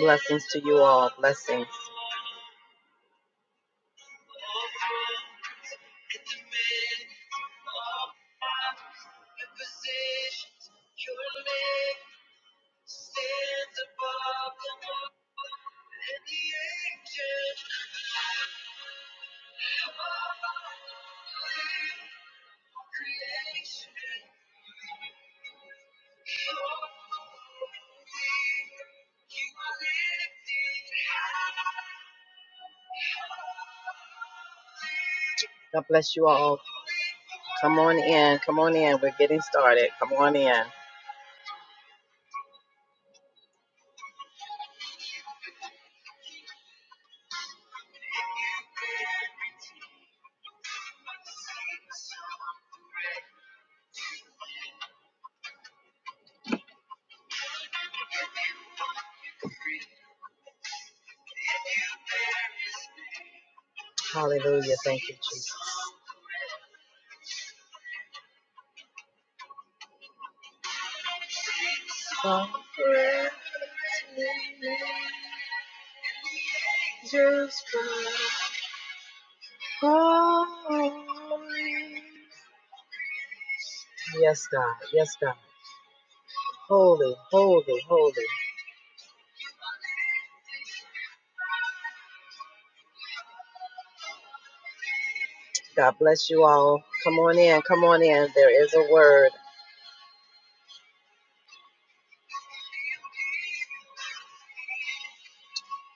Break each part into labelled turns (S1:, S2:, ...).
S1: Blessings to you all. Blessings. God bless you all. Come on in. Come on in. We're getting started. Come on in. Holy. Yes, God. Yes, God. Holy, holy, holy. God bless you all. Come on in. Come on in. There is a word.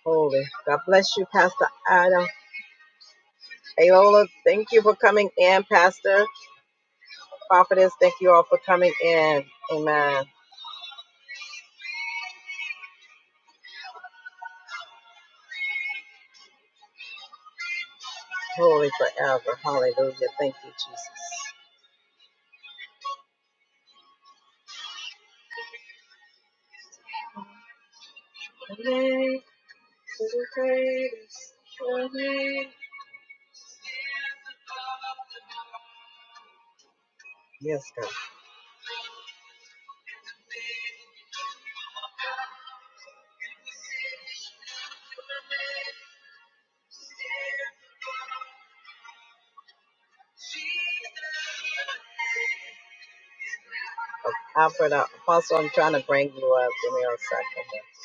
S1: Holy. God bless you, Pastor Adam. Ayola, thank you for coming in, Pastor. Prophetess, thank you all for coming in. Amen. Holy forever. Hallelujah. Thank you, Jesus. Yes, God. Alfred, uh, Apostle, I'm trying to bring you up. Give me a second.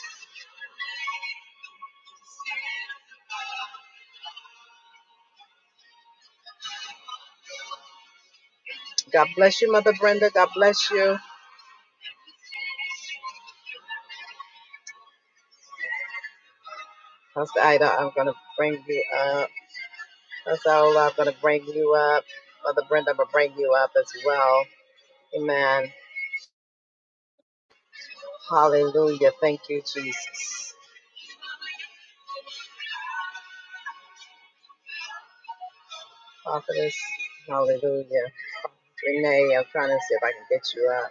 S1: God bless you, Mother Brenda. God bless you. Pastor Ida, I'm going to bring you up. Pastor Ola, I'm going to bring you up. Mother Brenda, I'm going to bring you up as well. Amen. Hallelujah. Thank you, Jesus. Prophetess, hallelujah. Renee, I'm trying to see if I can get you up.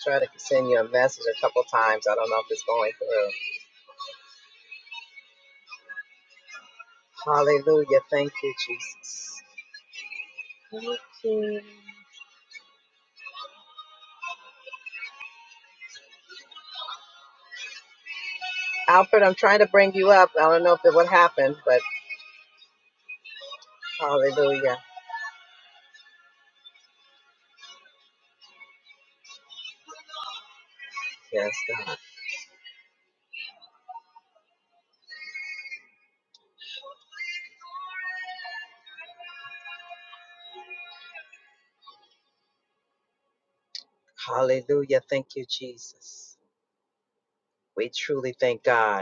S1: Try to send you a message a couple times. I don't know if it's going through. Hallelujah. Thank you, Jesus. Alfred, I'm trying to bring you up. I don't know if it would happen, but hallelujah. Yes, God. Hallelujah. Thank you, Jesus. We truly thank God.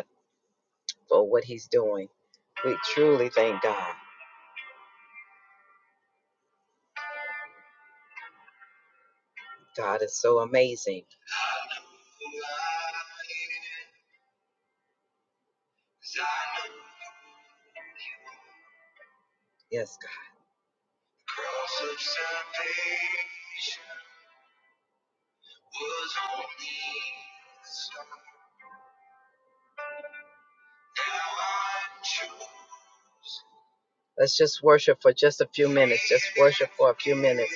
S1: for what he's doing. We truly thank God. God is so amazing. Yes, God. Let's just worship for just a few minutes. Just worship for a few minutes.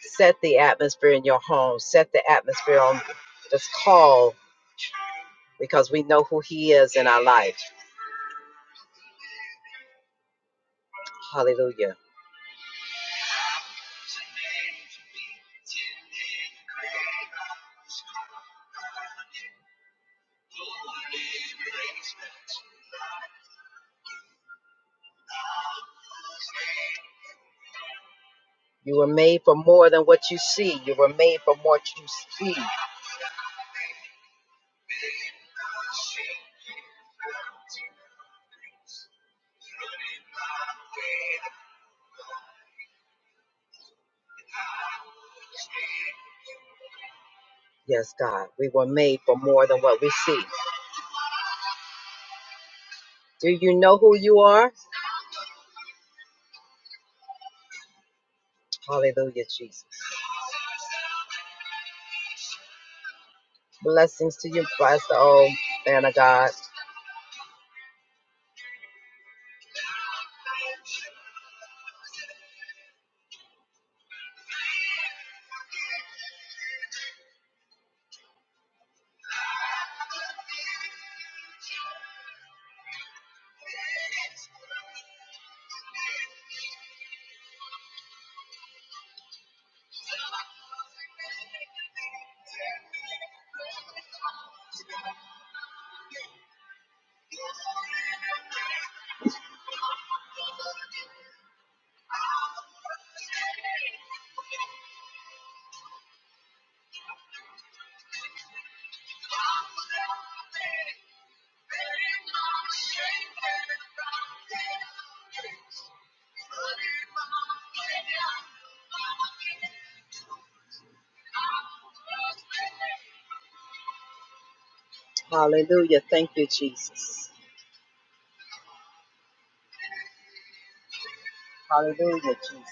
S1: Set the atmosphere in your home. Set the atmosphere on this call because we know who he is in our life. Hallelujah. You were made for more than what you see. You were made for more than you see. Yes, God. We were made for more than what we see. Do you know who you are? Hallelujah, Jesus. Blessings to you, Pastor O, man of God. Hallelujah. Thank you, Jesus. Hallelujah, Jesus.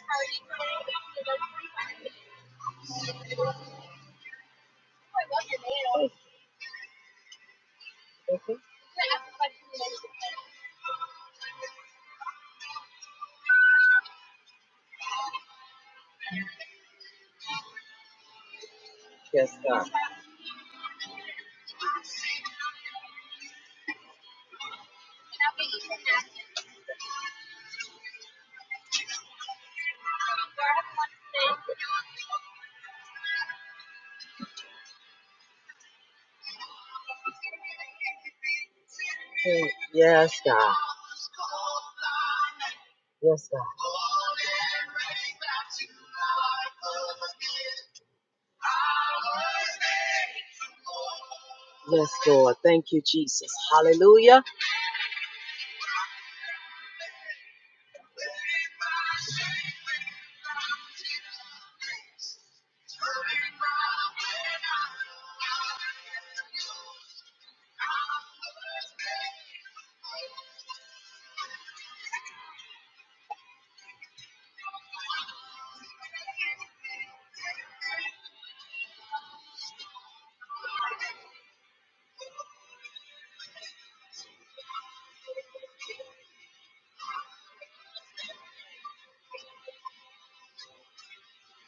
S1: Yes, God. Yes, God. Yes, God. Yes, Lord. Thank you, Jesus. Hallelujah.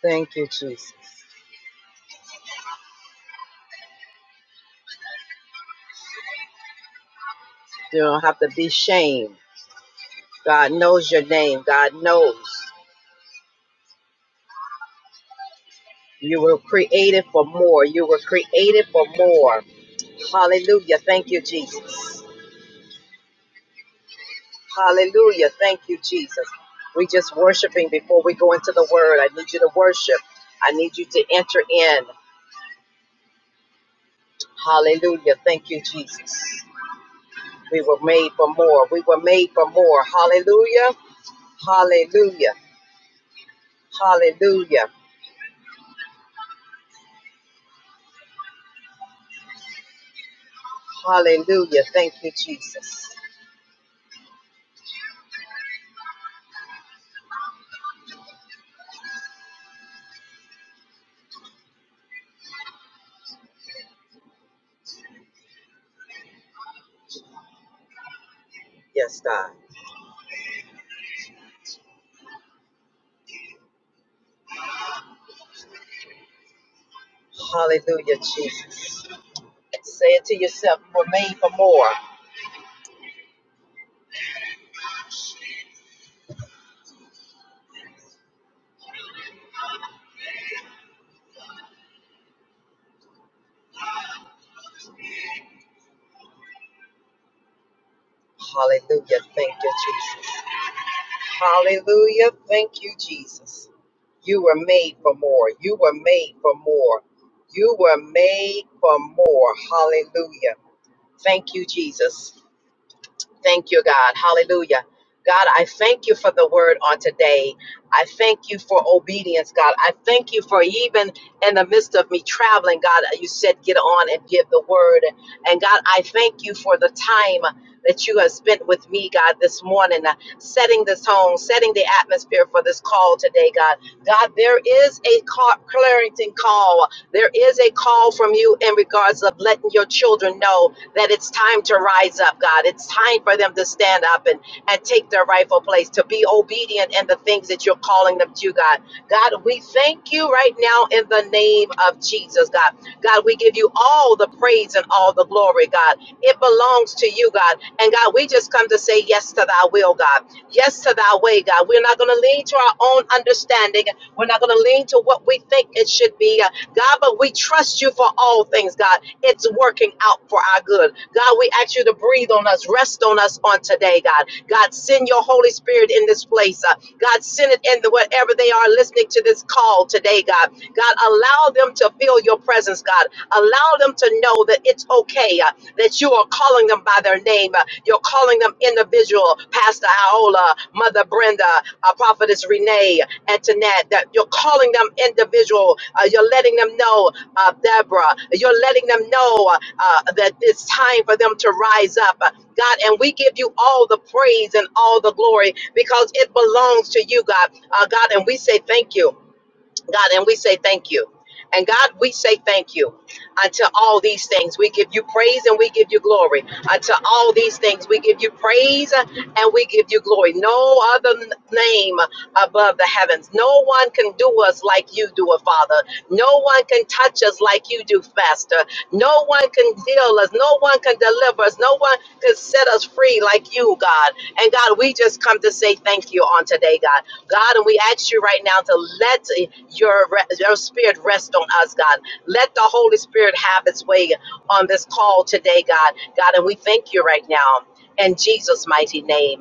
S1: Thank you, Jesus. You don't have to be shamed. God knows your name. God knows you were created for more. You were created for more. Hallelujah. Thank you, Jesus. Hallelujah. Thank you, Jesus. We just worshiping before we go into the word. I need you to worship. I need you to enter in. Hallelujah. Thank you, Jesus. We were made for more. We were made for more. Hallelujah. Hallelujah. Hallelujah. Hallelujah. Thank you, Jesus. Yes, God. Hallelujah, Jesus. Say it to yourself, remain for more. Hallelujah. Thank you, Jesus. Hallelujah. Thank you, Jesus. You were made for more. You were made for more. You were made for more. Hallelujah. Thank you, Jesus. Thank you, God. Hallelujah. God, I thank you for the word on today. I thank you for obedience, God. I thank you for even in the midst of me traveling, God, you said get on and give the word. And God, I thank you for the time that you have spent with me, God, this morning, uh, setting this home, setting the atmosphere for this call today, God. God, there is a call, clarity call. There is a call from you in regards of letting your children know that it's time to rise up, God. It's time for them to stand up and, and take their rightful place, to be obedient in the things that you're calling them to, God. God, we thank you right now in the name of Jesus, God. God, we give you all the praise and all the glory, God. It belongs to you, God. And God, we just come to say yes to thy will, God. Yes to thy way, God. We're not going to lean to our own understanding. We're not going to lean to what we think it should be, God, but we trust you for all things, God. It's working out for our good. God, we ask you to breathe on us, rest on us on today, God. God, send your Holy Spirit in this place. Uh, God, send it in the wherever they are listening to this call today, God. God, allow them to feel your presence, God. Allow them to know that it's okay, uh, that you are calling them by their name. Uh, you're calling them individual. Pastor Aola, Mother Brenda, uh, Prophetess Renee, Antoinette, that you're calling them individual. Uh, you're letting them know, uh, Deborah, you're letting them know uh, uh, that it's time for them to rise up. Uh, God, and we give you all the praise and all the glory because it belongs to you, God. Uh, God, and we say thank you. God, and we say thank you. And God, we say thank you unto all these things. We give you praise and we give you glory. Unto all these things, we give you praise and we give you glory. No other n- name above the heavens. No one can do us like you do, oh Father. No one can touch us like you do, Master. No one can heal us. No one can deliver us. No one can set us free like you, God. And God, we just come to say thank you on today, God. God, and we ask you right now to let your, your spirit rest on us, God. Let the Holy Spirit have its way on this call today, God. God, and we thank you right now. In Jesus' mighty name,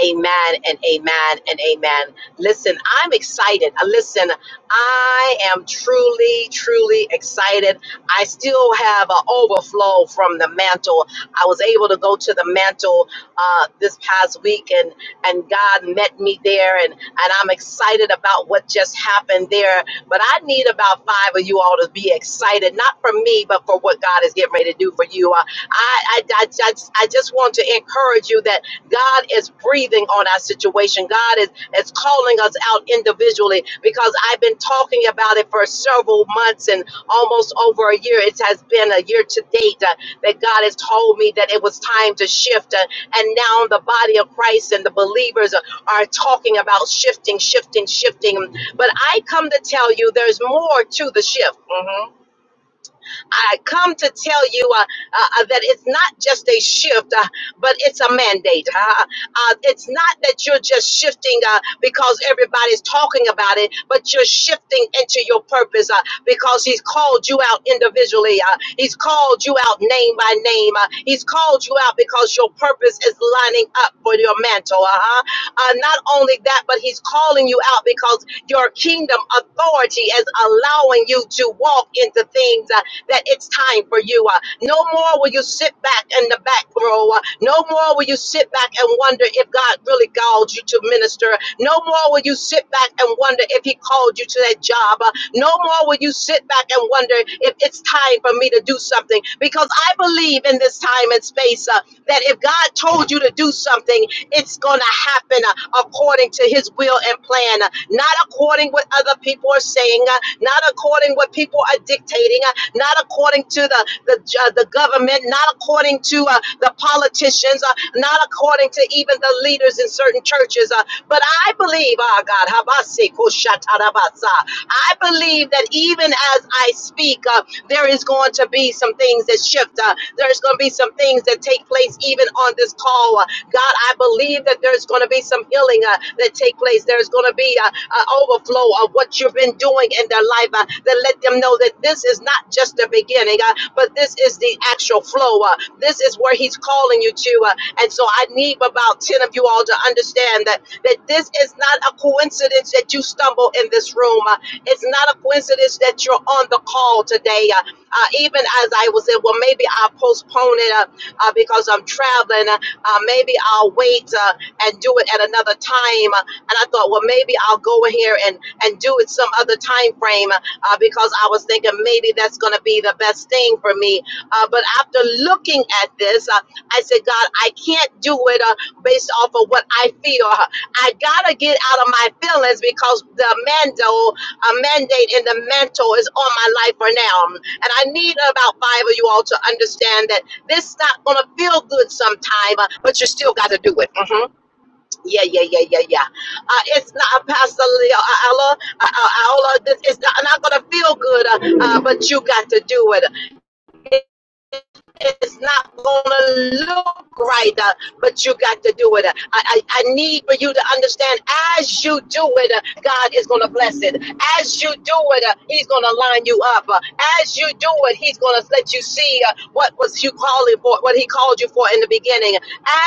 S1: amen and amen and amen. Listen, I'm excited. Uh, Listen, I am truly, truly excited. I still have an overflow from the mantle. I was able to go to the mantle uh, this past week, and and God met me there, and and I'm excited about what just happened there. But I need about five of you all to be excited, not for me, but for what God is getting ready to do for you. Uh, I, I, I, just, I just want to encourage you that God is breathing on our situation. God is, is calling us out individually because I've been talking about it for several months and almost over a year. It has been a year to date uh, that God has told me that it was time to shift. uh, and now the body of Christ and the believers are talking about shifting, shifting, shifting. But I come to tell you there's more to the shift. Mhm. I come to tell you uh, uh, that it's not just a shift, uh, but it's a mandate. Uh, uh, it's not that you're just shifting uh, because everybody's talking about it, but you're shifting into your purpose uh, because He's called you out individually. Uh, he's called you out name by name. Uh, he's called you out because your purpose is lining up for your mantle. Uh-huh. Uh, not only that, but He's calling you out because your kingdom authority is allowing you to walk into things. uh, that it's time for you. Uh, no more will you sit back in the back row. Uh, no more will you sit back and wonder if God really called you to minister. No more will you sit back and wonder if He called you to that job. Uh, no more will you sit back and wonder if it's time for me to do something. Because I believe in this time and space uh, that if God told you to do something, it's going to happen uh, according to his will and plan, uh, not according what other people are saying, uh, not according what people are dictating, uh, not according to the the, uh, the government, not according to uh, the politicians, uh, not according to even the leaders in certain churches. uh, but I believe, ah, God, Habasi Kushatarabasa, I believe that even as I speak, uh, there is going to be some things that shift. Uh, there's going to be some things that take place even on this call. Uh, God, I believe that there's going to be some healing uh, that take place. There's going to be uh, an overflow of what you've been doing in their life uh, that let them know that this is not just the beginning, uh, but this is the actual flow. Uh, this is where He's calling you to. Uh, and so I need about 10 of you all to understand that, that this is not a coincidence that you stumble in this room. Uh, it's not a coincidence that you're on the call today. Uh, uh, even as I was saying, well, maybe I'll postpone it uh, uh, because I'm traveling. Uh, uh, maybe I'll wait uh, and do it at another time. Uh, and I thought, well, maybe I'll go in here and, and do it some other time frame uh, uh, because I was thinking maybe that's going to be the best thing for me. Uh, but after looking at this, uh, I said, God, I can't do it uh, based off of what I feel. I got to get out of my feelings because the Mando a mandate in the mantle is on my life for now. And I need about five of you all to understand that this is not gonna feel good sometime, uh, but you still got to do it. hmm Yeah, yeah, yeah, yeah, yeah. Uh, it's not uh, Pastor Leo, uh, Ella, uh, uh, Ella, this is not, not gonna feel good, uh, uh, but you got to do it. It's not going to look right, uh, but you got to do it. Uh, I, I, I need for you to understand as you do it, uh, God is going to bless it. As you do it, uh, He's going to line you up. Uh, as you do it, He's going to let you see uh, what was you calling for, what He called you for in the beginning.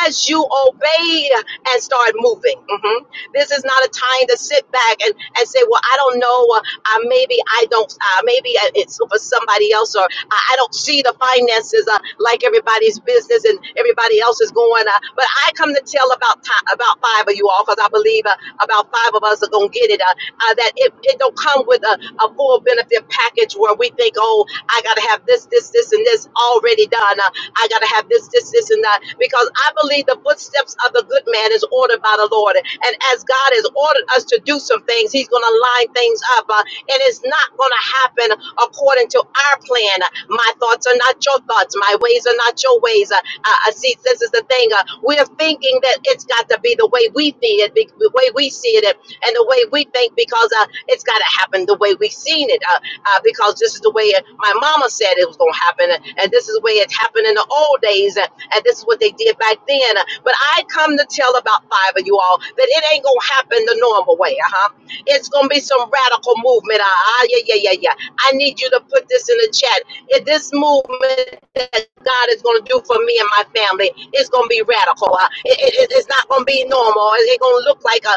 S1: As you obey uh, and start moving. Mhm. This is not a time to sit back and, and say, well, I don't know. Uh, uh, maybe I don't, uh, maybe it's for somebody else, or I, I don't see the finances uh, like everybody's business and everybody else is going. Uh, but I come to tell about ti- about five of you all because I believe uh, about five of us are gonna get it. Uh, uh, that it, it don't come with a, a full benefit package where we think, oh, I gotta have this, this, this, and this already done. Uh, I gotta have this, this, this, and that because I believe the footsteps of the good man is ordered by the Lord. And as God has ordered us to do some things, He's gonna line things up. Uh, it is not going to happen according to our plan. My thoughts are not your thoughts. My ways are not your ways. Uh, uh, see, this is the thing. Uh, we're thinking that it's got to be the way we think it, be- the way we see it, and the way we think because uh, it's got to happen the way we've seen it. Uh, uh, because this is the way it, my mama said it was going to happen, uh, and this is the way it happened in the old days, and, and this is what they did back then. Uh, But I come to tell about five of you all that it ain't going to happen the normal way. Uh huh. It's going to be some radical movement. Ah, ah, yeah, yeah, yeah, yeah. I need you to put this in the chat. If this movement that God is going to do for me and my family is going to be radical. Uh, it- it- it's not going to be normal. It's it going to look like a,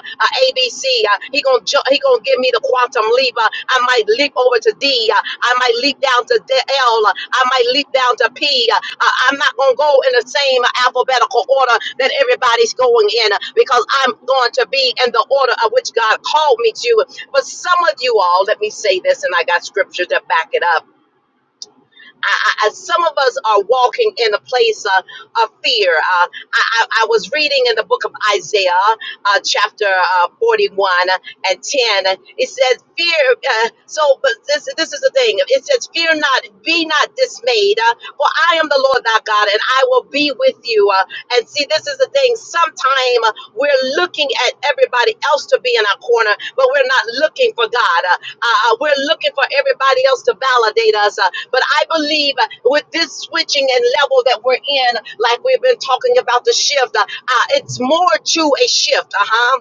S1: ABC. Uh, he going to ju- he going to give me the quantum leap. Uh, I might leap over to D. Uh, I might leap down to D- L. Uh, I might leap down to P. Uh, I- I'm not going to go in the same alphabetical order that everybody's going in uh, because I'm going to be in the order of which God called me to. But some of you all, let me say this, and I got scripture to back it up. I, I, some of us are walking in a place uh, of fear. Uh, I, I, I was reading in the book of Isaiah, uh, chapter uh, 41 and 10. It says, Fear. Uh, so, but this, this is the thing. It says, Fear not, be not dismayed, uh, for I am the Lord thy God, and I will be with you. Uh, and see, this is the thing. Sometime uh, we're looking at everybody else to be in our corner, but we're not looking for God. Uh, uh, uh, we're looking for everybody else to validate us. Uh, but I believe uh, with this switching and level that we're in, like we've been talking about the shift, uh, uh, it's more to a shift. Uh huh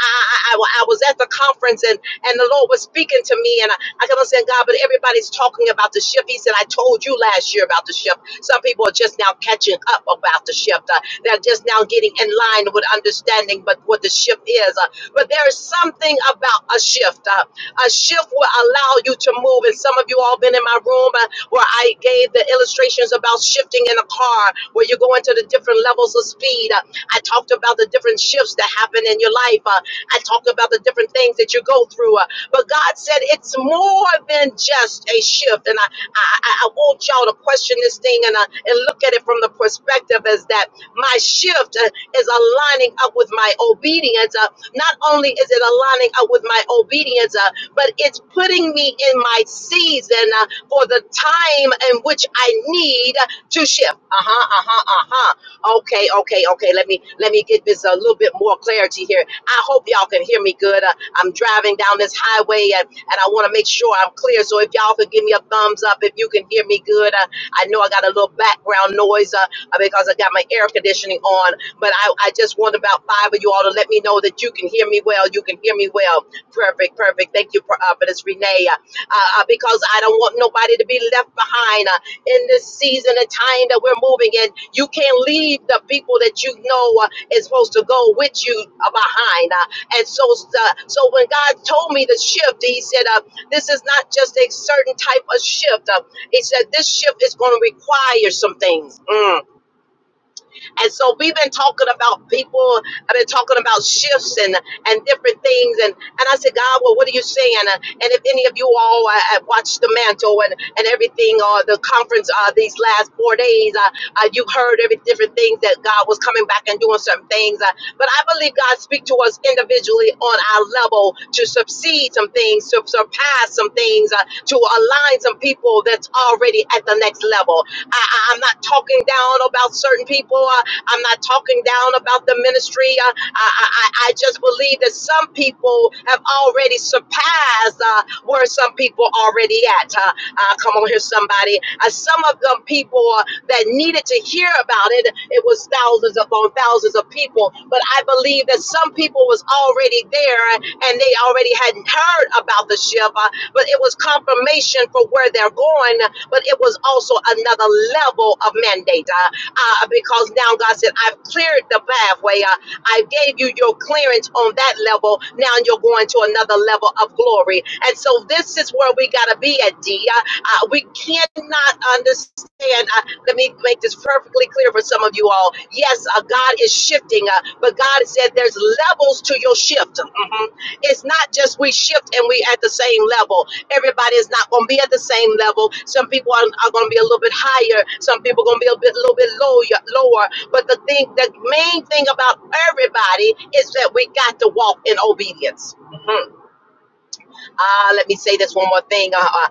S1: I, I, I was at the conference and, and the Lord was speaking to me, and I, I kept on saying, God, but everybody's talking about the shift. He said, I told you last year about the shift. Some people are just now catching up about the shift. Uh, they're just now getting in line with understanding but what the shift is. Uh, but there is something about a shift. Uh, a shift will allow you to move. And some of you all been in my room uh, where I gave the illustrations about shifting in a car, where you're going to the different levels of speed. Uh, I talked about the different shifts that happen in your life. Uh, I talk about the different things that you go through. Uh, but God said it's more than just a shift. And I, I, I I want y'all to question this thing and, uh, and look at it from the perspective as that my shift uh, is aligning up with my obedience. Uh, not only is it aligning up with my obedience, uh, but it's putting me in my season uh, for the time in which I need to shift. Uh huh, uh huh, uh huh. Okay, okay, okay. Let me let me get this a little bit more clarity here. I hope y'all can hear me good. Uh, I'm driving down this highway and, and I want to make sure I'm clear. So if y'all could give me a thumbs up if you can hear me good. Uh, I know I got a little background noise uh, uh, because I got my air conditioning on, but I, I just want about five of you all to let me know that you can hear me well. You can hear me well. Perfect, perfect. Thank you, Pro- uh, for this, Renee. Uh, uh, because I don't want nobody to be left behind. Uh, in this season and time that we're moving in. You can't leave the people that you know uh, is supposed to go with you uh, behind. Uh, and so, uh, so when God told me to shift, He said, uh, "This is not just a certain type of shift." Uh, he said, "This shift is going to require some things." Mm. And so we've been talking about people. I've been talking about shifts and and different things. And and I said, God, well, what are you saying? Uh, And if any of you all uh, uh, watched the mantle and and everything or the conference uh, these last four days, uh, uh, you heard every different things that God was coming back and doing certain things. Uh, but I believe God speak to us individually on our level to succeed some things, to surpass some things, uh, to align some people that's already at the next level. I, I, I'm not talking down about certain people. uh, I'm not talking down about the ministry. Uh, I, I, I I just believe that some people have already surpassed uh, where some people already at. Uh, uh, come on here, somebody. Uh, some of them people uh, that needed to hear about it, it was thousands upon thousands of people. But I believe that some people was already there uh, and they already hadn't heard about the ship, uh, but it was confirmation for where they're going, but it was also another level of mandate. Uh, uh, because now God said, I've cleared the pathway. Uh, I gave you your clearance on that level. Now you're going to another level of glory. And so this is where we got to be at, D. Uh, uh, we cannot understand. Uh, let me make this perfectly clear for some of you all. Yes, uh, God is shifting, uh, but God said there's levels to your shift. Mhm. It's not just we shift and we at the same level. Everybody is not going to be at the same level. Some people are, are going to be a little bit higher. Some people are going to be a bit, little bit lower, lower. But the thing, the main thing about everybody is that we got to walk in obedience. Mhm. Uh, let me say this one more thing. Uh, uh,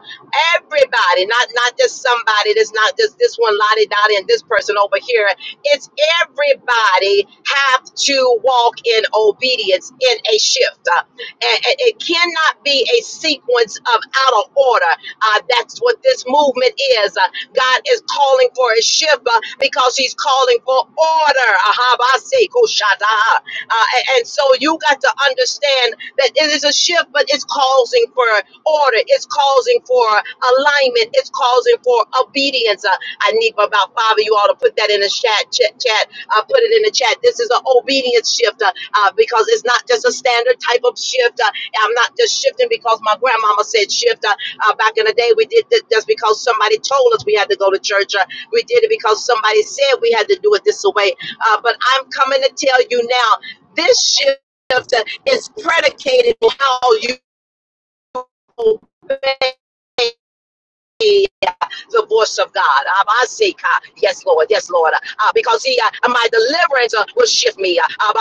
S1: everybody, not not just somebody. That's not just this one lottie dottie and this person over here. It's everybody have to walk in obedience in a shift. Uh, and, and it cannot be a sequence of out of order. Uh, that's what this movement is. Uh, God is calling for a shift uh, because He's calling for order. Ahabase kushata. Uh, and, and so you got to understand. That it is a shift, but it's causing for order. It's causing for alignment. It's causing for obedience. Uh, I need about five of you all to put that in the chat. Chat. chat. Uh, put it in the chat. This is an obedience shift uh, uh, because it's not just a standard type of shift. Uh, I'm not just shifting because my grandmama said shift. Uh, uh, back in the day, we did this just because somebody told us we had to go to church. Uh, we did say, uh, but I'm coming to tell you now. This is the voice of me. Uh,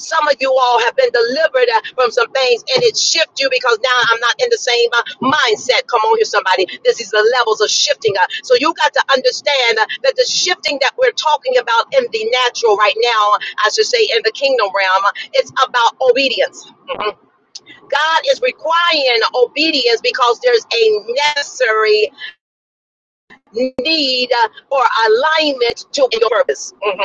S1: Some of you all have been delivered uh, from some things and it shift you because now I'm not in the same uh, mindset. Come on here, somebody. This is the levels of shifting. Uh, so you got to understand uh, that the shifting that we're talking about in the natural right now, I should say in the kingdom realm, uh, it's about obedience. God is requiring obedience because there's a necessary need uh, for alignment to your purpose. Mm-hmm.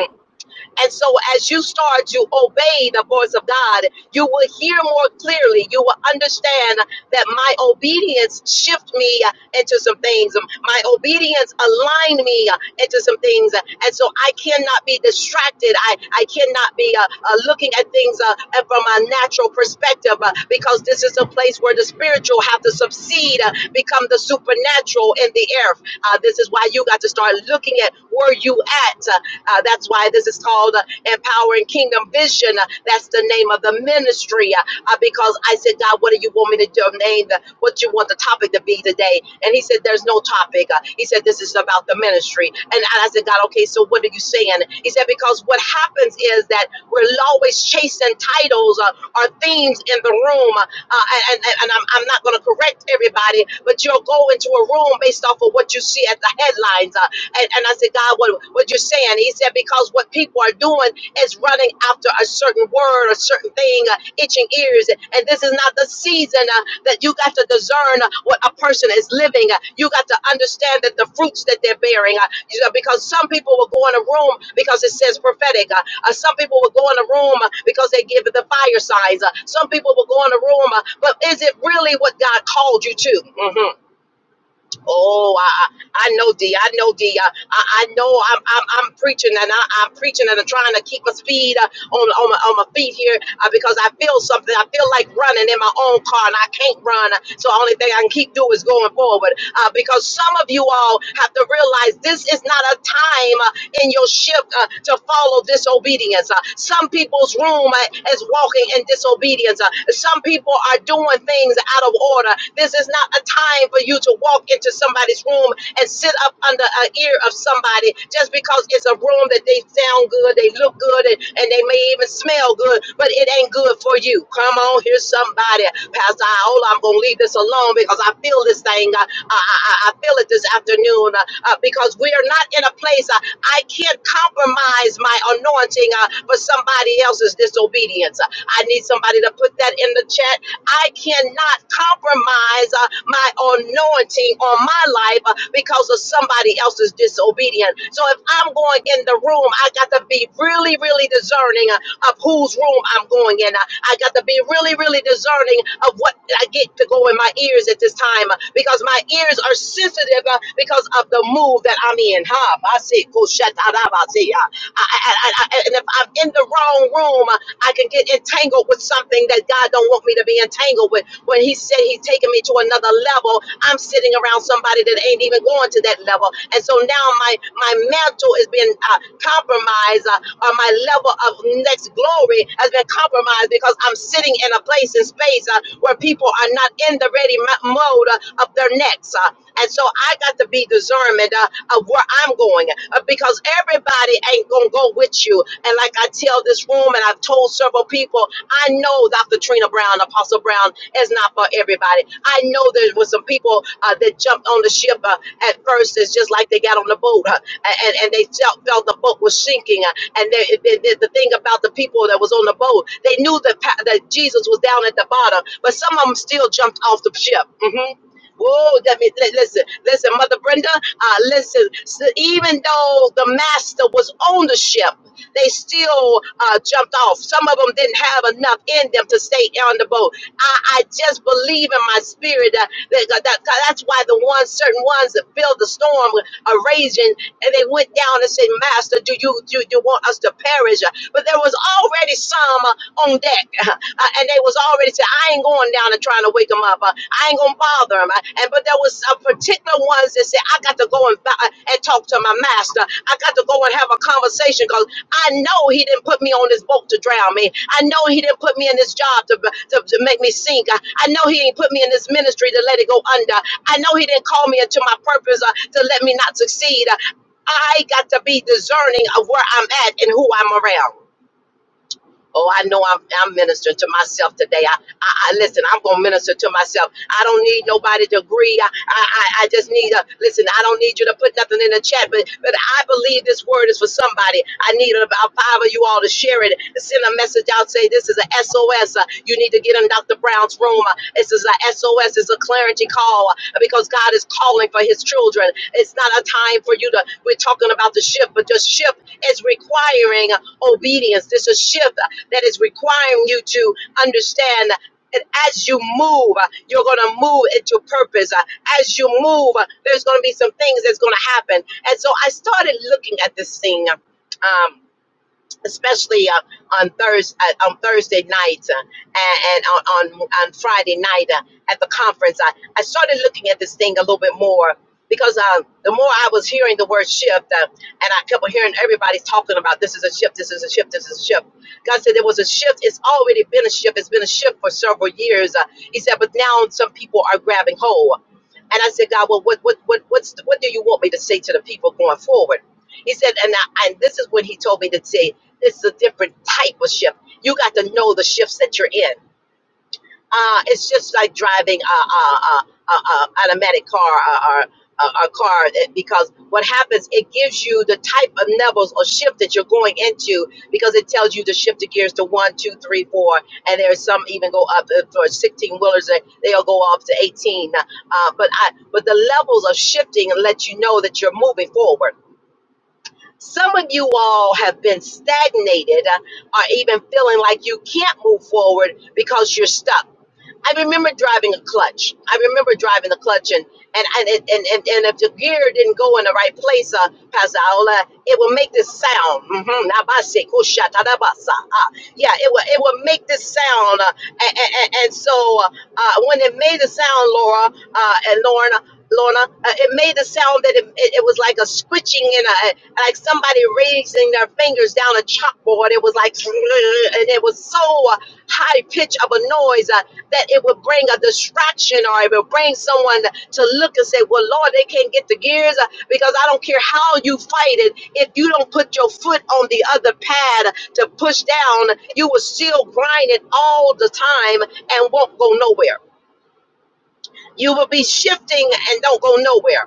S1: And so, as you start to obey the voice of God, you will hear more clearly. You will understand that my obedience shift me into some things. My obedience align me into some things. And so, I cannot be distracted. I, I cannot be uh, uh, looking at things uh, uh, from a natural perspective uh, because this is a place where the spiritual have to succeed, uh, become the supernatural in the earth. Uh, this is why you got to start looking at where you at. Uh, that's why this is called uh, Empowering Kingdom Vision. Uh, that's the name of the ministry. Uh, uh, because I said, God, what do you want me to do? Name the, what you want the topic to be today. And he said, There's no topic. Uh, he said, This is about the ministry. And I I said, God, okay, so what are you saying? He said, Because what happens is that we're always chasing titles uh, or themes in the room. Uh, uh, and and, and I'm, I'm not going to correct everybody, but you'll go into a room based off of what you see at the headlines. uh, and, and I said, God, what, what you're saying? He said, because what people are doing is running after a certain word, a certain thing, uh, itching ears. And this is not the season uh, that you got to discern uh, what a person is living. Uh, you got to understand that the fruits that they're bearing. Uh, you know, because some people will go in a room because it says prophetic. Uh, uh, some people will go in a room uh, because they give it the fire signs. Uh, some people will go in a room, uh, but is it really what God called you to? Mhm. Oh, I, I I know D. I know D. I, I I know I'm, I'm, I'm preaching and I, I'm preaching and I'm trying to keep my speed uh, on, on, my, on my feet here uh, because I feel something. I feel like running in my own car and I can't run. So the only thing I can keep doing is going forward uh, because some of you all have to realize this is not a time. uh, in your shift uh, to follow disobedience. Uh, some people's room uh, is walking in disobedience. Uh, some people are doing things out of order. This is not a time for you to walk into somebody's room and sit up under an ear of somebody just because it's a room that they sound good, they look good, and, and they may even smell good, but it ain't good for you. Come on, here's somebody. Pastor Iola, I'm going to leave this alone because I feel this thing. I, I, I I feel it this afternoon uh, uh, because we are not in a place. uh, I can't compromise my anointing uh, for somebody else's disobedience. Uh, I need somebody to put that in the chat. I cannot compromise uh, my anointing on my life uh, because of somebody else's disobedience. So if I'm going in the room, I got to be really, really discerning of whose room I'm going in. I got to be really, really discerning of what I get to go in my ears at this time uh, because my ears are sensitive uh, because of the move that I'm in. Ha, I see, I, I, I, I, and if I'm in the wrong room, uh, I can get entangled with something that God don't want me to be entangled with. When He said He's taking me to another level, I'm sitting around somebody that ain't even going to that level, and so now my my mantle is being uh, compromised, uh, or my level of next glory has been compromised because I'm sitting in a place in space uh, where people are not in the ready mo- mode uh, of their necks. uh, and so I got to be discernment uh, of where I'm going uh, because everybody ain't going to go with you. And like I tell this room, and I've told several people, I know Dr. Trina Brown, Apostle Brown, is not for everybody. I know there was some people uh, that jumped on the ship uh, at first. It's just like they got on the boat uh, and, and they felt, felt the boat was sinking. Uh, and they, they, they- the thing about the people that was on the boat, they knew that, pa- that Jesus was down at the bottom, but some of them still jumped off the ship. Mhm. Whoa! that means, li- listen, listen, Mother Brenda, uh, listen, s even though the master was on the ship, they still uh, jumped off. Some of them didn't have enough in them to stay on the boat. I, I just believe in my spirit that, that, that- that- that's why the ones, certain ones that feel the storm are raging, and they went down and said, Master, do you do you want us to perish? But there was already some uh, on deck. Uh, and they was already said, I ain't going down and trying to wake them up. Uh, I ain't gonna bother them. Uh, and but there was a particular ones that said, I got to go and uh, and talk to my master. I got to go and have a conversation because I know he didn't put me on this boat to drown me. I know he didn't put me in this job to to, to make me sink. I, I know he ain't put me in this ministry to let it go under. I know he didn't call me into my purpose uh, to let me not succeed. Uh, I got to be discerning of where I'm at and who I'm around. Oh, I know I'm, I'm ministering to myself today. I, I, I listen. I'm gonna minister to myself. I don't need nobody to agree. I, I, I I just need a listen. I don't need you to put nothing in the chat, but, but I believe this word is for somebody. I need about five of you all to share it. Send a message out. Say this is a SOS. Uh, you need to get in Dr. Brown's room. Uh, this is a SOS. It's a clarity call uh, because God is calling for His children. It's not a time for you to. We're talking about the shift, but the shift is requiring obedience. This is a shift that is requiring you to understand and as you move, uh, you're going to move into purpose. Uh, As you move, uh, there's going to be some things that's going to happen. And so I started looking at this thing. Um, especially uh, on Thursday uh, on Thursday night uh, and, and on, on on Friday night uh, at the conference. I, I started looking at this thing a little bit more because uh, the more I was hearing the word shift, uh, and I kept on hearing everybody talking about this is a shift, this is a shift, this is a shift. God said there was a shift. It's already been a shift. It's been a shift for several years. Uh, he said, but now some people are grabbing hold. And I said, God, well, what, what, what, what's, what do you want me to say to the people going forward? He said, and I, and this is when he told me to say. It's a different type of shift. You got to know the shifts that you're in. Uh, it's just like driving a, a, a, a, a automatic car or, a, a car that- because what happens, it gives you the type of levels or shift that you're going into because it tells you to shift the gears to one, two, three, four, and there's some even go up uh, for 16 wheelers, they- they'll go up to 18. Uh, but I, but the levels of shifting let you know that you're moving forward. Some of you all have been stagnated uh, or even feeling like you can't move forward because you're stuck. I remember driving a clutch. I remember driving the clutch, and and and and, and, and if the gear didn't go in the right place, uh, Pastor Aola, it will make this sound. Mhm. Nabase kushatadabasa. Ah, Yeah, it will it will make this sound, uh, and, and, and so uh, uh, when it made the sound, Laura uh, and Lorna. Lorna, uh, it made the sound that it, it, it was like a scritching and a, like somebody raising their fingers down a chalkboard. It was like, and it was so uh, high pitch of a noise. Uh, that it would bring a distraction or it would bring someone to look and say, Well, Lord, they can't get the gears uh, because I don't care how you fight it. If you don't put your foot on the other pad to push down, you will still grind it all the time and won't go nowhere. You will be shifting and don't go nowhere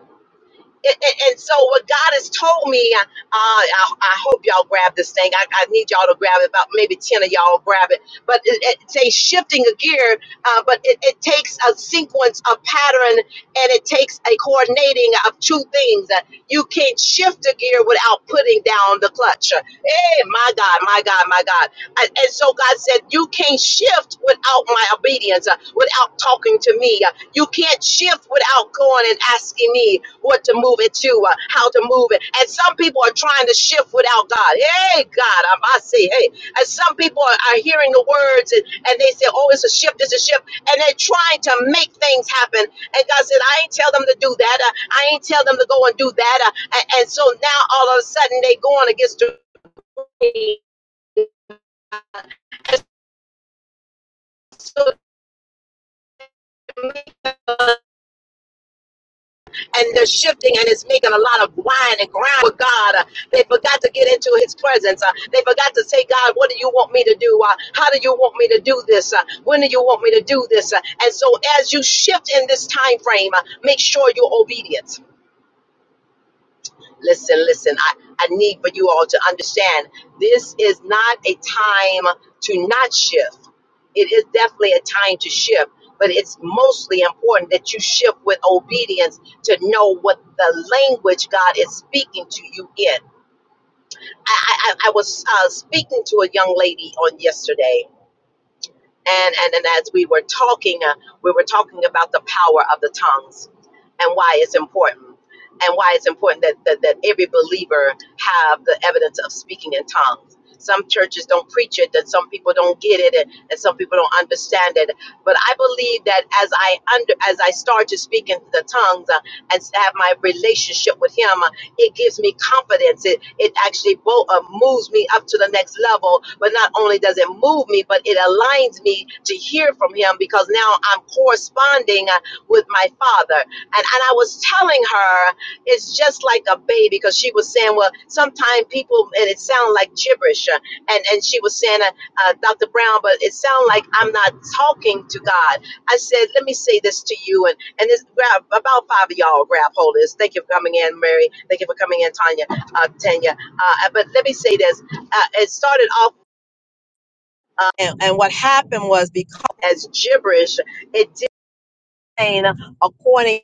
S1: and, and, and so what God has told me, uh, I, I hope y'all grab this thing. I, I need y'all to grab it. About maybe ten of y'all grab it. But it, it takes shifting a gear, uh, but it, it takes a sequence, a pattern, and it takes a coordinating of two things. Uh, You can't shift a gear without putting down the clutch. Hey, my God, my God, my God. And, and so God said, You can't shift without my obedience, uh, without talking to me. Uh, you can't shift without going and asking me what to move it to, uh, how to move it. And some people are trying to shift without God. Hey, God, i I say, hey. And some people are, are hearing the words and, and they say, Oh, it's a shift, it's a shift. And they're trying to make things happen. And God said, I ain't tell them to do that. Uh, I ain't tell them to go and do that. Uh, and, and so now all of a sudden they going against the and they're shifting and it's making a lot of wine and grind with God. Uh, they forgot to get into His presence. Uh, they forgot to say, God, what do you want me to do? Uh, how do you want me to do this? Uh, when do you want me to do this? Uh, and so, as you shift in this time frame, uh, make sure you're obedient listen, listen. I, I need for you all to understand this is not a time to not shift. It is definitely a time to shift, but it's mostly important that you shift with obedience to know what the language God is speaking to you in. I, I, I I was uh, speaking to a young lady on yesterday, and and, and as we were talking uh, we were talking about the power of the tongues and why it's important and why it's important that, that that every believer have the evidence of speaking in tongues some churches don't preach it that some people don't get it and, and some people don't understand it but i believe that as i under as i start to speak in the tongues uh, and have my relationship with him it gives me confidence. It it actually bo- uh, moves me up to the next level. But not only does it move me, but it aligns me to hear from Him because now I'm corresponding uh, with my Father. And and I was telling her it's just like a baby because she was saying, well, sometimes people and it sounds like gibberish. Uh, And and she was saying, uh, uh, Dr. Brown, but it sounds like I'm not talking to God. I said, let me say this to you, and and it's grab about five of y'all grab hold of this. Thank you for coming in, Mary. Thank you for coming in, Tanya, uh, Tanya. Uh, uh, but let me say this: uh, it started off, uh, and, and what happened was because as gibberish, it did not according.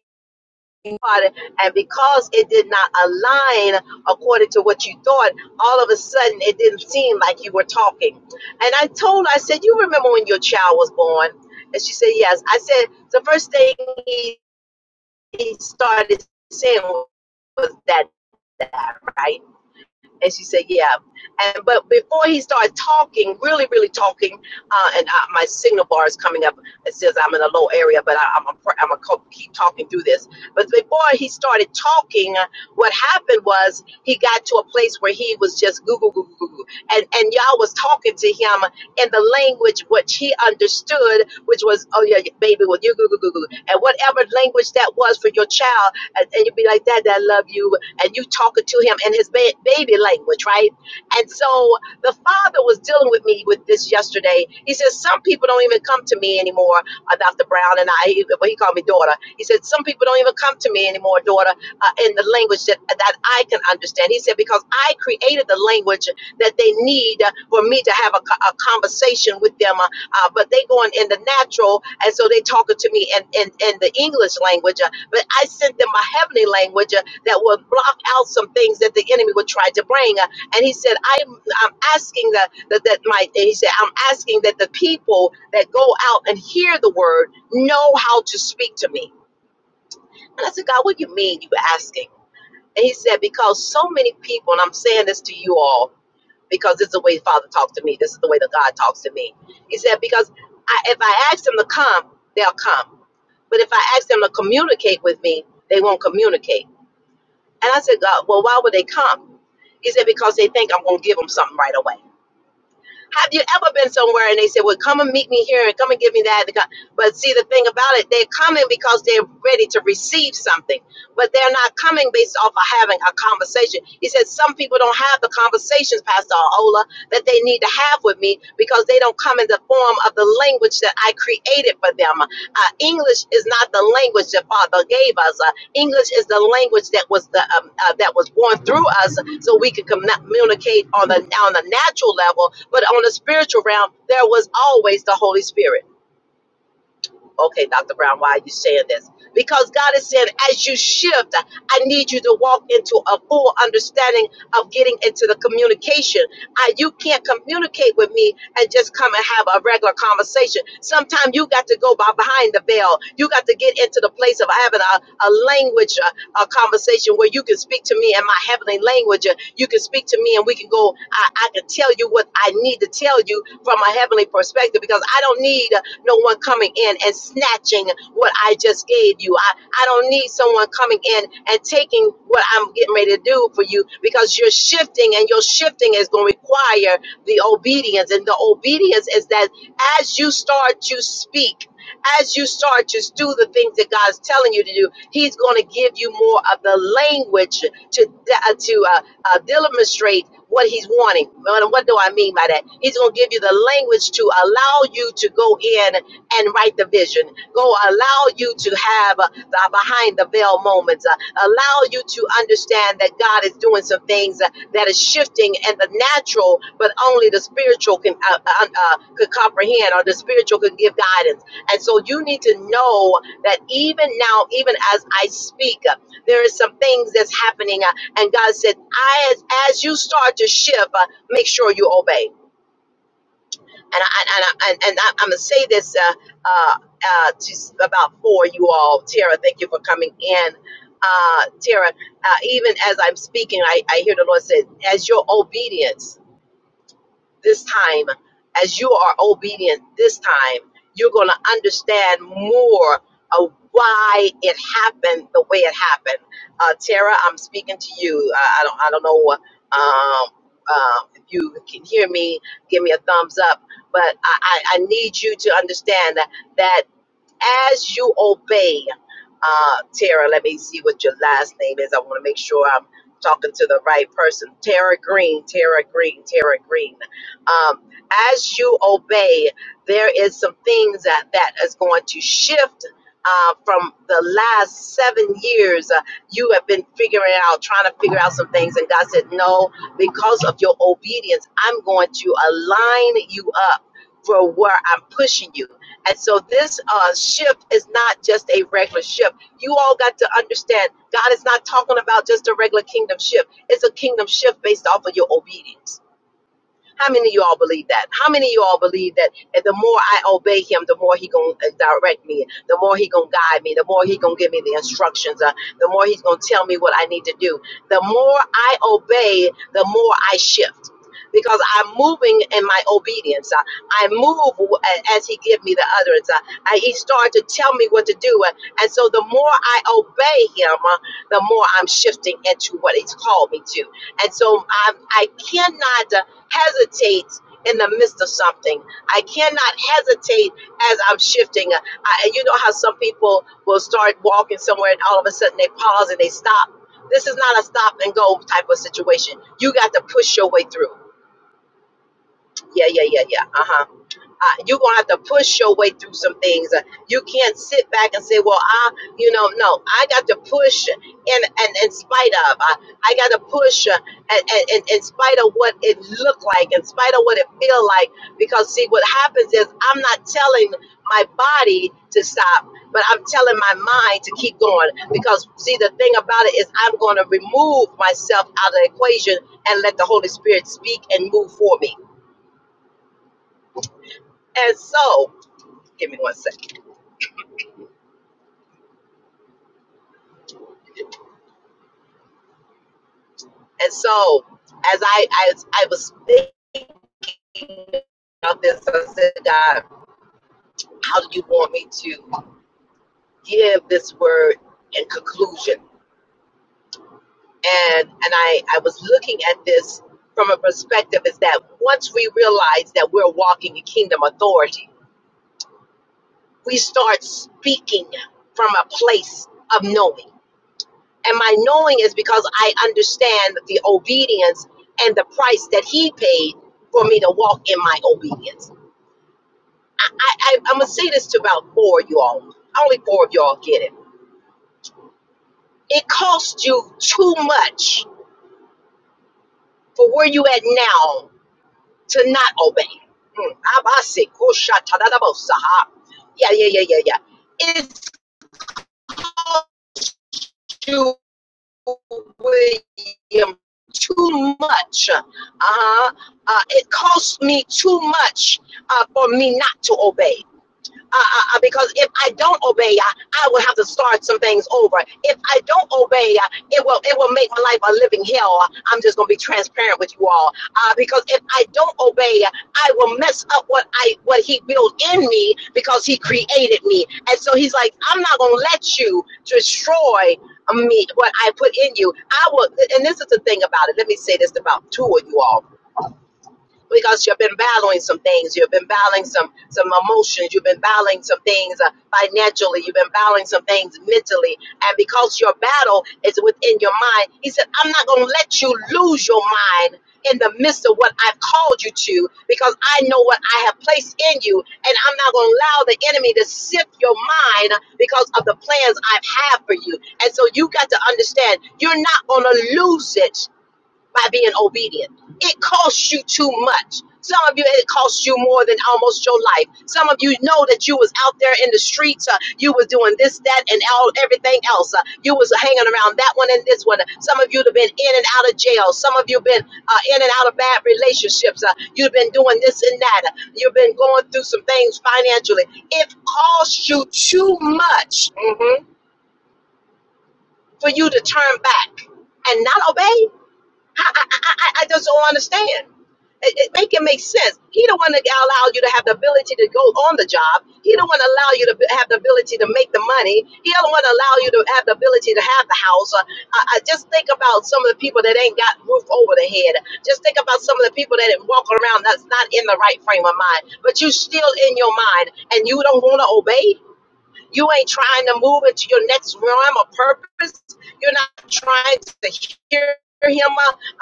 S1: And because it did not align according to what you thought, all of a sudden it didn't seem like you were talking. And I told, I said, You remember when your child was born? And she said, Yes. I said, The first thing he he started saying was that that right? And she said, yeah. And but before he started talking, really, really talking, uh, and uh, my signal bar is coming up. It says I'm in a low area, but I, I'm a, pr- am a co- keep talking through this. But before he started talking, what happened was he got to a place where he was just Google, Google, Google, and and y'all was talking to him in the language which he understood, which was, oh yeah, yeah, baby, well you Google, Google, and whatever language that was for your child, and, and you'd be like, Dad, I love you, and you talking to him in his ba- baby language, right? And so the father was dealing with me with this yesterday. He says some people don't even come to me anymore, uh, Dr. Brown and I. He, well, he called me daughter. He said some people don't even come to me anymore, daughter, uh, in the language that that I can understand. He said because I created the language that they need uh, for me to have a, co- a conversation with them, uh, uh, but they going in the natural, and so they talking to me in in, in the English language. uh, but I sent them a heavenly language uh, that would block out some things that the enemy would try to bring. Uh, and he said, I'm, I'm asking that, that, that my, and he said, I'm asking that the people that go out and hear the word know how to speak to me. And I said, God, what do you mean you were asking? And he said, because so many people, and I'm saying this to you all, because this is the way Father talks to me. This is the way that God talks to me. He said, because I, if I ask them to come, they'll come. But if I ask them to communicate with me, they won't communicate. And I said, God, well, why would they come? He said, because they think I'm going to give them something right away. Have you ever been somewhere and they said, Well, come and meet me here and come and give me that? But see, the thing about it, they're coming because they're ready to receive something, but they're not coming based off of having a conversation. He said, Some people don't have the conversations, Pastor Ola, that they need to have with me because they don't come in the form of the language that I created for them. Uh, English is not the language that Father gave us. Uh, English is the language that was the um, uh, that was born through us, so we could commu- communicate on the on the natural level, but on the spiritual realm, there was always the Holy Spirit. Okay, Dr. Brown, why are you saying this? Because God is saying, as you shift, I need you to walk into a full understanding of getting into the communication. I, you can't communicate with me and just come and have a regular conversation. Sometimes you got to go by behind the veil. You got to get into the place of having a, a language, a, a conversation where you can speak to me in my heavenly language. Uh, You can speak to me and we can go, I, I can tell you what I need to tell you from a heavenly perspective because I don't need no one coming in and snatching what I just gave you. I, I don't need someone coming in and taking what I'm getting ready to do for you because you're shifting and your shifting is going to require the obedience. And the obedience is that as you start to speak, as you start to do the things that God's telling you to do, He's going to give you more of the language to uh, to uh, uh, demonstrate what he's wanting. What what do I mean by that? He's going to give you the language to allow you to go in and write the vision, go allow you to have uh, the behind the veil moments, uh, allow you to understand that God is doing some things uh, that is shifting and the natural, but only the spiritual can uh, uh, uh, could comprehend or the spiritual could give guidance. And so you need to know that even now, even as I speak, uh, there is some things that's happening. uh, and God said, I, as, as you start to shift, uh, make sure you obey. And I, and I, and, and I, I'm gonna say this uh, uh, uh, to about for you all. Tara, thank you for coming in. Uh, Tara, uh, even as I'm speaking, I, I hear the Lord say, as your obedience this time, as you are obedient this time, you're going to understand more of why it happened the way it happened. Uh, Tara, I'm speaking to you. I, I don't, I don't know um, uh, if you can hear me. Give me a thumbs up. But I, I, I need you to understand that, that as you obey, uh, Tara, let me see what your last name is. I want to make sure I'm talking to the right person. Tara Green, Tara Green, Tara Green. Um, as you obey, there is some things that, that is going to shift uh, from the last seven years. Uh, you have been figuring out, trying to figure out some things, and God said, No, because of your obedience, I'm going to align you up for where I'm pushing you. And so this uh, shift is not just a regular shift. You all got to understand God is not talking about just a regular kingdom shift. It's a kingdom shift based off of your obedience. How many of you all believe that? How many of you all believe that the more I obey him, the more he going to direct me, the more he going to guide me, the more he going to give me the instructions, uh, the more he's going to tell me what I need to do. The more I obey, the more I shift. Because I'm moving in my obedience, Uh, I move w- as He give me the utterance. Uh, I, he started to tell me what to do, Uh, and so the more I obey Him, uh, the more I'm shifting into what He's called me to. And so I, I cannot. uh, hesitate in the midst of something. I cannot hesitate as I'm shifting. I, and you know how some people will start walking somewhere and all of a sudden they pause and they stop. This is not a stop and go type of situation. You got to push your way through. Yeah, yeah, yeah, yeah. Uh huh. Uh, you're gonna have to push your way through some things. Uh, You can't sit back and say, "Well, I, you know, no, I got to push in and in spite of. I, I got to push uh, and, and, and in spite of what it looked like, in spite of what it feel like. Because see, what happens is I'm not telling my body to stop, but I'm telling my mind to keep going. Because see, the thing about it is I'm gonna remove myself out of the equation and let the Holy Spirit speak and move for me. And so, give me one second. And so, as I as I was thinking about this, I said, God, how do you want me to give this word in conclusion? And and I I was looking at this from a perspective is that once we realize that we're walking in kingdom authority, we start speaking from a place of knowing. And my knowing is because I understand the obedience and the price that he paid for me to walk in my obedience. I, I, I'm gonna say this to about four of you all. Only four of y'all get it. It costs you too much for where you at now to not obey. Mm. Abase, kusha, tadadabosa, ha. Yeah, yeah, yeah, yeah, yeah. It's cost you, William, too much. Uh-huh. Uh, it costs me too much uh, for me not to obey. uh, uh, uh, because if I don't obey, uh, I will have to start some things over. If I don't obey, uh, it will it will make my life a living hell. Uh, I'm just gonna be transparent with you all, uh, because if I don't obey, uh, I will mess up what I what He built in me because He created me, and so He's like, I'm not gonna let you destroy me what I put in you. I will, and this is the thing about it. Let me say this about two of you all because you've been battling some things. You've been battling some some emotions. You've been battling some things uh, financially. You've been battling some things mentally. And because your battle is within your mind, he said, "I'm not going to let you lose your mind." In the midst of what I've called you to, because I know what I have placed in you, and I'm not going to allow the enemy to sift your mind because of the plans I've had for you. And so you got to understand, you're not going to lose it by being obedient. It costs you too much. Some of you, it costs you more than almost your life. Some of you know that you was out there in the streets. Uh, you was doing this, that, and all everything else. Uh, you was hanging around that one and this one. Some of you have been in and out of jail. Some of you have been uh, in and out of bad relationships. Uh, you've been doing this and that. You've been going through some things financially. It costs you too much mhm, for you to turn back and not obey. I, I, I, I just don't understand. It, it make it make sense. He don't want to allow you to have the ability to go on the job. He don't want to allow you to be- have the ability to make the money. He don't want to allow you to have the ability to have the house. Uh, I, I just think about some of the people that ain't got roof over their head. Just think about some of the people that walk around that's not in the right frame of mind. But you still in your mind, and you don't want to obey. You ain't trying to move into your next realm of purpose. You're not trying to hear him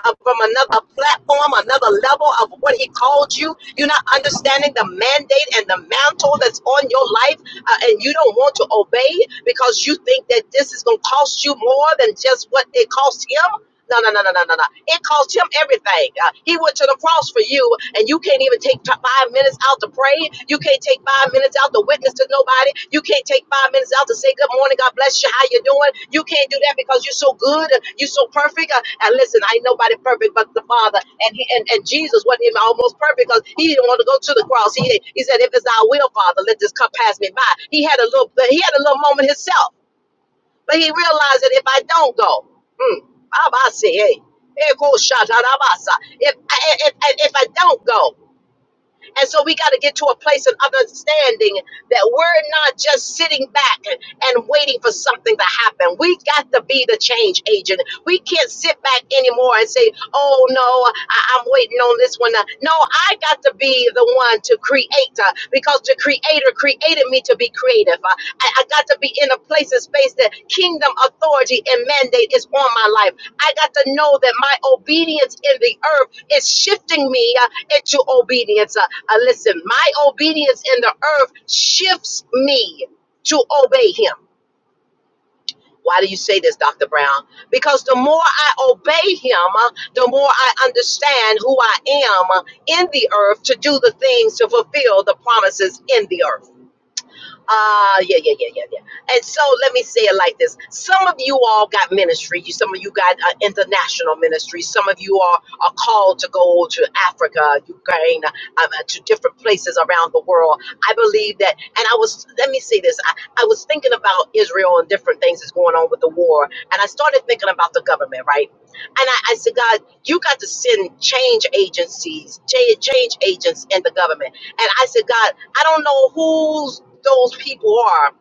S1: uh, from another platform, another level of what he called you. You're not understanding the mandate and the mantle that's on your life, uh, and you don't want to obey because you think that this is going to cost you more than just what it cost him. No, no, no, no, no, no, no. It cost him everything. Uh, he went to the cross for you, and you can't even take t- five minutes out to pray. You can't take five minutes out to witness to nobody. You can't take five minutes out to say good morning, God bless you, how you doing. You can't do that because you're so good, uh, you're so perfect. Uh, and listen, I ain't nobody perfect but the Father, and he, and, and Jesus wasn't even almost perfect because he didn't want to go to the cross. He he said, "If it's thy will, Father, let this cup pass me by." He had a little he had a little moment himself. But he realized that if I don't go, mm, Abba say, hey, hey, if, I- if, if, if I don't go, and so we got to get to a place of understanding that we're not just sitting back and waiting for something to happen. We got to be the change agent. We can't sit back anymore and say, oh no, I- I'm waiting on this one. No, I got to be the one to create uh, because the creator created me to be creative. Uh, I, I got to be in a place and space that kingdom authority and mandate is on my life. I got to know that my obedience in the earth is shifting me uh, into obedience. Uh, uh, listen, my obedience in the earth shifts me to obey him. Why do you say this, Dr. Brown? Because the more I obey him, uh, the more I understand who I am uh, in the earth to do the things to fulfill the promises in the earth. Ah, yeah, yeah, yeah, yeah, yeah. And so let me say it like this. Some of you all got ministry. You, some of you got uh, international ministry. Some of you are, are called to go to Africa, Ukraine, um, uh, to different places around the world. I believe that. And I was, let me say this. I, I was thinking about Israel and different things that's going on with the war. And I started thinking about the government, right? And I, I said, God, you got to send change agencies, cha- change agents in the government. And I said, God, I don't know who's those people are.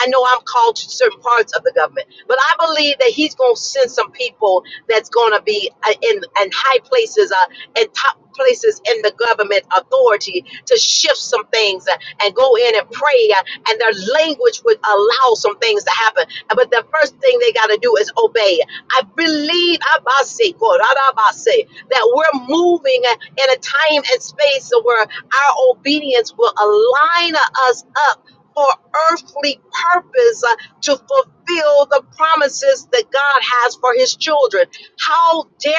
S1: I know I'm called to certain parts of the government, but I believe that he's going to send some people that's going to be uh, in in high places, uh, and top places in the government authority to shift some things uh, and go in and pray, uh, and their language would allow some things to happen. But the first thing they got to do is obey. I believe Abase, Korarabase, that we're moving uh, in a time and space where our obedience will align us up for earthly purpose uh, to fulfill the promises that God has for his children. How dare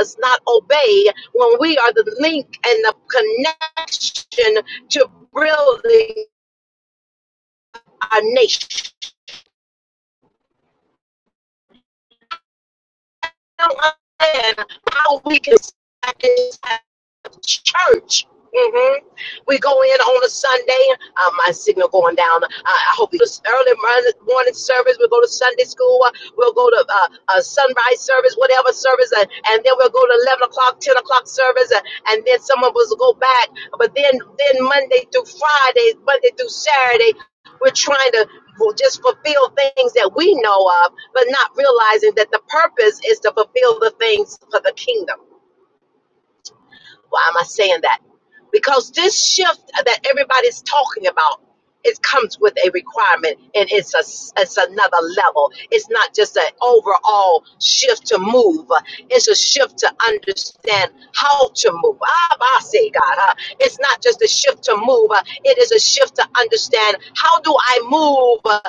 S1: us not obey when we are the link and the connection to building our nation? understand how we can start this type of church. hmm We go in on a Sunday. Uh, my signal going down. Uh, I hope it's early morning service. We'll go to Sunday school. Uh, We'll go to uh, uh, sunrise service, whatever service, and, and then we'll go to eleven o'clock, ten o'clock service, and, and then some of us will go back. But then, then Monday through Friday, Monday through Saturday, we're trying to will just fulfill things that we know of, but not realizing that the purpose is to fulfill the things for the kingdom. Why am I saying that? Because this shift that everybody's talking about, it comes with a requirement, and it's a it's another level. It's not just an overall shift to move; it's a shift to understand how to move. Ah, I say God, ah, it's not just a shift to move; uh, it is a shift to understand how do I move uh,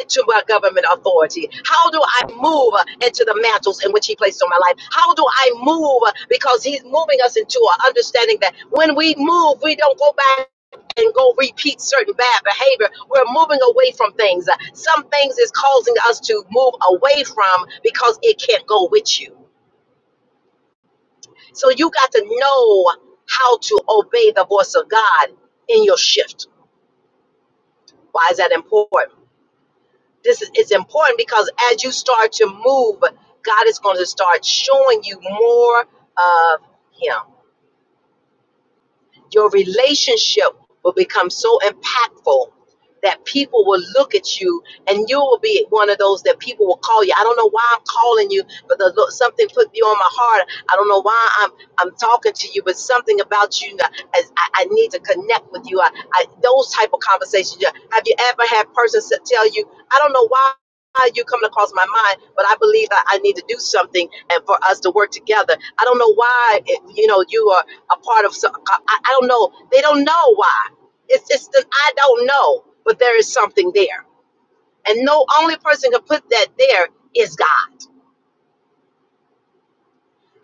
S1: into a government authority? How do I move into the mantles in which He placed on my life? How do I move? Because He's moving us into an understanding that when we move, we don't go back. And go repeat certain bad behavior. We're moving away from things. Some things is causing us to move away from because it can't go with you. So you got to know how to obey the voice of God in your shift. Why is that important? This is important because as you start to move, God is going to start showing you more of Him. Your relationship will become so impactful that people will look at you and you will be one of those that people will call you. I don't know why I'm calling you, but the, Lord- something put you on my heart. I don't know why I'm I'm talking to you, but something about you, as I, I need to connect with you. I, I those type of conversations. yeah. Have you ever had persons that tell you, I don't know why you coming across my mind, but I believe I, I need to do something and for us to work together. I don't know why, eh, you know, you are a part of some, I, I don't know. They don't know why. It's it's the I don't know, but there is something there, and no only person can put that there is God.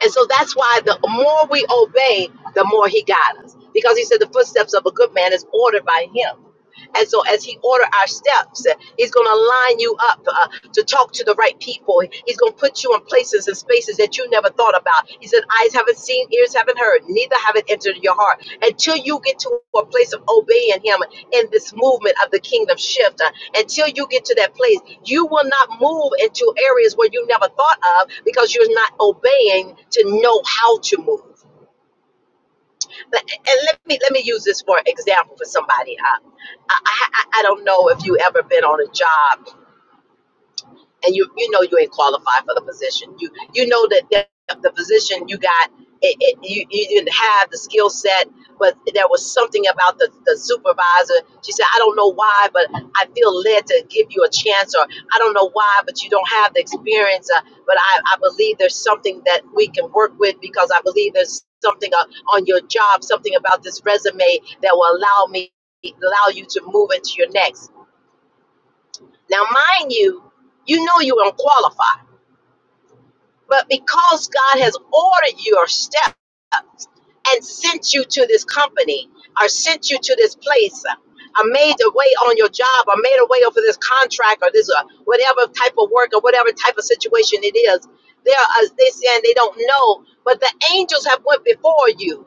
S1: And so that's why the more we obey, the more he guides us. Because he said the footsteps of a good man is ordered by him. And so as he order our steps, he's going to line you up uh, to talk to the right people. He's going to put you in places and spaces that you never thought about. He said, eyes haven't seen, ears haven't heard, neither have it entered your heart. Until you get to a place of obeying him in this movement of the kingdom shift. Uh, until you get to that place, you will not move into areas where you never thought of because you're not obeying to know how to move. But- And let me let me use this for example for somebody. Uh, I, I I I don't know if you ever been on a job and you you know you ain't qualified for the position. You you know that that the position you got, it, it, you you didn't have the skill set, but there was something about the, the supervisor. She said, I don't know why, but I feel led to give you a chance, or I don't know why, but you don't have the experience. Uh, but I, I believe there's something that we can work with because I believe there's something uh, on your job, something about this resume that will allow me allow you to move into your next. Now, mind you, you know you don't but because God has ordered your step, and sent you to this company or sent you to this place or made a way on your job or made a way over this contract or this uh, whatever type of work or whatever type of situation it is they are uh, they saying they don't know but the angels have went before you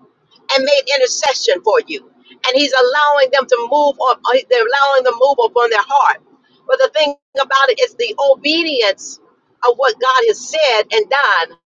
S1: and made intercession for you and he's allowing them to move on uh, they're allowing them to move upon their heart but the thing about it is the obedience of what god has said and done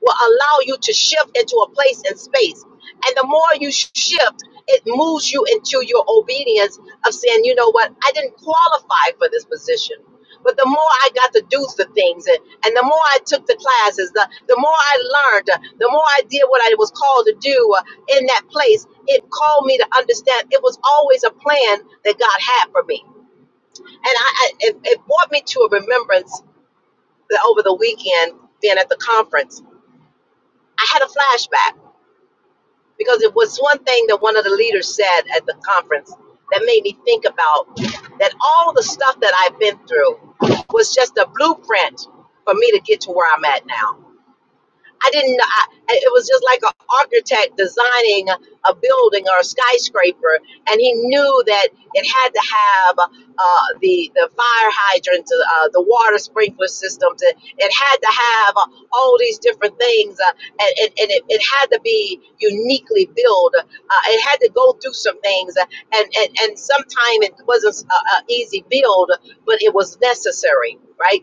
S1: will allow you to shift into a place and space and the more you shift, it moves you into your obedience of saying, you know what, I didn't qualify for this position. But the more I got to do the things and, and the more I took the classes, the, the more I learned, uh, the more I did what I was called to do uh, in that place, it called me to understand it was always a plan that God had for me. And I, I it, it brought me to a remembrance that over the weekend, being at the conference, I had a flashback because it was one thing that one of the leaders said at the conference that made me think about that all the stuff that I've been through was just a blueprint for me to get to where I'm at now. I didn't know. I, it was just like an architect designing a building or a skyscraper, and he knew that it had to have uh, the the fire hydrants, uh, the water sprinkler systems. It, it had to have uh, all these different things, uh, and, and, and it, it had to be uniquely built. Uh, it had to go through some things, uh, and and, and sometimes it wasn't an easy build, but it was necessary, right?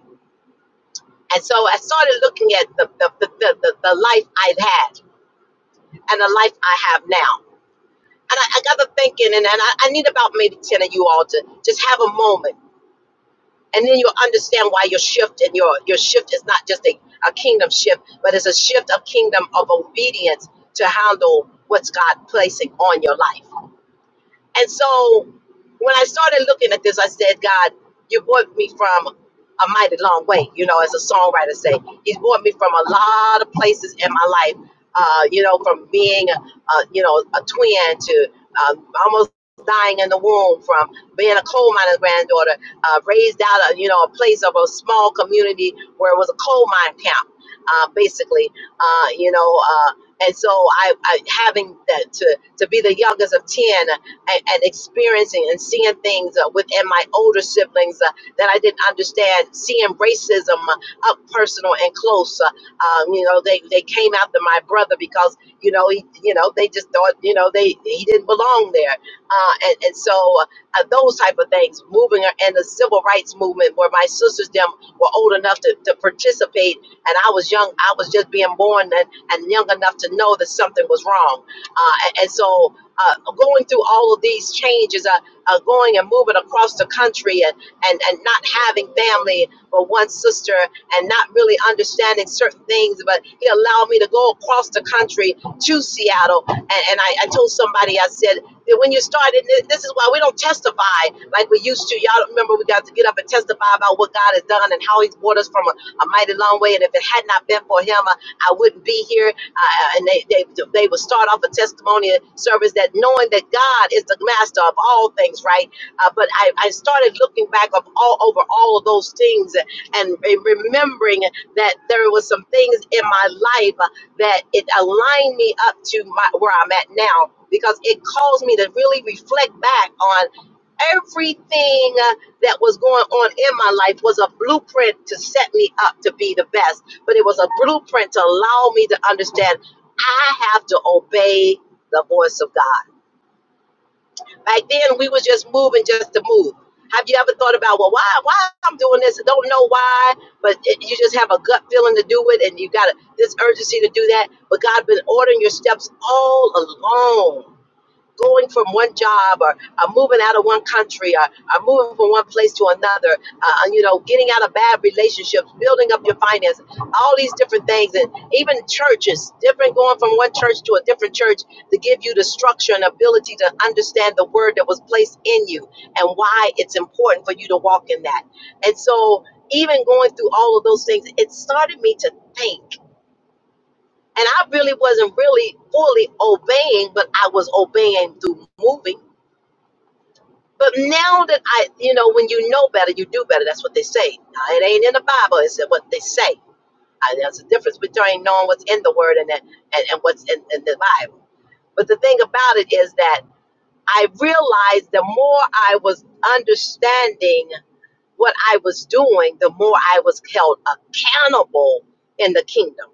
S1: And so I started looking at the, the, the, the, the, the life I've had and the life I have now. And I, I got to thinking, and, and I, I need about maybe 10 of you all to just have a moment. And then you'll understand why your shift and your, your shift is not just a, a kingdom shift, but it's a shift of kingdom of obedience to handle what's God placing on your life. And so when I started looking at this, I said, God, you brought me from a mighty long way, you know, as a songwriter say. He's brought me from a lot of places in my life, uh, you know, from being, uh, you know, a twin to uh, almost dying in the womb, from being a coal miner granddaughter, uh, raised out of, you know, a place of a small community where it was a coal mine camp, uh, basically, uh, you know, uh, and so I, I having that to, to be the youngest of 10 and, and experiencing and seeing things uh, within my older siblings uh, that I didn't understand, seeing racism uh, up personal and close. Uh, um, you know, they, they came after my brother because, you know, he, you know, they just thought, you know, they, he didn't belong there. Uh, and, and so uh, those type of things, moving and the civil rights movement where my sisters, them were old enough to, to participate. And I was young, I was just being born and, and young enough to know that something was wrong. Uh, and, and so uh, going through all of these changes, uh, uh, going and moving across the country and, and, and not having family but one sister and not really understanding certain things. But he allowed me to go across the country to Seattle. And, and I, I told somebody, I said, that when you started, this is why we don't testify like we used to. Y'all don't remember we got to get up and testify about what God has done and how he's brought us from a, a mighty long way. And if it had not been for him, I, I wouldn't be here. Uh, and they, they, they will start off a testimony service that knowing that God is the master of all things, right? Uh, but I, I started looking back up all over all of those things and re- remembering that there was some things in my life uh, that it aligned me up to my, where I'm at now because it caused me to really reflect back on everything uh, that was going on in my life was a blueprint to set me up to be the best but it was a blueprint to allow me to understand I have to obey the voice of God. Back then, we was just moving just to move. Have you ever thought about, well, why, why I'm doing this? I Don't know why, but it, you just have a gut feeling to do it, and you got a, this urgency to do that. But God been ordering your steps all along going from one job or, or moving out of one country or, or moving from one place to another, uh, uh, you know, getting out of bad relationships, building up your finances, all these different things. And even churches, different going from one church to a different church to give you the structure and ability to understand the word that was placed in you and why it's important for you to walk in that. And so, even going through all of those things, it started me to think and I really wasn't really fully obeying, but I was obeying through moving but now that I, you know, when you know better, you do better. That's what they say. Now, it ain't in the Bible. It's what they say. I, there's a difference between knowing what's in the Word and that, and, and what's in, in the Bible. But the thing about it is that I realized the more I was understanding what I was doing, the more I was held accountable in the kingdom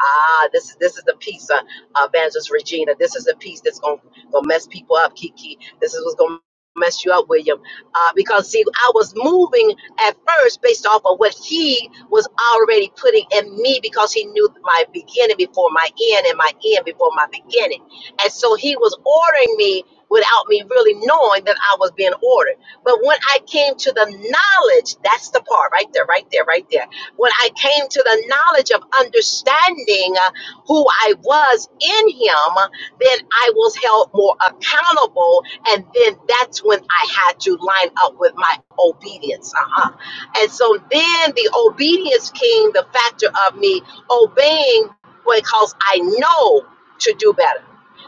S1: Ah, this is this is the piece, uh, uh, Evangelist Regina. This is the piece that's gonna gonna mess people up, Kiki. This is what's gonna mess you up, William. Uh, because see, I was moving at first based off of what he was already putting in me, because he knew my beginning before my end, and my end before my beginning, and so he was ordering me without me really knowing that I was being ordered. But when I came to the knowledge, that's the part right there, right there, right there when I came to the knowledge of understanding uh, who I was in Him, then I was held more accountable. And then that's when I had to line up with my obedience. Uh-huh. And so then the obedience came, the factor of me obeying because I know to do better.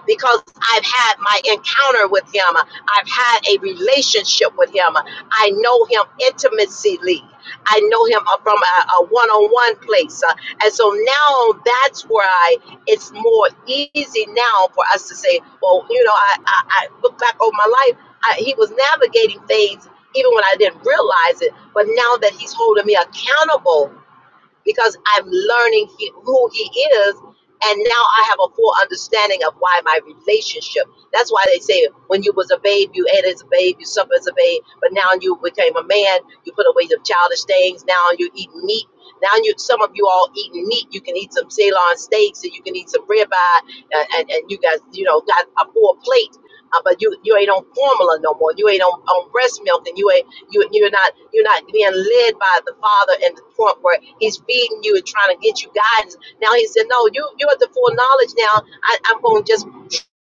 S1: Because I've had my encounter with him. I've had a relationship with him. I know him intimately. I know him uh, from a, a one-on-one place. Uh, and so now that's where I, it's more easy now for us to say, well, you know, I, I, I look back over my life. I, he was navigating things even when I didn't realize it. But now that he's holding me accountable because I'm learning he, who he is. And now I have a full understanding of why my relationship. That's why they say when you was a babe, you ate as a babe, you suffered as a babe, but now you became a man. You put away the childish things. Now you eat meat. Now you, some of you all eating meat. You can eat some Ceylon steaks, and you can eat some ribeye, and, and, and you guys, you know, got a full plate. Uh, but you you ain't on formula no more. You ain't on, on breast milk, and you ain't you, you're not you're not being led by the Father and the point where He's feeding you and trying to get you guidance. Now He said, "No, you you're at the full knowledge now. I, I'm going to just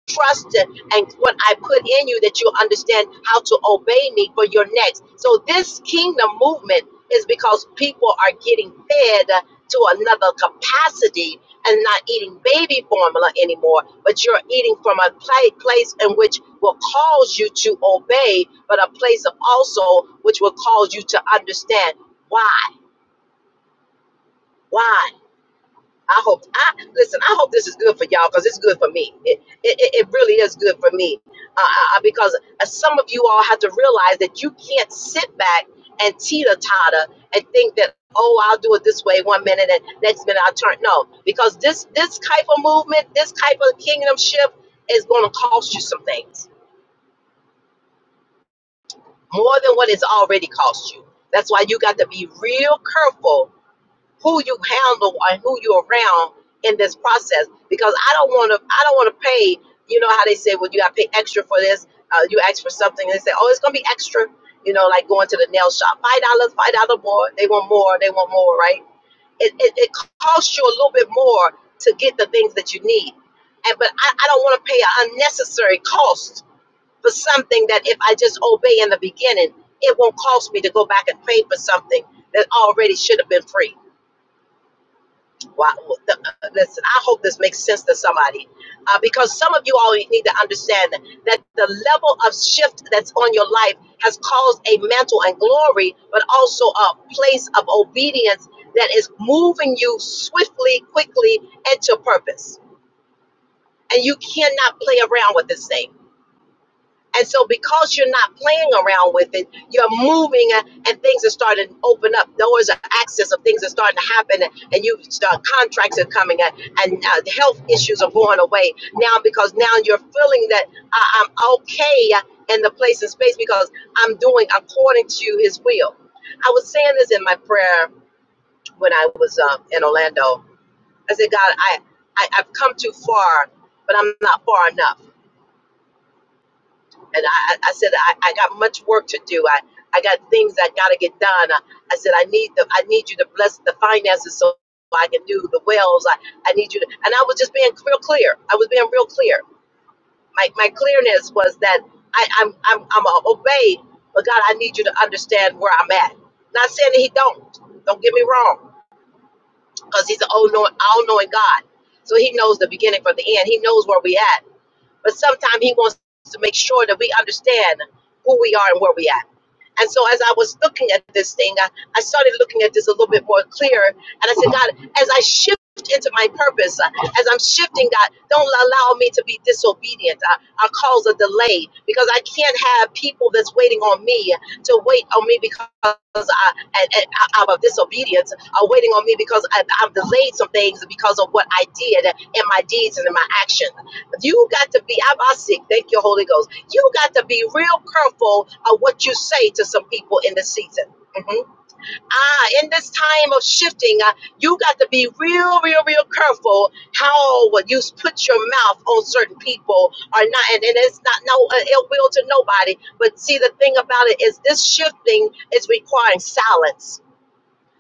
S1: trust and what I put in you that you'll understand how to obey me for your next. So this kingdom movement is because people are getting fed to another capacity and not eating baby formula anymore, but you're eating from a pla- place in which will cause you to obey, but a place of also which will cause you to understand why, why. I hope I listen. I hope this is good for y'all because it's good for me. It, it, it it really is good for me uh, uh, uh, because uh, some of you all have to realize that you can't sit back and teeter totter and think that oh I'll do it this way one minute and next minute I'll turn no because this this type of movement this type of kingdom shift is going to cost you some things more than what it's already cost you. That's why you got to be real careful who you handle and who you're around in this process because I don't want to I don't want to pay you know how they say well you got to pay extra for this uh, you ask for something they say oh it's gonna be extra you know like going to the nail shop five dollars five dollar more they want more they want more right it, it, it costs you a little bit more to get the things that you need and but I, I don't want to pay an unnecessary cost for something that if I just obey in the beginning it won't cost me to go back and pay for something that already should have been free why, the, uh, listen, I hope this makes sense to somebody uh, because some of you all need to understand that the level of shift that's on your life has caused a mantle and glory, but also a place of obedience that is moving you swiftly, quickly into purpose. And you cannot play around with this thing. And so, because you're not playing around with it, you're moving uh, and things are starting to open up. Doors of access of things are starting to happen, and and you start contracts are coming in, and uh, health issues are going away now because now you're feeling that I- I'm okay uh, in the place and space because I'm doing according to His will. I was saying this in my prayer when I was uh, in Orlando. I said, God, I, I I've come too far, but I'm not far enough. And I, I I said, I, I got much work to do. I, I got things I got to get done. I, I said, I need the, I need you to bless the finances so I can do the wells. I, I need you to, and I was just being real clear. I was being real clear. My, my clearness was that I, I'm, I'm, I'm a obeyed, but God, I need you to understand where I'm at. Not saying that he don't. Don't get me wrong, because he's an all-knowing, all-knowing God. So he knows the beginning from the end. He knows where we at but sometimes he wants to make sure that we understand who we are and where we at. And so as I was looking at this thing, I, I started looking at this a little bit more clear. And I said, God, as I shift into my purpose, uh, as I'm shifting, God, don't allow me to be disobedient. Uh, I'll cause a delay because I can't have people that's waiting on me to wait on me because I, I, I, I'm of disobedience, are waiting on me because I, I've delayed some things because of what I did in my deeds and in my action. You got to be, I'm sick. Thank you, Holy Ghost. You got to be real careful of what you say to some people in this season. Mhm. Ah, in this time of shifting, uh, you got to be real, real, real careful how what you put your mouth on certain people are not, and, and it's not no uh, ill will to nobody. But see, the thing about it is, this shifting is requiring silence.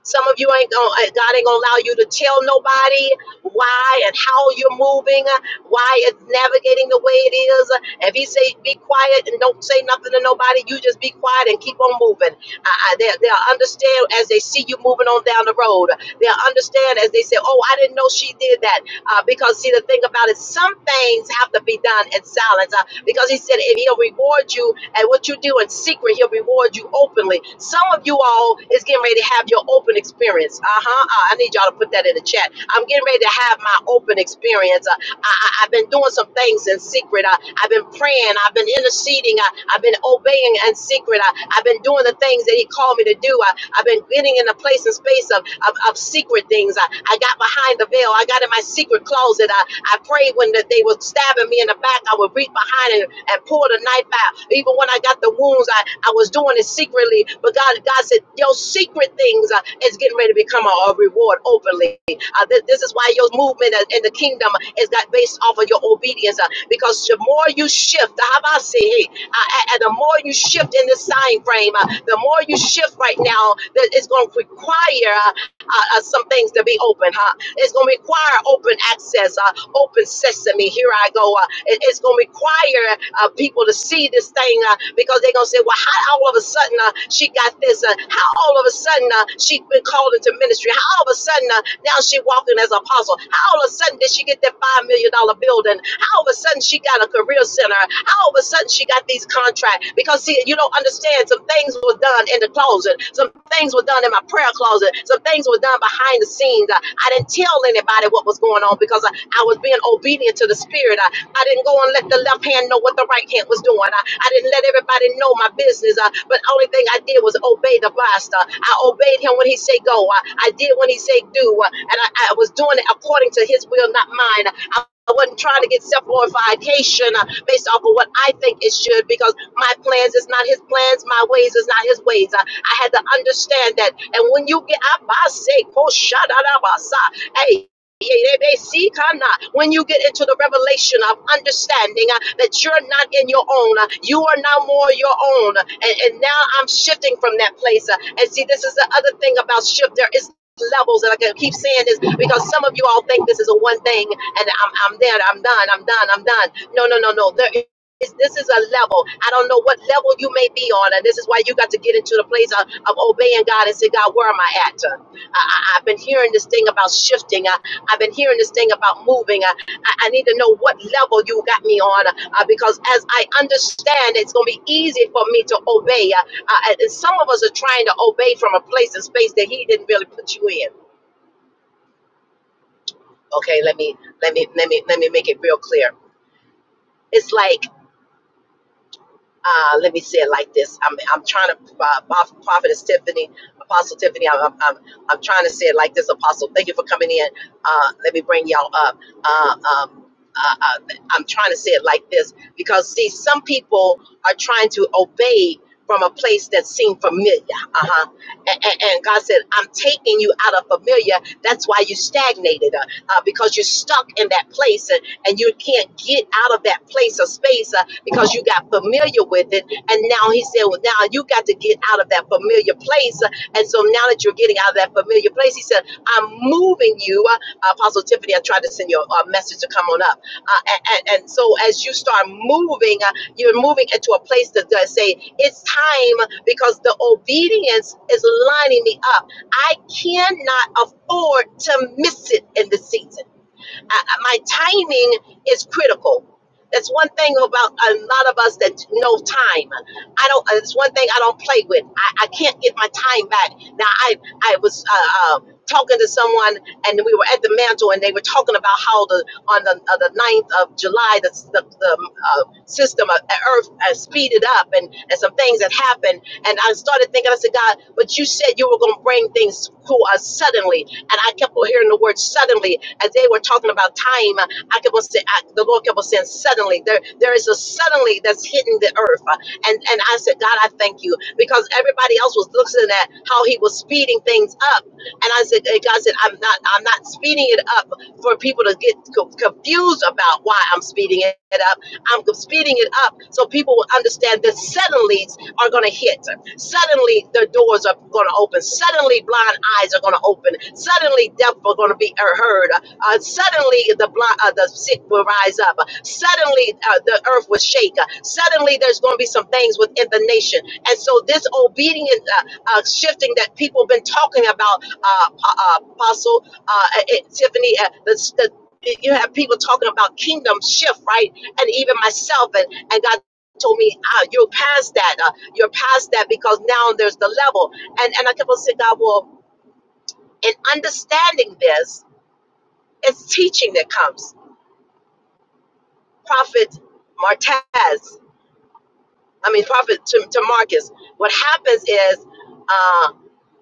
S1: Some of you ain't gonna, uh, God ain't gonna allow you to tell nobody why and how you're moving, uh, why it's navigating the way it is. Uh, If He say be quiet and don't say nothing to nobody, you just be quiet and keep on moving. I, I, they, they'll understand as they see you moving on down the road. They'll understand as they say, "Oh, I didn't know she did that." Uh, because, see, the thing about it, some things have to be done in silence. Uh, because he said, if he'll reward you and what you do in secret, he'll reward you openly. Some of you all is getting ready to have your open experience. Uh huh. Uh, I need y'all to put that in the chat. I'm getting ready to have my open experience. Uh, I, I, I've been doing some things in secret. I, I've been praying. I've been interceding. I, I've been obeying in secret. I, I've been doing the things that He called me to do. I, I've been getting in a place and space of, of, of secret things. I, I got behind the veil. I got in my secret closet. I, I prayed when that they were stabbing me in the back. I would reach behind and, and pull the knife out. Even when I got the wounds, I, I was doing it secretly. But God, God said, Your secret things uh, is getting ready to become a, a reward openly. Uh, thi- this is why your movement in in the kingdom is got based off of your obedience. uh, because the more you shift, the how about I say, hey, uh, uh, uh, the more you shift in this sign frame, uh, the more you shift right now, that it's going to require uh, uh, uh, some things to be open. Huh? It's going to require open access. uh, open sesame. Here I go. Uh, it- it's going to require uh, people to see this thing uh, because they're going to say, well, how all of a sudden uh, she got this? Uh, how all of a sudden uh, she been called into ministry? How all of a sudden uh, now she walking as an apostle? How all of a sudden did she get that $5 million dollar building. How all of a sudden she got a career center? How all of a sudden she got these contracts? Because see, you don't understand. Some things were done in the closet. Some things were done in my prayer closet. Some things were done behind the scenes. I, I didn't tell anybody what was going on because I, I was being obedient to the spirit. I, I didn't go and let the left hand know what the right hand was doing. I, I didn't let everybody know my business. Uh, but only thing I did was obey the master. I obeyed him when he said go. I, I did when he said do. Uh, and I, I was doing it according to his will, not mine. I I wasn't trying to get self-glorification uh, based off of what I think it should because my plans is not his plans, my ways is not his ways. Uh, I had to understand that. And when you get up, I say, oh, shut up, I say, hey. yeah, they- they see, come now. When you get into the revelation of understanding uh, that you're not in your own, uh, you are now more your own. Uh, And, and now I'm shifting from that place. uh, and see, this is the other thing about shift. There is levels and I can keep saying this because some of you all think this is a one thing and I'm I'm there, I'm done, I'm done, I'm done. No, no, no, no. There is this is a level. I don't know what level you may be on, and this is why you got to get into the place of, of obeying God and say, God, where am I at? Uh, I, I, I've been hearing this thing about shifting. I, I've been hearing this thing about moving. I, I I need to know what level you got me on uh, because as I understand, it's going to be easy for me to obey. Uh, uh, and some of us are trying to obey from a place and space that He didn't really put you in. Okay, let me let me let me let me make it real clear. It's like uh, let me say it like this. I'm, I'm trying to, uh, Prof- Prophetess Tiffany, Apostle Tiffany, I'm, I'm, I'm, I'm trying to say it like this, Apostle. Thank you for coming in. Uh, let me bring y'all up. Uh, um, uh, uh, I'm trying to say it like this because, see, some people are trying to obey from a place that seemed familiar. Uh-huh. And, and, and God said, I'm taking you out of familiar. That's why you stagnated uh, uh, because you're stuck in that place and you can't get out of that place or space uh, because you got familiar with it. And now he said, Well, now you got to get out of that familiar place. uh, And so now that you're getting out of that familiar place, he said, I'm moving you. Uh, Apostle Tiffany, I tried to send you a, a message to come on up. Uh, and, and, and so as you start moving, uh, you're moving into a place that does say, It's time because the obedience is lining me up. I cannot afford to miss it in the season. I, I- my timing is critical. That's one thing about a lot of us that know time. I don't. uh, It's one thing I don't play with. I, I can't get my time back. Now I I was uh, uh, talking to someone and we were at the mantle and they were talking about how the on the uh, the ninth of July the the, the uh, system of uh, Earth uh, speeded up and and some things that happened and I started thinking I said God, but you said you were going to bring things to us suddenly. And I kept on hearing the word suddenly. As they were talking about time, I kept on saying, I, the Lord kept on saying, suddenly. There, there is a suddenly that's hitting the earth. And, and I said, God, I thank you. Because everybody else was looking at how he was speeding things up. And I said, and God said, I'm not, I'm not speeding it up for people to get co- confused about why I'm speeding it up. I'm speeding it up so people will understand that suddenly are going to hit. Suddenly, their doors are going to open. Suddenly, blind eyes are going to open. Suddenly, deaf are going to be uh, heard. Uh, suddenly, the blind, uh, the sick will rise up. Suddenly, uh, the earth will shake. Suddenly, there's going to be some things within the nation. And so, this obedient uh, uh, shifting that people have been talking about, uh, uh, Apostle uh, uh, Tiffany, uh, the, the you have people talking about kingdom shift, right? And even myself, and, and God told me, ah, you're past that. uh, you're past that because now there's the level. And and I kept on saying, God, well, in understanding this, it's teaching that comes. Prophet Martez, I mean Prophet to, to Marcus. What happens is uh,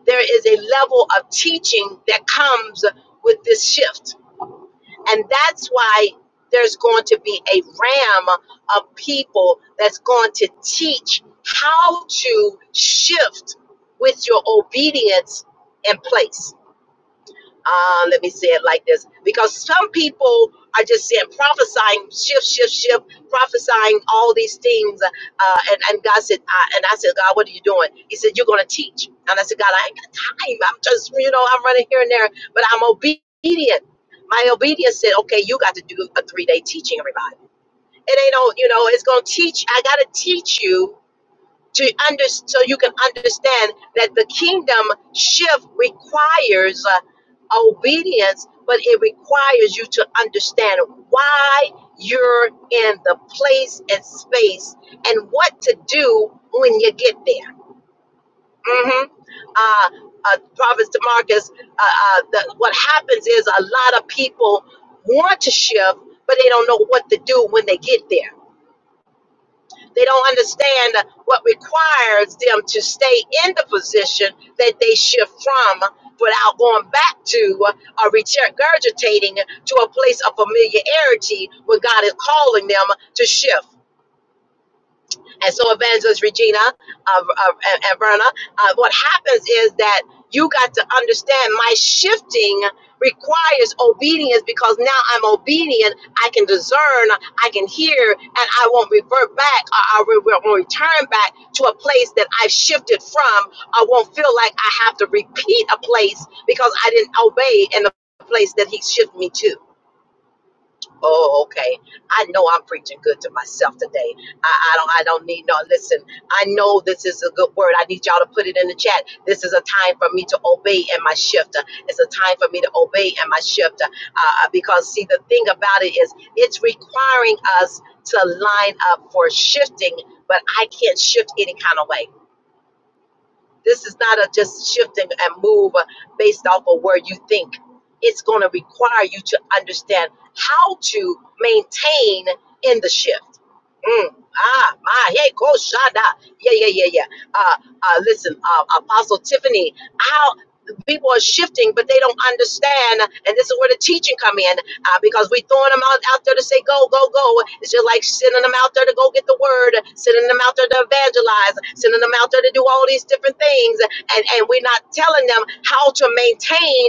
S1: there is a level of teaching that comes with this shift. And that's why there's going to be a ram of people that's going to teach how to shift with your obedience in place Uh, let me say it like this because some people are just saying prophesying shift shift shift prophesying all these things uh, and, and god said I, and i said god what are you doing he said you're going to teach and i said god i ain't got time i'm just you know i'm running here and there but i'm obedient my obedience said okay you got to do a three-day teaching everybody it ain't no you know it's going to teach i got to teach you to under so you can understand that the kingdom shift requires uh, obedience but it requires you to understand why you're in the place and space and what to do when you get there hmm uh, uh, prophet Demarcus, uh, uh, the, what happens is a lot of people want to shift but they don't know what to do when they get there they don't understand what requires them to stay in the position that they shift from without going back to or regurgitating to a place of familiarity where God is calling them to shift and so evangelist regina uh, uh, and, and verna uh, what happens is that you got to understand my shifting requires obedience because now i'm obedient i can discern i can hear and i won't revert back or i will will return back to a place that i've shifted from i won't feel like i have to repeat a place because i didn't obey in the place that he shifted me to Oh, okay. I know I'm preaching good to myself today. I, I don't I don't need no listen. I know this is a good word. I need y'all to put it in the chat. This is a time for me to obey in my shift. It's a time for me to obey in my shift. Uh, uh, because see the thing about it is it's requiring us to line up for shifting, but I can't shift any kind of way. This is not a just shift and, and move uh, based off of where you think. It's going to require you to understand how to maintain in the shift. Mm. Ah, my, hey, go shada. Yeah, yeah, yeah, yeah. Uh, uh, listen, uh, Apostle Tiffany, how people are shifting, but they don't understand. And this is where the teaching come in uh, because we throwing them out, out there to say go, go, go. It's just like sending them out there to go get the word, sending them out there to evangelize, sending them out there to do all these different things, and and we're not telling them how to maintain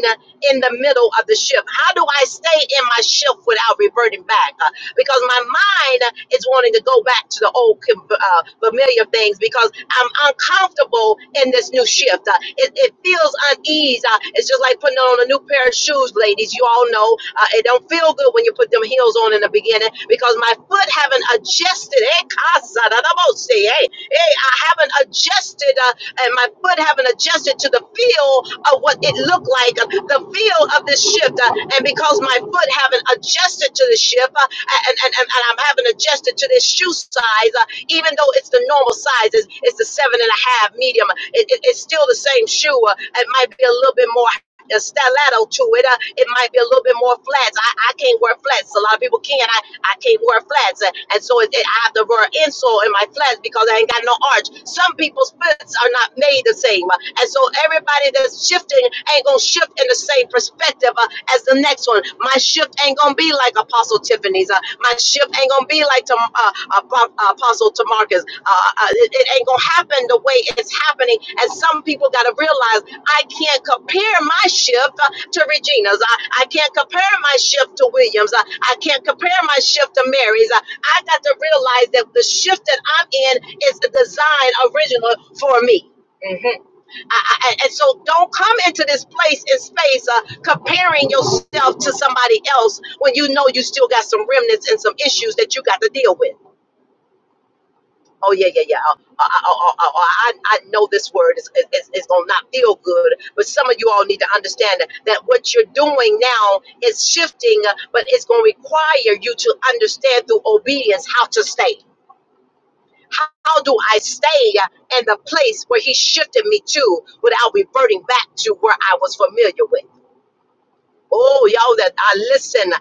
S1: in the middle of the shift. How do I stay in my shift without reverting back? Uh, because my mind is wanting to go back to the old uh, familiar things because I'm uncomfortable in this new shift. Uh, it, it feels unease. Uh, it's just like putting on a new pair of shoes, ladies. You all know uh, it don't feel good when you put them heels on in the beginning because my foot haven't adjusted. Eh, casa da da bo se, eh? Hey, I haven't adjusted. uh, and my foot haven't adjusted to the feel of what it looked like, uh, the feel of this shift. uh, and because my foot haven't adjusted to the shift, uh, and, and, and, and I'm having adjusted to this shoe size, uh, even though it's the normal size, it's, it's the seven and a half medium, it, it- it's still the same shoe. Uh, it might be a little bit more a stiletto to it. Uh, it might be a little bit more flats. I, I can't wear flats. A lot of people can. I, I can't wear flats. And, and so it, it, I have to wear an insole in my flats because I ain't got no arch. Some people's fits are not made the same. Uh, and so everybody that's shifting ain't going to shift in the same perspective uh, as the next one. My shift ain't going to be like Apostle Tiffany's. Uh, my shift ain't going to be like to, uh, Apo- Apostle Tamarcus. Uh, uh, it, it ain't going to happen the way it's happening. And some people got to realize I can't compare my shift uh, to Regina's. I, I can't compare my shift to Williams. I, I can't compare my shift to Mary's. I, I got to realize that the shift that I'm in is the design original for me. Mhm. I, I, and so don't come into this place and space uh, comparing yourself to somebody else when you know you still got some remnants and some issues that you got to deal with oh yeah, yeah, yeah. Oh, oh, oh, oh, oh, I, I know this word is, is, is going to not feel good, but some of you all need to understand that what you're doing now is shifting, uh, but it's going to require you to understand through obedience how to stay. How how do I stay in the place where he shifted me to without reverting back to where I was familiar with? Oh, y'all that I listen. I,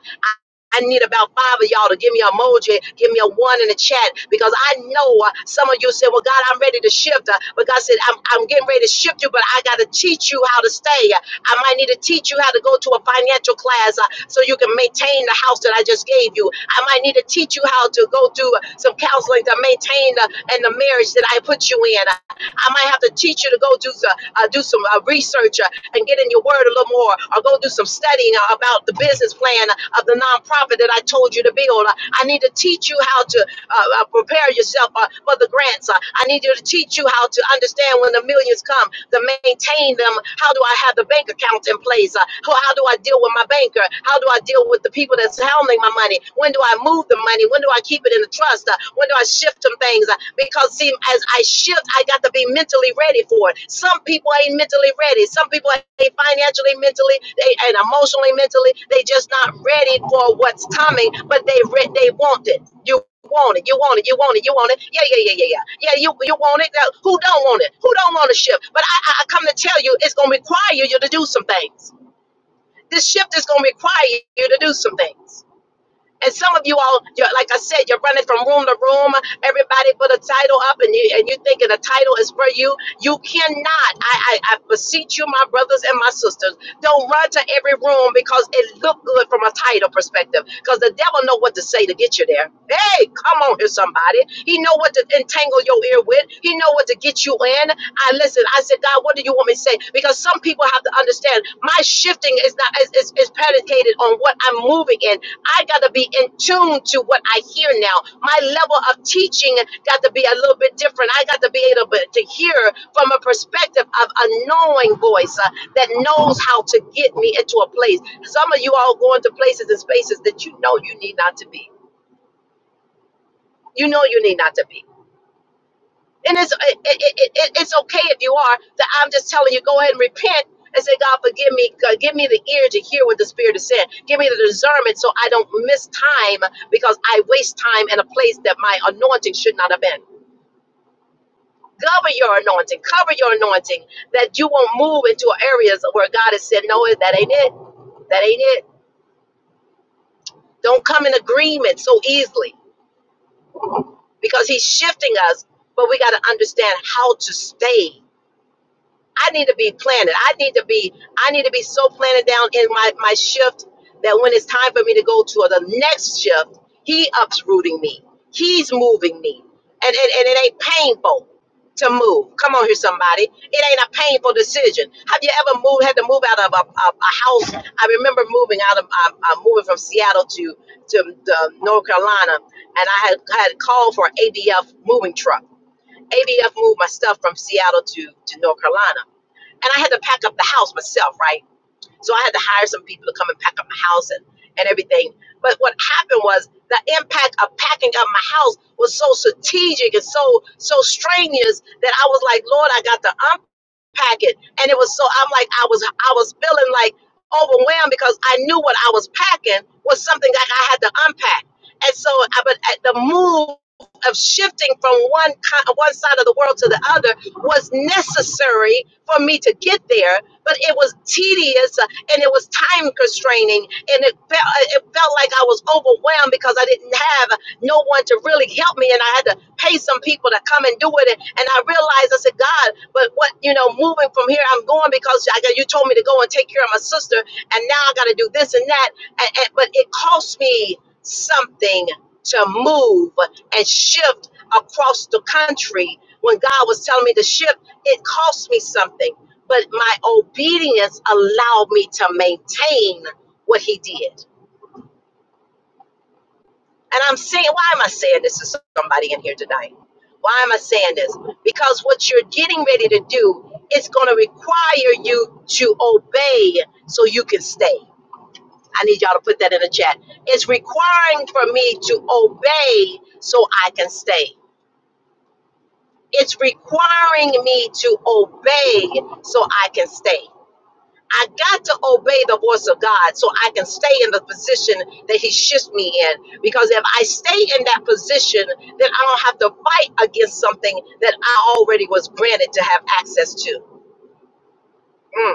S1: I need about five of y'all to give me an emoji, give me a one in the chat, because I know uh, some of you said, Well, God, I'm ready to shift. Uh, But God said, I'm, I'm getting ready to shift you, but I got to teach you how to stay. Uh, I might need to teach you how to go to a financial class uh, so you can maintain the house that I just gave you. I might need to teach you how to go through uh, some counseling to maintain the, and the marriage that I put you in. Uh, I might have to teach you to go do, the, uh, do some uh, research. uh, and get in your word a little more, or go do some studying about the business plan of the nonprofit that I told you to build. I need to teach you how to uh, uh, prepare yourself uh, for the grants. Uh, I need you to teach you how to understand when the millions come, to maintain them. How do I have the bank account in place? Uh, how, how do I deal with my banker? How do I deal with the people that's handling my money? When do I move the money? When do I keep it in the trust? Uh, when do I shift some things? Uh, because see, as I shift, I got to be mentally ready for it. Some people ain't mentally ready some people ain't financially, mentally, they and emotionally, mentally, they just not ready for what's coming, but they re- they want it. You want it, you want it, you want it, you want it. Yeah, yeah, yeah, yeah, yeah. Yeah, you you want it. Now, Who don't want it? Who don't want to shift? But I, I I come to tell you, it's gonna require you to do some things. This shift is gonna require you to do some things. And some of you all, you're, like I said, you're running from room to room. Everybody put a title up, and you and you thinking the title is for you. You cannot. I, I I beseech you, my brothers and my sisters, don't run to every room because it looked good from a title perspective. Because the devil know what to say to get you there. Hey, come on here, somebody. He know what to entangle your ear with. He know what to get you in. I listen. I said, God, what do you want me to say? Because some people have to understand my shifting is not is, is, is predicated on what I'm moving in. I got to be in tune to what I hear now. My level of teaching got to be a little bit different. I got to be able to hear from a perspective of a knowing voice uh, that knows how to get me into a place. Some of you all going to places and spaces that you know you need not to be. You know you need not to be. And it's it, it, it, it's okay if you are. That I'm just telling you, go ahead and repent and say, God, forgive me. God, give me the ear to hear what the Spirit is saying. Give me the discernment so I don't miss time because I waste time in a place that my anointing should not have been. Cover your anointing. Cover your anointing that you won't move into areas where God has said, no, that ain't it. That ain't it. Don't come in agreement so easily because He's shifting us. But we got to understand how to stay. I need to be planted. I need to be I need to be so planted down in my my shift that when it's time for me to go to the next shift, he uprooting me. He's moving me. And and, and it ain't painful to move. Come on here somebody. It ain't a painful decision. Have you ever moved had to move out of a, a, a house? I remember moving out of uh, uh, moving from Seattle to to uh, North Carolina and I had had called for an ABF moving truck. ABF moved my stuff from Seattle to to North Carolina and I had to pack up the house myself, right? So I had to hire some people to come and pack up my house and, and everything. But what happened was the impact of packing up my house was so strategic and so so strenuous that I was like, Lord, I got to packet and it was so i'm like i was i was feeling like overwhelmed because i knew what i was packing was something that i had to unpack and so i but at the move of shifting from one ki- one side of the world to the other was necessary for me to get there but it was tedious uh, and it was time constraining and it felt uh, it felt like i was overwhelmed because i didn't have no one to really help me and i had to pay some people to come and do it. And, and I realized, I said, God, but what, you know, moving from here, I'm going because I got, you told me to go and take care of my sister. And now I got to do this and that. And, and, but it cost me something to move and shift across the country. When God was telling me to shift, it cost me something. But my obedience allowed me to maintain what He did. And I'm saying, why am I saying this to somebody in here tonight? Why am I saying this? Because what you're getting ready to do is going to require you to obey so you can stay. I need y'all to put that in the chat. It's requiring for me to obey so I can stay. It's requiring me to obey so I can stay. I got to obey the voice of God so I can stay in the position that He shifts me in. Because if I stay in that position, then I don't have to fight against something that I already was granted to have access to. Mm.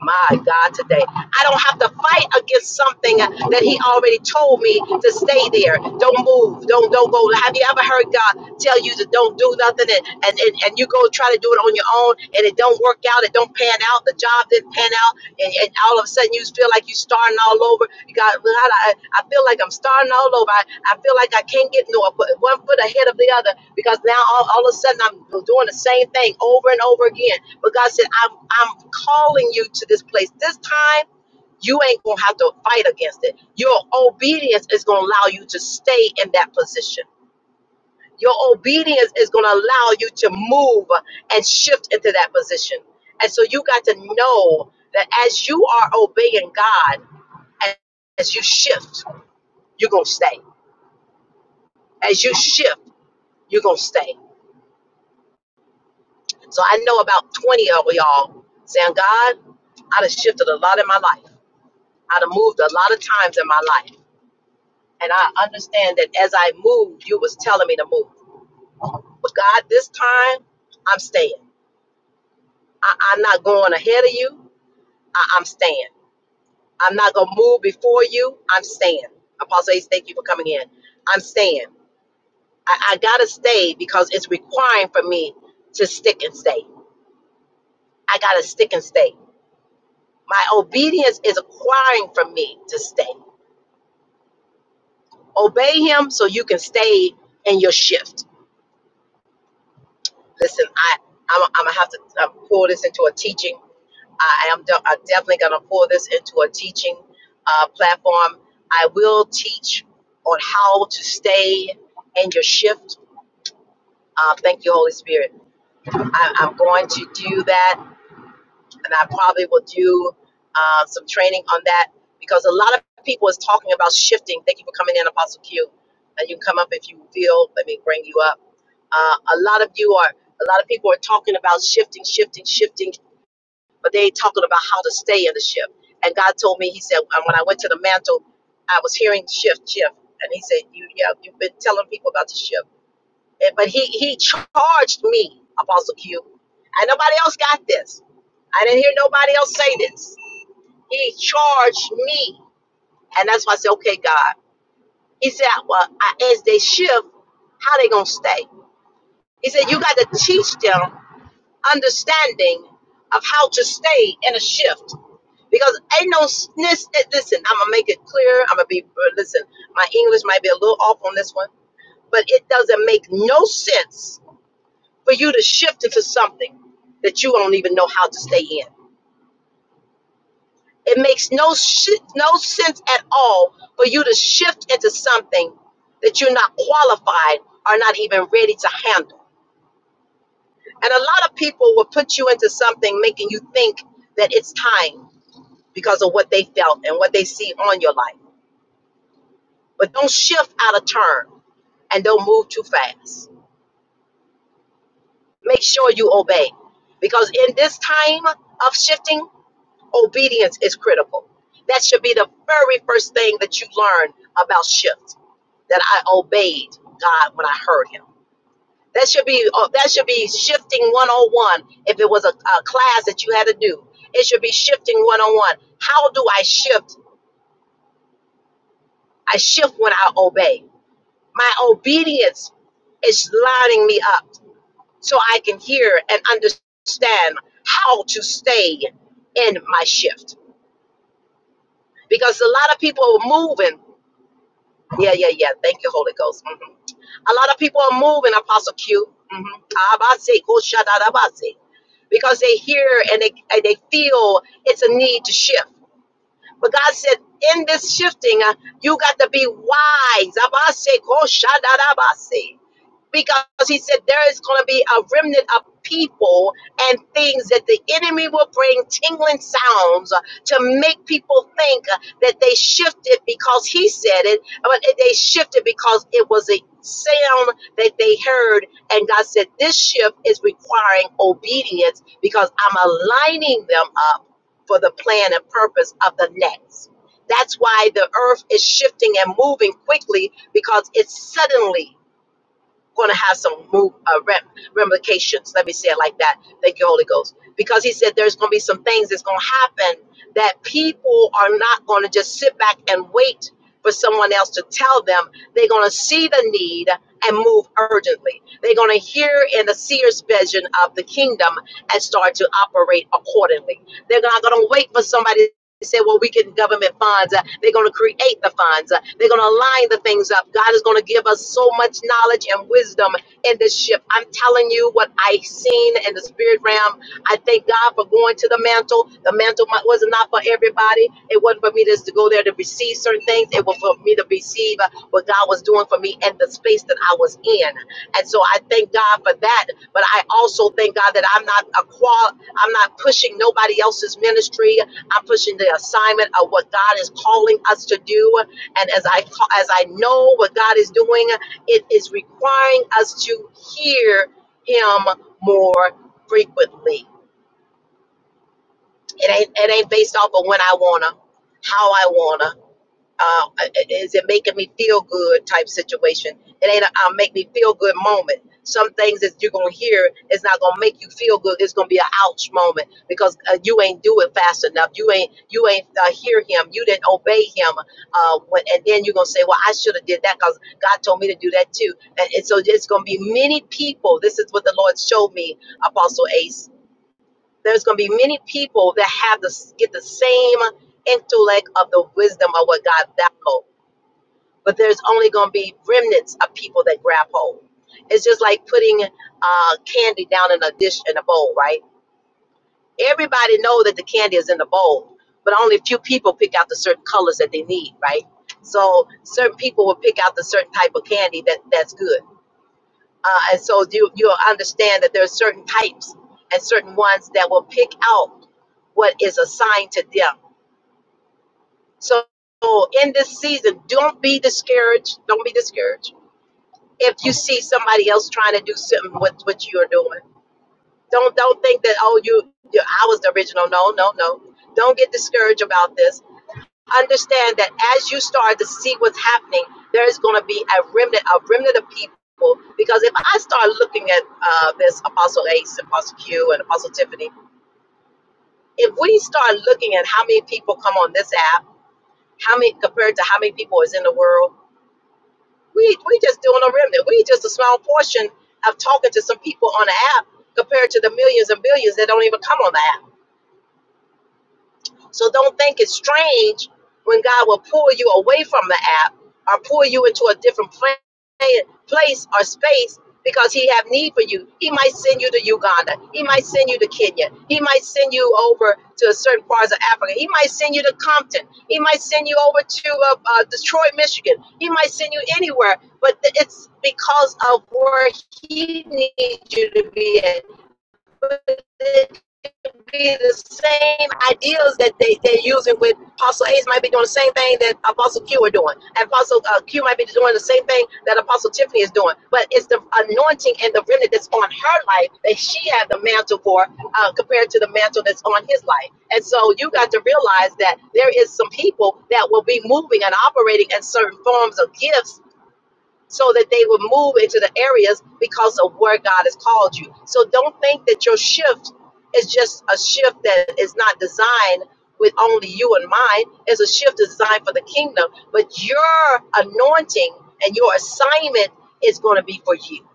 S1: My God, today. I don't have to fight against something that he already told me to stay there. Don't move. Don't don't go. Have you ever heard God tell you to don't do nothing and, and, and, and you go try to do it on your own and it don't work out, it don't pan out, the job didn't pan out, and, and all of a sudden you feel like you're starting all over. You got God, I, I feel like I'm starting all over. I, I feel like I can't get no one foot ahead of the other because now all, all of a sudden I'm doing the same thing over and over again. But God said, I'm I'm calling you to this place. This time, you ain't gonna have to fight against it. Your obedience is gonna allow you to stay in that position. Your obedience is gonna allow you to move and shift into that position. And so you got to know that as you are obeying God, as you shift, you're gonna stay. As you shift, you're gonna stay. So I know about 20 of y'all saying, God, I done shifted a lot in my life. I'd have moved a lot of times in my life. And I understand that as I moved, you was telling me to move. But God, this time, I'm staying. I, I'm not going ahead of you. I, I'm staying. I'm not going to move before you. I'm staying. Apostle Ace, thank you for coming in. I'm staying. I, I got to stay because it's requiring for me to stick and stay. I got to stick and stay. My obedience is acquiring from me to stay. Obey him so you can stay in your shift Listen, I I'm, I'm gonna have to uh, pull this into a teaching. I am de- I'm definitely gonna pull this into a teaching uh, platform. I will teach on how to stay in your shift. Uh, thank you, Holy Spirit. I, I'm going to do that, and I probably will do uh, some training on that because a lot of people is talking about shifting. Thank you for coming in, Apostle Q. And you can come up if you feel. Let me bring you up. Uh, a lot of you are a lot of people are talking about shifting, shifting, shifting, but they ain't talking about how to stay in the shift. And God told me, He said, and when I went to the mantle, I was hearing shift, shift, and He said, you, yeah, you've been telling people about the shift, And- but He He charged me, Apostle Q, and nobody else got this. I didn't hear nobody else say this. He charged me, and that's why I said, okay, God. He said, well, I, as they shift, how they gonna stay? He said, you got to teach them understanding of how to stay in a shift because ain't no s- lis- listen i'm gonna make it clear i'm gonna be uh, listen my english might be a little off on this one but it doesn't make no sense for you to shift into something that you don't even know how to stay in it makes no shi- no sense at all for you to shift into something that you're not qualified or not even ready to handle and a lot of people will put you into something making you think that it's time because of what they felt and what they see on your life But don't shift out of turn and don't move too fast. Make sure you obey. Because in this time of shifting, obedience is critical. That should be the very first thing that you learn about shift. That I obeyed God when I heard him. That should be uh, that should be shifting 101 if it was a, a class that you had to do. It should be shifting 101. How do I shift? I shift when I obey. My obedience is lining me up so I can hear and understand how to stay in my shift. Because a lot of people are moving. Yeah, yeah, yeah. Thank you, Holy Ghost. Mhm. A lot of people are moving, Apostle Q. Mhm. Abase, ko shadadabase. Because they hear and they, and they feel it's a need to shift. But God said, in this shifting, uh, you got to be wise. Abase, ko shadadabase. because he said there is going to be a remnant of people and things that the enemy will bring tingling sounds uh, to make people think uh, that they shifted because he said it but they shifted because it was a sound that they heard and god said this shift is requiring obedience because i'm aligning them up for the plan and purpose of the next that's why the earth is shifting and moving quickly because it's suddenly going to have some move, uh, rep, ramifications. Let me say it like that. Thank you, Holy Ghost. Because he said there's going to be some things that's going to happen that people are not going to just sit back and wait for someone else to tell them. They're going to see the need and move urgently. They're going to hear in the seer's vision of the kingdom and start to operate accordingly. They're not going to wait for somebody they said, well, we can government funds. Uh, they're going to create the funds. Uh, they're going to align the things up. God is going to give us so much knowledge and wisdom in this shift. I'm telling you what I seen in the spirit realm. I thank God for going to the mantle. The mantle mi- was not for everybody. It wasn't for me just to go there to receive certain things. It was for me to receive uh, what God was doing for me and the space that I was in. And so I thank God for that. But I also thank God that I'm not a qual. I'm not pushing nobody else's ministry. I'm pushing the assignment of what God is calling us to do. And as I ca- as I know what God is doing, it is requiring us to hear Him more frequently. It ain't it ain't based off of when I wanna, how I wanna um, uh, uh, is it making me feel good type situation. It ain't a I'll make me feel good moment. Some things that you're gonna hear is not gonna make you feel good. It's gonna be an ouch moment because uh, you ain't do it fast enough. You ain't you ain't uh, hear him. You didn't obey him. Uh, when, and then you're gonna say, "Well, I should have did that because God told me to do that too." And, and so it's gonna be many people. This is what the Lord showed me, Apostle Ace. There's gonna be many people that have the get the same intellect of the wisdom of what God downloads but there's only going to be remnants of people that grab hold. It's just like putting uh, candy down in a dish in a bowl, right? Everybody know that the candy is in the bowl, but only a few people pick out the certain colors that they need, right? So certain people will pick out the certain type of candy that that's good, uh, and so you you'll understand that there are certain types and certain ones that will pick out what is assigned to them. So in this season, don't be discouraged. Don't be discouraged if you see somebody else trying to do something with what you're doing. Don't don't think that oh you, you I was the original. No, no, no. Don't get discouraged about this. Understand that as you start to see what's happening, there is going to be a remnant, a remnant of people. Because if I start looking at uh, this Apostle Ace, Apostle Q, and Apostle Tiffany, if we start looking at how many people come on this app, how many compared to how many people is in the world We we just doing a remnant. We just a small portion of talking to some people on the app compared to the millions and billions that don't even come on the app. So don't think it's strange when God will pull you away from the app or pull you into a different pla- place or space because he have need for you. He might send you to Uganda. He might send you to Kenya. He might send you over to certain parts of Africa. He might send you to Compton. He might send you over to uh, uh, Detroit, Michigan. He might send you anywhere, but th- it's because of where he needs you to be but it could be the same ideas that they, they're using with Apostle Hayes might be doing the same thing that Apostle Q are doing. And Apostle uh, Q might be doing the same thing that Apostle Tiffany is doing. But it's the anointing and the remnant that's on her life that she had the mantle for uh, compared to the mantle that's on his life. And so you got to realize that there is some people that will be moving and operating in certain forms of gifts so that they will move into the areas because of where God has called you. So don't think that your shift is just a shift that is not designed with only you in mind. It's a shift designed for the kingdom, but your anointing and your assignment is going to be for you.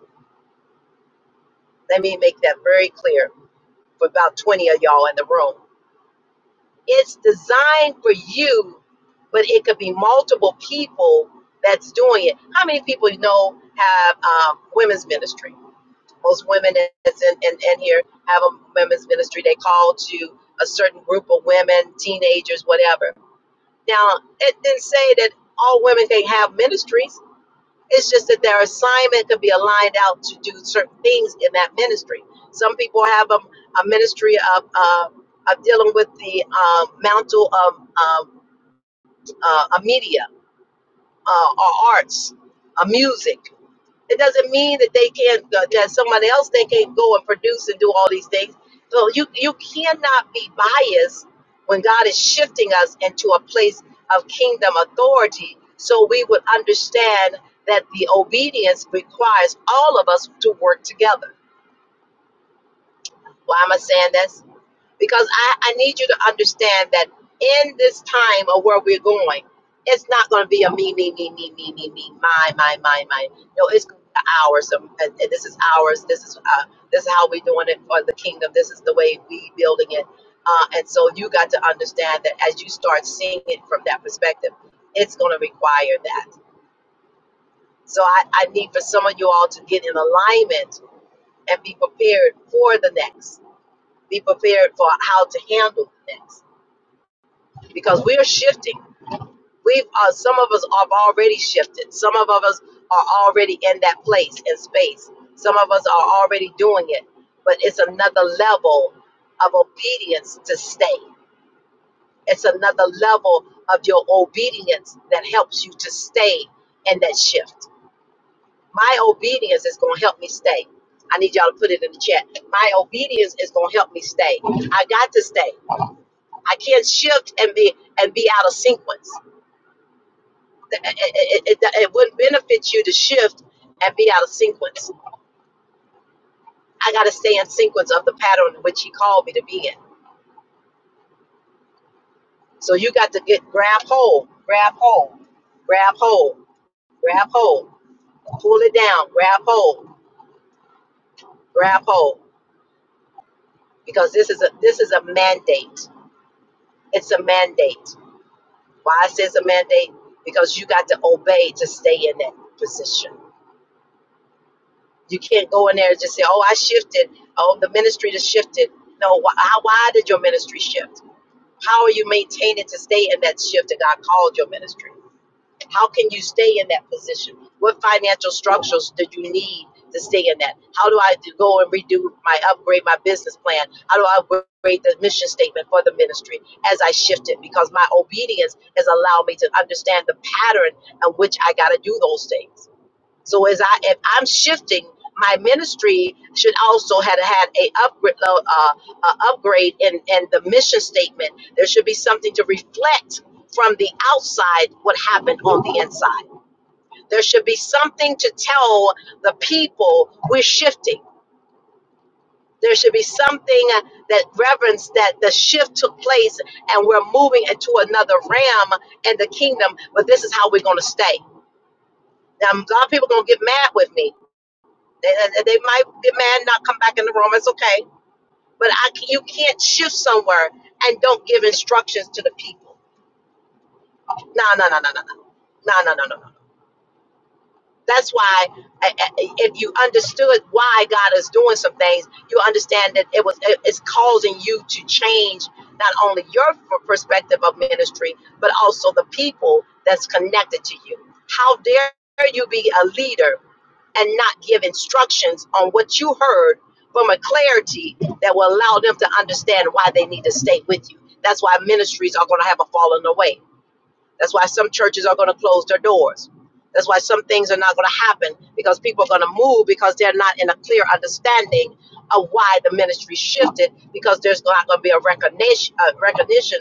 S1: Let me make that very clear for about 20 of y'all in the room. It's designed for you, but it could be multiple people that's doing it. How many people you know have um, women's ministry? most women that's in, in, in here have a women's ministry. They call to a certain group of women, teenagers, whatever. Now, it didn't say that all women can have ministries. It's just that their assignment could be aligned out to do certain things in that ministry. Some people have a, a ministry of, uh, of dealing with the um, mantle of um, uh, uh, media uh, or arts, uh, music. It doesn't mean that they can't uh, that somebody else they can't go and produce and do all these things. So you you cannot be biased when God is shifting us into a place of kingdom authority. So we would understand that the obedience requires all of us to work together. Why am I saying that? because I, I need you to understand that in this time of where we're going, it's not going to be a me, me, me, me, me, me, me, my, my, my, my. No, it's gonna be ours, um, and, and this is ours. This is uh, this is how we're doing it for the kingdom. This is the way we building it. Uh, and so you got to understand that as you start seeing it from that perspective, it's going to require that. So I, I need for some of you all to get in alignment and be prepared for the next. Be prepared for how to handle the next because we're shifting. We've uh, some of us have already shifted. Some of us are already in that place and space. Some of us are already doing it, but it's another level of obedience to stay. It's another level of your obedience that helps you to stay in that shift. My obedience is going to help me stay. I need y'all to put it in the chat. My obedience is going to help me stay. I got to stay. I can't shift and be and be out of sequence. Th- It, it, it, it wouldn't benefit you to shift and be out of sequence. I got to stay in sequence of the pattern in which He called me to be in. So you got to get grab hold, grab hold, grab hold, grab hold, pull it down, grab hold, grab hold, because this is a this is a mandate. It's a mandate. Why I say it's a mandate? Because you got to obey to stay in that position. You can't go in there and just say, "Oh, I shifted. Oh, the ministry just shifted." No, why, why did your ministry shift? How are you maintaining to stay in that shift that God called your ministry? How can you stay in that position? What financial structures do you need to stay in that? How do I do- go and redo my upgrade my business plan? How do I upgrade the mission statement for the ministry as I shift it? Because my obedience has allowed me to understand the pattern in which I got to do those things. So as I if I'm shifting, my ministry should also had had a upgrade, uh, uh, upgrade in in the mission statement. There should be something to reflect from the outside what happened on the inside. There should be something to tell the people we're shifting. There should be something uh, that reverence that the shift took place and we're moving into another realm in the kingdom. But this is how we're going to stay. Now, a lot of people are going to get mad with me They, uh, they might demand not come back in the room. It's okay, but I c- you can't shift somewhere and don't give instructions to the people. No, no, no, no, no, no, no, no, no, no. no. That's why I, I, if you understood why God is doing some things, you understand that it was it- it's causing you to change not only your f- perspective of ministry, but also the people that's connected to you. How dare you be a leader? and not give instructions on what you heard from a clarity that will allow them to understand why they need to stay with you. That's why ministries are going to have a falling away. That's why some churches are going to close their doors. That's why some things are not going to happen because people are going to move because they're not in a clear understanding of why the ministry shifted because there's not going to be a recognition, a recognition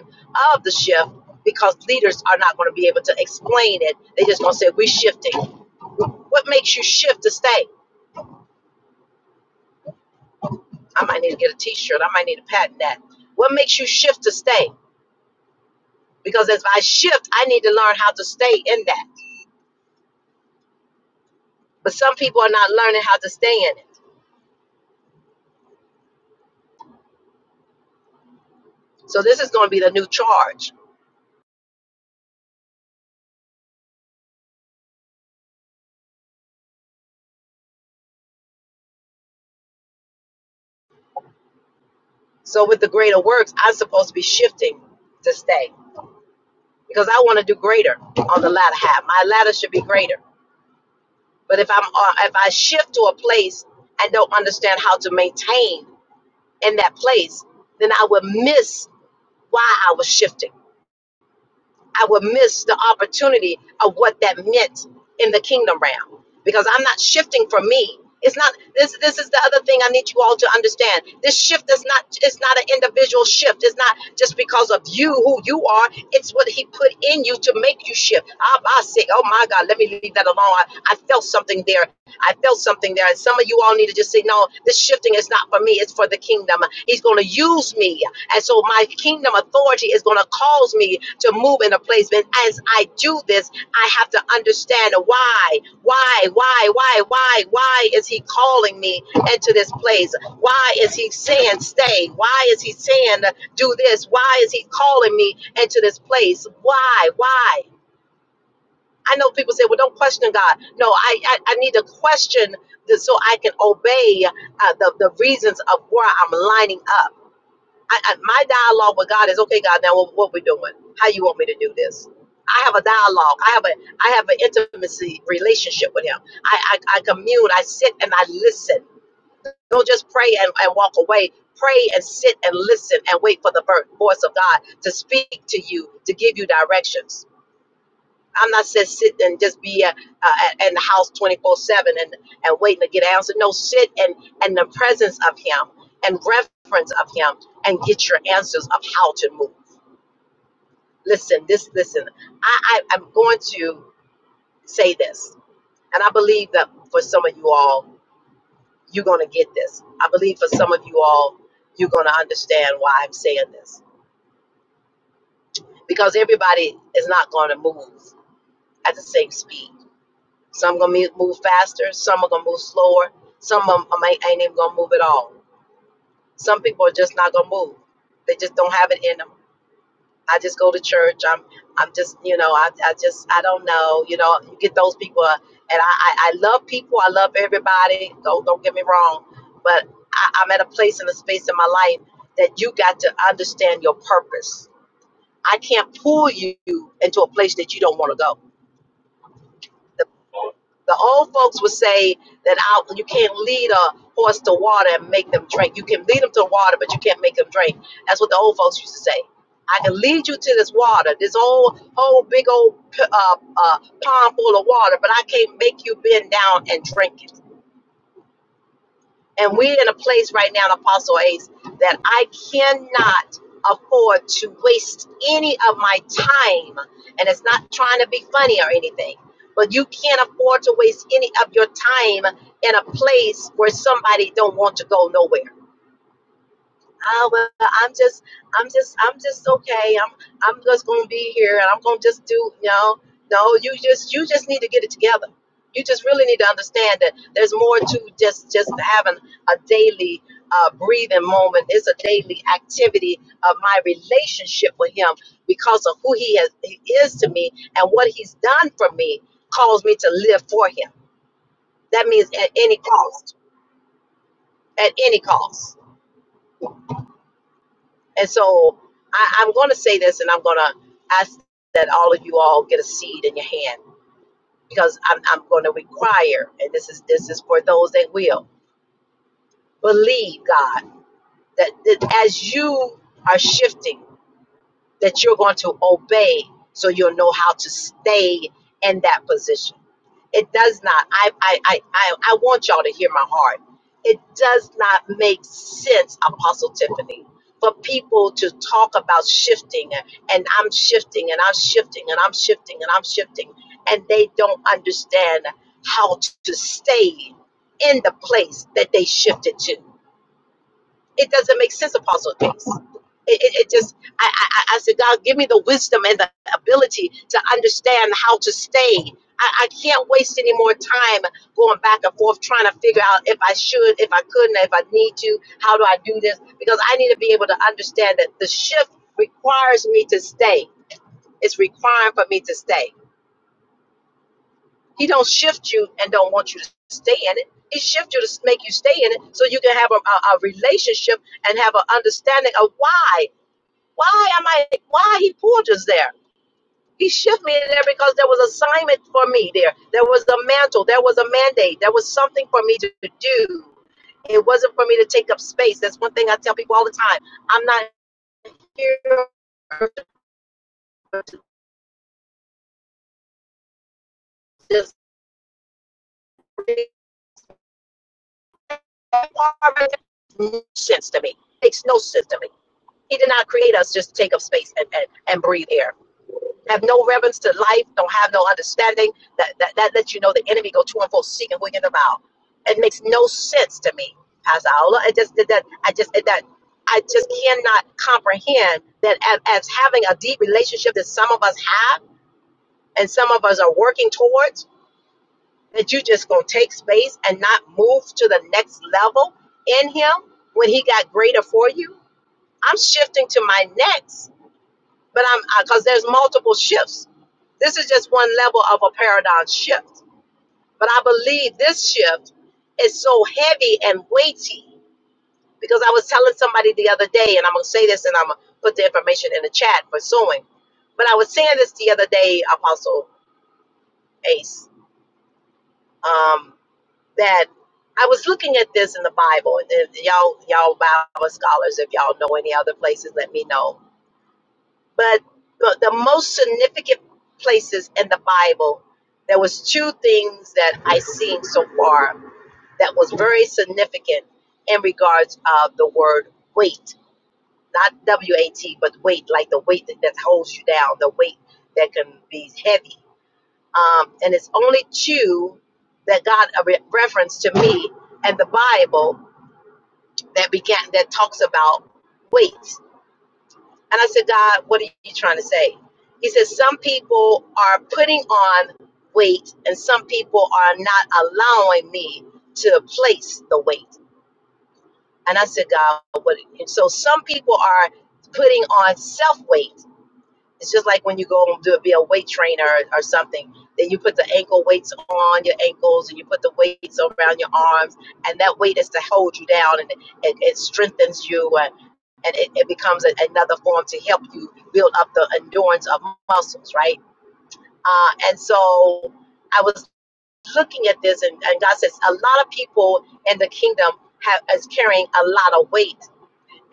S1: of the shift because leaders are not going to be able to explain it. They're just going to say, We're shifting. What makes you shift to stay? I might need to get a t-shirt. I might need to patent that. What makes you shift to stay? Because as I shift, I need to learn how to stay in that. But some people are not learning how to stay in it. So this is going to be the new charge. So with the greater works, I'm supposed to be shifting to stay because I want to do greater on the latter half. My ladder should be greater. But if I'm uh, if I shift to a place and don't understand how to maintain in that place, then I would miss why I was shifting. I would miss the opportunity of what that meant in the kingdom realm because I'm not shifting for me. It's not this this is the other thing I need you all to understand. This shift is not it's not an individual shift. It's not just because of you who you are. It's what he put in you to make you shift. I, I say, oh my God, let me leave that alone. I, I felt something there I felt something there. And some of you all need to just say, no, this shifting is not for me. It's for the kingdom. He's going to use me. And so my kingdom authority is going to cause me to move in a place. And as I do this, I have to understand why, why, why, why, why, why is he calling me into this place? Why is he saying stay? Why is he saying do this? Why is he calling me into this place? Why, why? I know people say, well, don't question God. No, I, I, I need to question this so I can obey uh, the, the reasons of where I'm lining up. I, I, my dialogue with God is, okay, God, now what, what we doing? How you want me to do this? I have a dialogue. I have a I have an intimacy relationship with him. I, I, I commune. I sit and I listen. Don't just pray and, and walk away. Pray and sit and listen and wait for the vo- voice of God to speak to you, to give you directions I'm not said sit and just be at, uh, in the house 24 seven and, and waiting to get answered. No, sit and and the presence of Him and reference of Him and get your answers of how to move. Listen, this listen. I, I I'm going to say this, and I believe that for some of you all, you're going to get this. I believe for some of you all, you're going to understand why I'm saying this because everybody is not going to move at the same speed Some gonna mu- move faster. Some are gonna move slower. Some of 'em ain't, ain't even gonna move at all. Some people are just not gonna move. They just don't have it in them. I just go to church. I'm I'm just you know I, I just I don't know. You know you get those people, uh, and I, I I love people. I love everybody. Don't don't get me wrong, but I, I'm at a place and a space in my life that you got to understand your purpose. I can't pull you into a place that you don't want to go. The old folks would say that out you can't lead a horse to water and make them drink. You can lead them to water, but you can't make them drink. That's what the old folks used to say. I can lead you to this water, this old whole big old uh, uh, pond full of water, but I can't make you bend down and drink it. And we're in a place right now, Apostle Ace, that I cannot afford to waste any of my time. And it's not trying to be funny or anything, but you can't afford to waste any of your time in a place where somebody don't want to go nowhere oh well i'm just i'm just i'm just okay i'm i'm just gonna be here and i'm gonna just do no no you just you just need to get it together you just really need to understand that there's more to just just having a daily uh, breathing moment it's a daily activity of my relationship with him because of who he, has, he is to me and what he's done for me calls me to live for him that means at any cost at any cost And so I, I'm going to say this, and I'm going to ask that all of you all get a seed in your hand because I'm, I'm going to require, and this is this is for those that will believe God that, that as you are shifting, that you're going to obey, so you'll know how to stay in that position It does not. I, I, I, I, I want y'all to hear my heart. It does not make sense, Apostle Tiffany, for people to talk about shifting and I'm shifting and I'm shifting and I'm shifting and I'm shifting, and they don't understand how to stay in the place that they shifted to. It doesn't make sense, Apostle James. It, it, it just, I, I, I I said, God, give me the wisdom and the ability to understand how to stay. I, I can't waste any more time going back and forth trying to figure out if I should, if I couldn't, if I need to, how do I do this? Because I need to be able to understand that the shift requires me to stay. It's requiring for me to stay. He don't shift you and don't want you to stay in it. He shifts you to make you stay in it so you can have a, a, a relationship and have an understanding of why. Why am I, why he pulled us there? He shifted me there because there was assignment for me there. There was a mantle. There was a mandate. There was something for me to do. It wasn't for me to take up space. That's one thing I tell people all the time. I'm not here to just make sense to me. It Makes no sense to me. He did not create us just to take up space and, and, and breathe air. Have no reverence to life, don't have no understanding. That, that, that lets you know the enemy go to and fro seeking, wigging them out. It makes no sense to me, Pastor Aula. I just did that. I just did that. I just cannot comprehend that as, as having a deep relationship that some of us have and some of us are working towards, that you just gonna take space and not move to the next level in Him when He got greater for you. I'm shifting to my next. But I'm because there's multiple shifts. This is just one level of a paradigm shift. But I believe this shift is so heavy and weighty because I was telling somebody the other day, and I'm gonna say this, and I'm gonna put the information in the chat for sewing. But I was saying this the other day, Apostle Ace, um, that I was looking at this in the Bible, and then y'all, y'all Bible scholars, if y'all know any other places, let me know but but the most significant places in the bible there was two things that i seen so far that was very significant in regards of the word weight not w-a-t but weight like the weight that, that holds you down the weight that can be heavy um, and it's only two that got a re- reference to me and the bible that began that talks about weight And I said, God, what are you trying to say? He said, Some people are putting on weight and some people are not allowing me to place the weight. And I said, God, what? And so some people are putting on self weight. It's just like when you go and do be a weight trainer or, or something. Then you put the ankle weights on your ankles and you put the weights around your arms, and that weight is to hold you down and it, it strengthens you and it, it becomes a, another form to help you build up the endurance of muscles, right? Uh, and so I was looking at this, and, and God says a lot of people in the kingdom have is carrying a lot of weight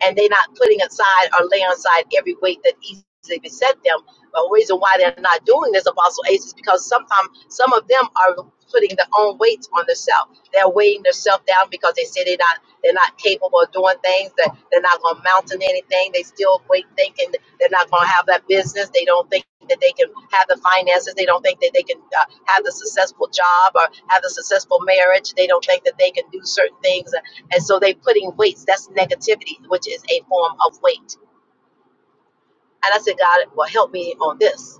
S1: and they're not putting aside or laying aside every weight that easily beset them. But the reason why they're not doing this, Apostle Ace, is because sometimes some of them are putting their own weights on themselves. They're weighing themselves down because they say they're not they're not capable of doing things. That they're not going to mount to anything. They still wait thinking they're not going to have that business. They don't think that they can have the finances. They don't think that they can uh, have the successful job or have the successful marriage. They don't think that they can do certain things. And so they putting weights, that's negativity, which is a form of weight. And I said, God, well, help me on this.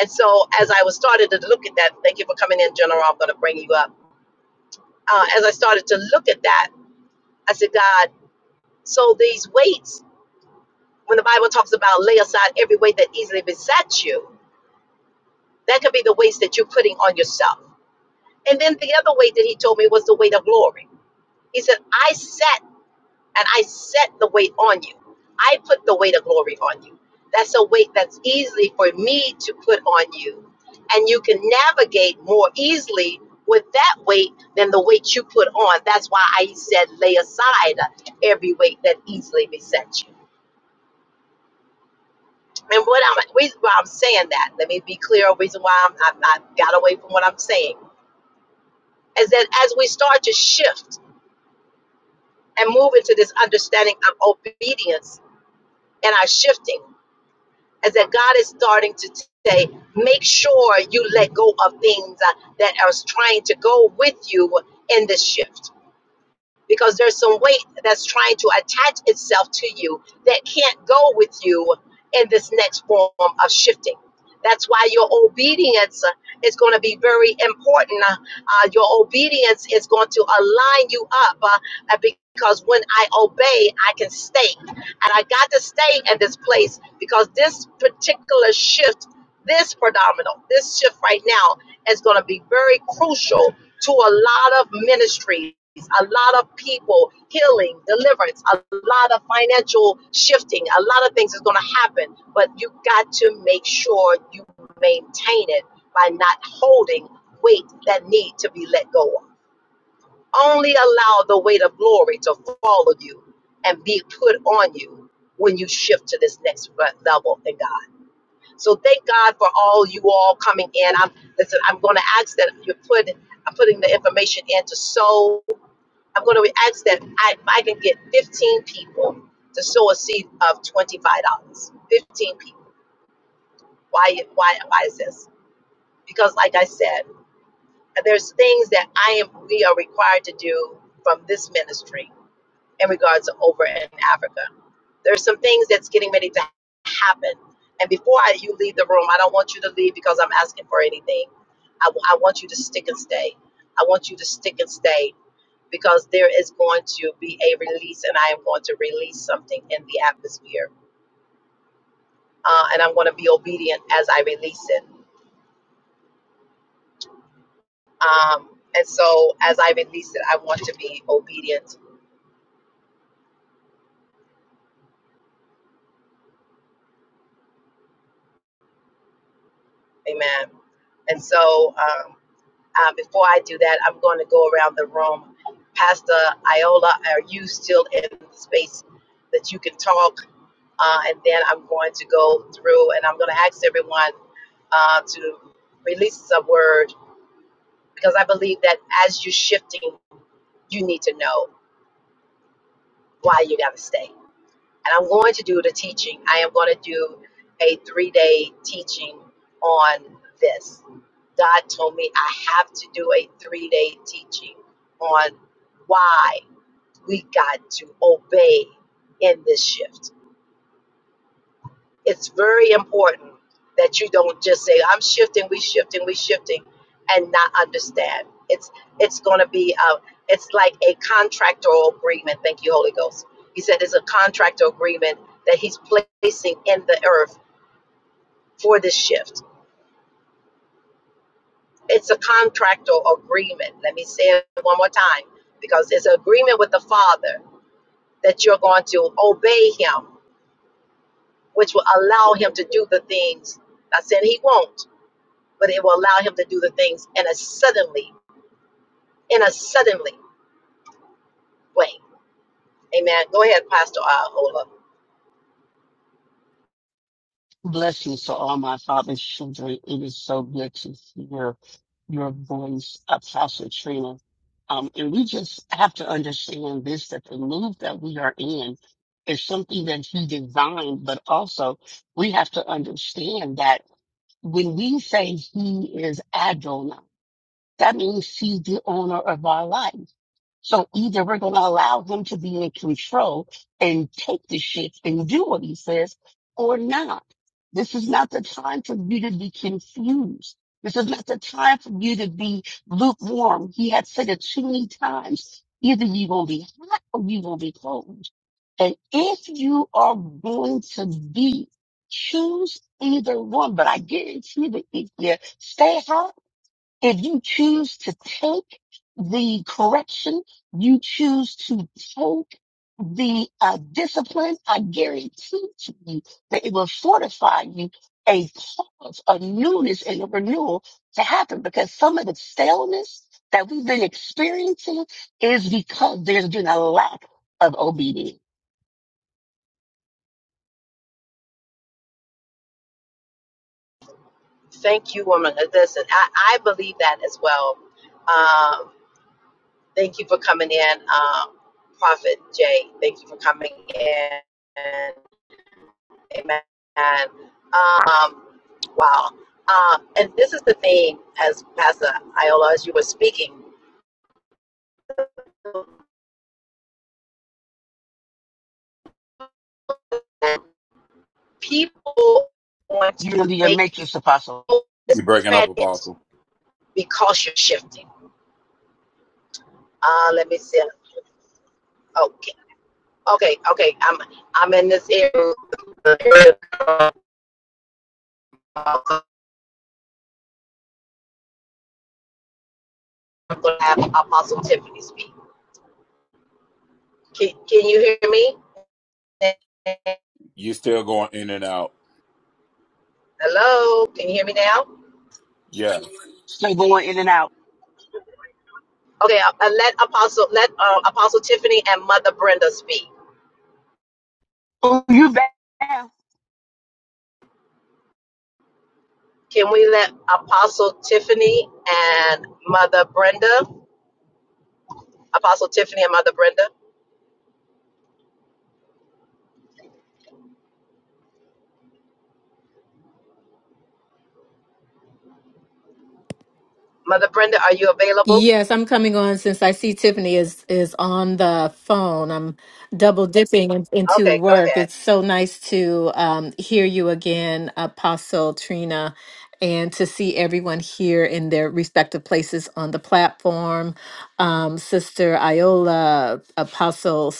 S1: And so as I was started to look at that, thank you for coming in, General. I'm going to bring you up. Uh, as I started to look at that, I said, God, so these weights, when the Bible talks about lay aside every weight that easily besets you, that could be the weights that you're putting on yourself. And then the other weight that he told me was the weight of glory. He said, I sat and I set the weight on you. I put the weight of glory on you. That's a weight that's easily for me to put on you. And you can navigate more easily with that weight than the weight you put on. That's why I said lay aside every weight that easily besets you. And what I'm reason why I'm saying that, let me be clear, reason why I'm, I, I got away from what I'm saying, is that as we start to shift and move into this understanding of obedience and our shifting. is that God is starting to say, make sure you let go of things uh, that are trying to go with you in this shift because there's some weight that's trying to attach itself to you that can't go with you in this next form of shifting. That's why your obedience uh, is going to be very important. Uh, uh, your obedience is going to align you up uh, uh, because when I obey, I can stay. And I got to stay in this place because this particular shift, this predominant, this shift right now is going to be very crucial to a lot of ministries, a lot of people, healing, deliverance, a lot of financial shifting, a lot of things is going to happen. But you got to make sure you maintain it by not holding weight that need to be let go of. Only allow the weight of glory to follow you and be put on you when you shift to this next level in God. So thank God for all you all coming in. I'm listen, I'm gonna ask that you put I'm putting the information in to sow. I'm gonna ask that I, if I can get 15 people to sow a seed of $25. 15 people. Why why why is this? Because like I said, there's things that I am we are required to do from this ministry in regards to over in Africa. There's some things that's getting ready to happen. And before I, you leave the room, I don't want you to leave because I'm asking for anything. I, I want you to stick and stay. I want you to stick and stay because there is going to be a release, and I am going to release something in the atmosphere. Uh, and I'm going to be obedient as I release it. Um, and so, as I release it, I want to be obedient. Amen. And so, um, Uh, before I do that, I'm going to go around the room. Pastor Iola, are you still in the space that you can talk? Uh, and then I'm going to go through and I'm going to ask everyone uh, to release a word because I believe that as you're shifting, you need to know why you got to stay. and I'm going to do the teaching. I am going to do a three day teaching on this. God told me I have to do a three day teaching on why we got to obey in this shift it's very important that you don't just say i'm shifting we shifting we shifting and not understand it's it's going to be a it's like a contractual agreement thank you holy ghost he said it's a contractor agreement that he's placing in the earth for this shift it's a contractual agreement let me say it one more time because it's an agreement with the father that you're going to obey him which will allow him to do the things i said he won't but it will allow him to do the things in a suddenly, in a suddenly way. Amen. Go ahead, Pastor uh, Ola.
S2: Bless you to all my father's children. It is so good to hear your voice, Apostle Trina. Um, and we just have to understand this, that the move that we are in is something that he designed, but also we have to understand that when we say he is Adonai, that means he's the owner of our life. So either we're going to allow him to be in control and take the shit and do what he says or not. This is not the time for you to be confused. This is not the time for you to be lukewarm. He had said it too many times. Either you're going to be hot or you're going to be cold. And if you are going to be, choose either one. But I guarantee that if you stay hot, if you choose to take the correction, you choose to take the uh, discipline, I guarantee to you that it will fortify you a cause, a newness and a renewal to happen because some of the staleness that we've been experiencing is because there's been a lack of obedience.
S1: Thank you, woman. Uh, Listen, I, I believe that as well. Um, thank you for coming in, um, Prophet Jay. Thank you for coming in. Amen. Um, wow. Um, and this is the thing, as Pastor Iola, as you were speaking, people want
S2: You're
S1: to
S2: going to be a
S1: make you
S2: matrix apostle.
S1: feel this
S3: You're breaking up,
S1: credit
S3: Apostle.
S1: because you're shifting. Uh, let me see. Okay, okay, okay. I'm I'm in this area. uh, I'm gonna have Apostle Tiffany speak. Can, can you hear me?
S3: You're still going in and out.
S1: Hello, can you hear me now?
S3: Yeah.
S2: Stay going in and out.
S1: Okay, uh, uh, let Apostle let uh, Apostle Tiffany and Mother Brenda speak.
S2: Oh, you back.
S1: Can we let Apostle Tiffany and Mother Brenda? Apostle Tiffany and Mother Brenda. Mother Brenda, are you available?
S4: Yes, I'm coming on since I see Tiffany is is on the phone. I'm double dipping in- into
S1: Okay, go
S4: work.
S1: ahead.
S4: It's so nice to um, hear you again, Apostle Trina, and to see everyone here in their respective places on the platform. Um, Sister Iola, Apostle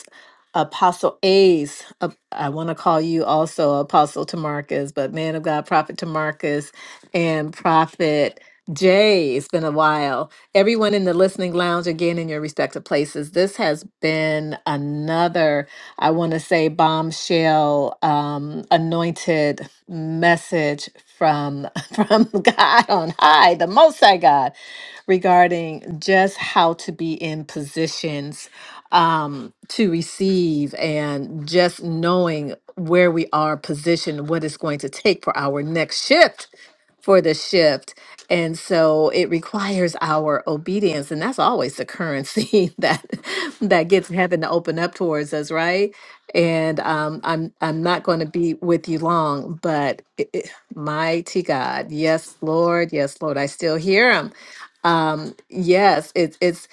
S4: Apostle Ace, uh, I want to call you also Apostle Tamarcus, but man of God, Prophet Tamarcus, and Prophet Jay. It's been a while Everyone in the listening lounge, again, in your respective places, this has been another, I want to say, bombshell, um, anointed message from from God on high, the Most High God, regarding just how to be in positions um, to receive and just knowing where we are positioned, what it's going to take for our next shift for the shift. And so it requires our obedience. And that's always the currency that that gets heaven to open up towards us, right? And um, I'm I'm not going to be with you long, but it, it, mighty God, yes, Lord, yes, Lord, I still hear him. Um, yes, it's it's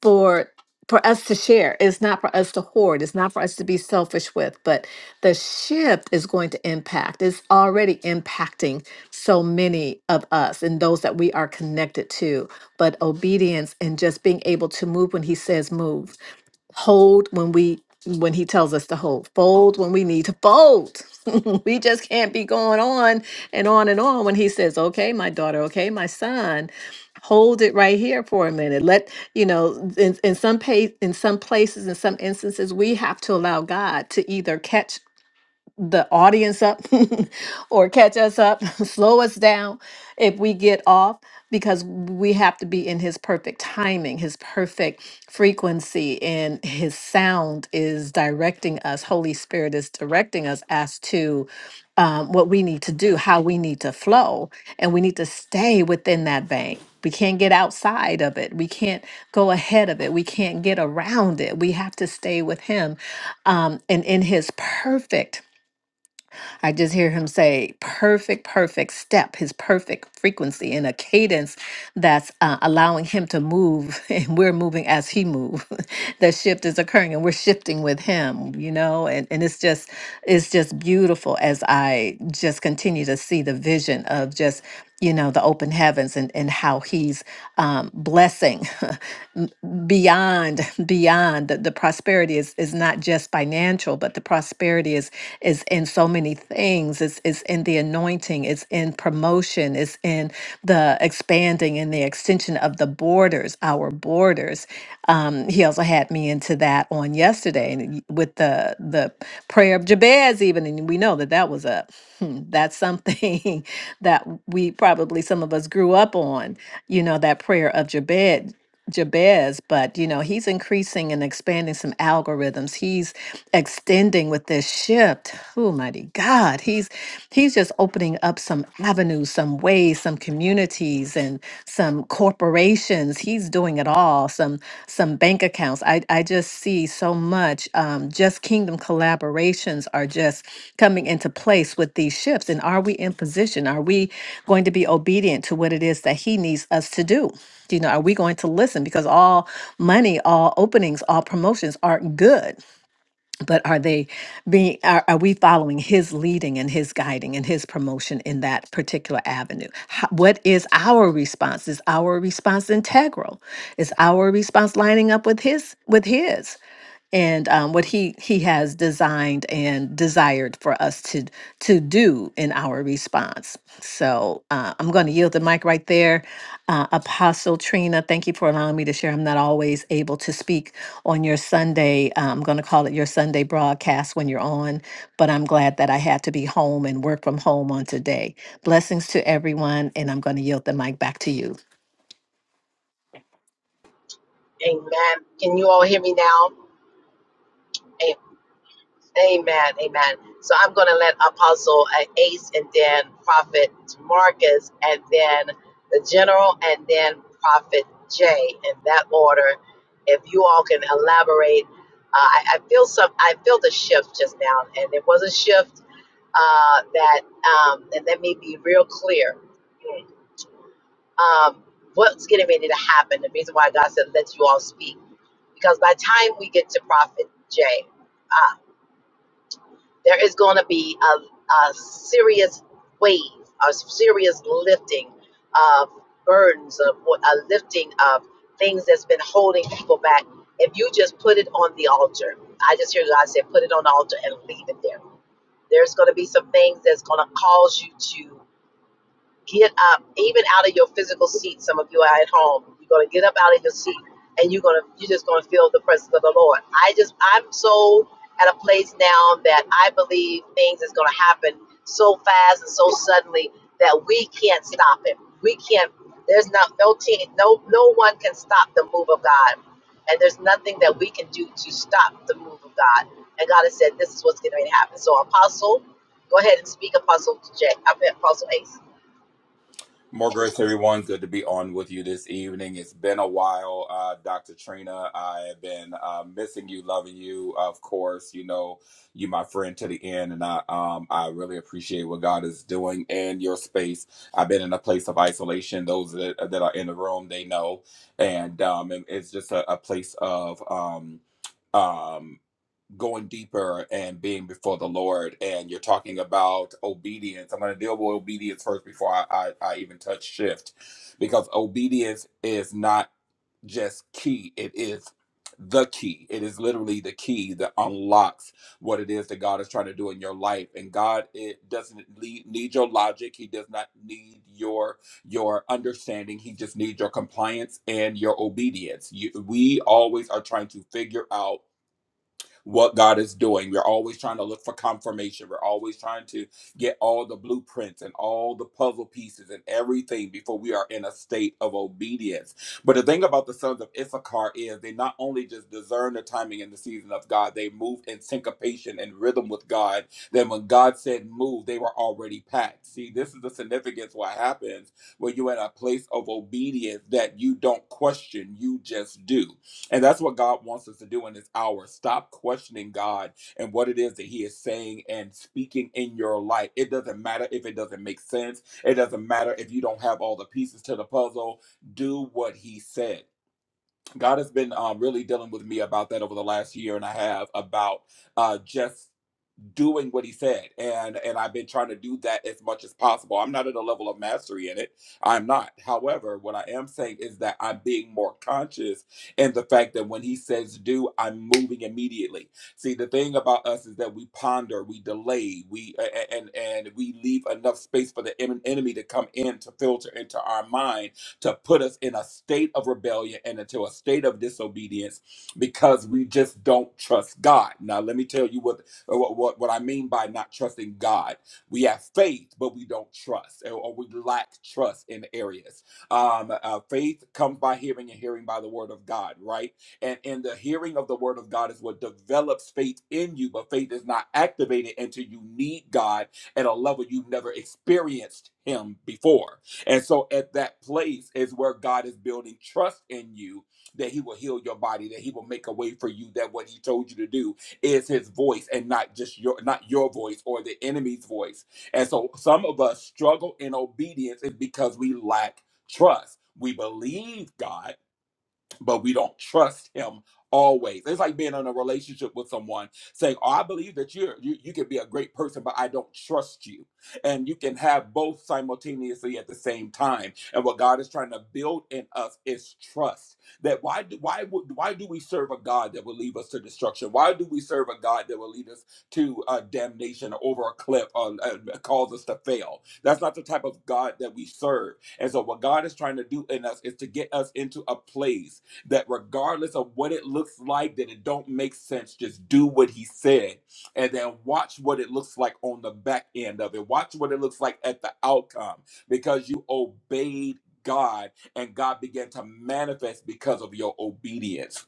S4: for for us to share. It's not for us to hoard. It's not for us to be selfish with, but the shift is going to impact. It's already impacting so many of us and those that we are connected to. But obedience and just being able to move when he says move hold when we when he tells us to hold fold when we need to fold we just can't be going on and on and on when he says okay my daughter okay my son hold it right here for a minute let you know in, in some pa- in some places in some instances we have to allow god to either catch the audience up or catch us up, slow us down if we get off because we have to be in his perfect timing, his perfect frequency and his sound is directing us. Holy Spirit is directing us as to um, what we need to do, how we need to flow, and we need to stay within that vein. We can't get outside of it. We can't go ahead of it. We can't get around it. We have to stay with Him um, and in His perfect I just hear him say, perfect, perfect step, his perfect frequency in a cadence that's uh, allowing him to move. And we're moving as he moves. the shift is occurring and we're shifting with him, you know? And, and it's just, it's just beautiful as I just continue to see the vision of just, you know, the open heavens and, and how he's um, blessing beyond beyond the, the prosperity is is not just financial but the prosperity is is in so many things it's is in the anointing it's in promotion it's in the expanding and the extension of the borders our borders um he also had me into that on yesterday and y- with the the prayer of jabez even and we know that that was a hmm, that's something that we probably some of us grew up on you know that prayer of jabez Jabez, but you know, he's increasing and expanding some algorithms. He's extending with this shift. Oh mighty God. He's he's just opening up some avenues, some ways, some communities and some corporations. He's doing it all, some some bank accounts. I, I just see so much um, just kingdom collaborations are just coming into place with these shifts. And are we in position? Are we going to be obedient to what it is that he needs us to do? You know, are we going to listen? Because all money, all openings, all promotions are good, but are they being? Are, are we following His leading and His guiding and His promotion in that particular avenue? How, what is our response? Is our response integral? Is our response lining up with His? With His? and um, what he he has designed and desired for us to to do in our response. So uh, I'm going to yield the mic right there, uh, Apostle Trina. Thank you for allowing me to share. I'm not always able to speak on your Sunday. uh, I'm going to call it your Sunday broadcast when you're on, but I'm glad that I had to be home and work from home on today. Blessings to everyone, and I'm going to yield the mic back to you.
S1: Amen. Can you all hear me now? Amen. Amen. So I'm going to let Apostle uh, Ace and then Prophet Marcus and then the General and then Prophet Jay in that order. If you all can elaborate, uh, I, I feel some. I feel the shift just now, and it was a shift uh, that. Um, and let me be real clear. Um, what's getting ready to happen? The reason why God said let you all speak because by the time we get to Prophet Jay. uh, there is going to be a, a serious wave, a serious lifting of burdens, of what- a lifting of things that's been holding people back. If you just put it on the altar, I just hear God say, put it on the altar and leave it there. There's going to be some things that's going to cause you to Get up, even out of your physical seat. Some of you are at home. You're gonna get up out of your seat, and you're gonna you're just gonna feel the presence of the Lord. I just I'm so at a place now that I believe things is gonna happen so fast and so suddenly that we can't stop it. We can't. There's not no team, no no one can stop the move of God, and there's nothing that we can do to stop the move of God. And God has said, this is what's going to happen. So, Apostle, go ahead and speak, Apostle J, Apostle Ace.
S3: More grace, everyone. Good to be on with you this evening. It's been a while, uh, Dr. Trina. I have been uh, missing you, loving you. Of course, you know you my friend to the end, and I um I really appreciate what God is doing in your space. I've been in a place of isolation. Those that, that are in the room, they know, and um, and it's just a, a place of um, um. going deeper and being before the Lord, and you're talking about obedience. I'm going to deal with obedience first before I, I, I even touch shift, because obedience is not just key, it is the key. It is literally the key that unlocks what it is that God is trying to do in your life. And God it doesn't lead, need your logic. He does not need your your understanding. He just needs your compliance and your obedience. You, we always are trying to figure out what God is doing. We're always trying to look for confirmation. We're always trying to get all the blueprints and all the puzzle pieces and everything before we are in a state of obedience. But the thing about the sons of Issachar is they not only just discern the timing and the season of God, they move in syncopation and rhythm with God. Then when God said move, they were already packed. See, this is the significance what happens when you're in a place of obedience that you don't question, you just do. And that's what God wants us to do in this hour. Stop questioning God and what it is that He is saying and speaking in your life. It doesn't matter if it doesn't make sense. It doesn't matter if you don't have all the pieces to the puzzle. Do what He said. God has been um, really dealing with me about that over the last year and a half about uh, just doing what he said and and i've been trying to do that as much as possible i'm not at a level of mastery in it i'm not however what i am saying is that i'm being more conscious in the fact that when he says do i'm moving immediately see the thing about us is that we ponder we delay we a- and and we leave enough space for the en- enemy to come in to filter into our mind to put us in a state of rebellion and into a state of disobedience because we just don't trust god now let me tell you what or what, what, what I mean by not trusting God. We have faith, but we don't trust, or, or we lack trust in areas. Um, uh, faith comes by hearing, and hearing by the word of God, right? And and the hearing of the word of God is what develops faith in you, but faith is not activated until you need God at a level you've never experienced Him before. And so, at that place is where God is building trust in you that He will heal your body, that He will make a way for you, that what He told you to do is his voice and not just your not your voice or the enemy's voice. And so some of us struggle in obedience is because we lack trust. We believe God but we don't trust him always. It's like being in a relationship with someone saying, "Oh, I believe that you're you you can be a great person, but I don't trust you." And you can have both simultaneously at the same time. And what God is trying to build in us is trust. That why do why would why do we serve a God that will lead us to destruction? Why do we serve a God that will lead us to uh, damnation over a cliff or uh, cause us to fail? That's not the type of God that we serve. And so what God is trying to do in us is to get us into a place that regardless of what it looks like, that it don't make sense, just do what he said and then watch what it looks like on the back end of it. Watch what it looks like at the outcome because you obeyed God and God began to manifest because of your obedience.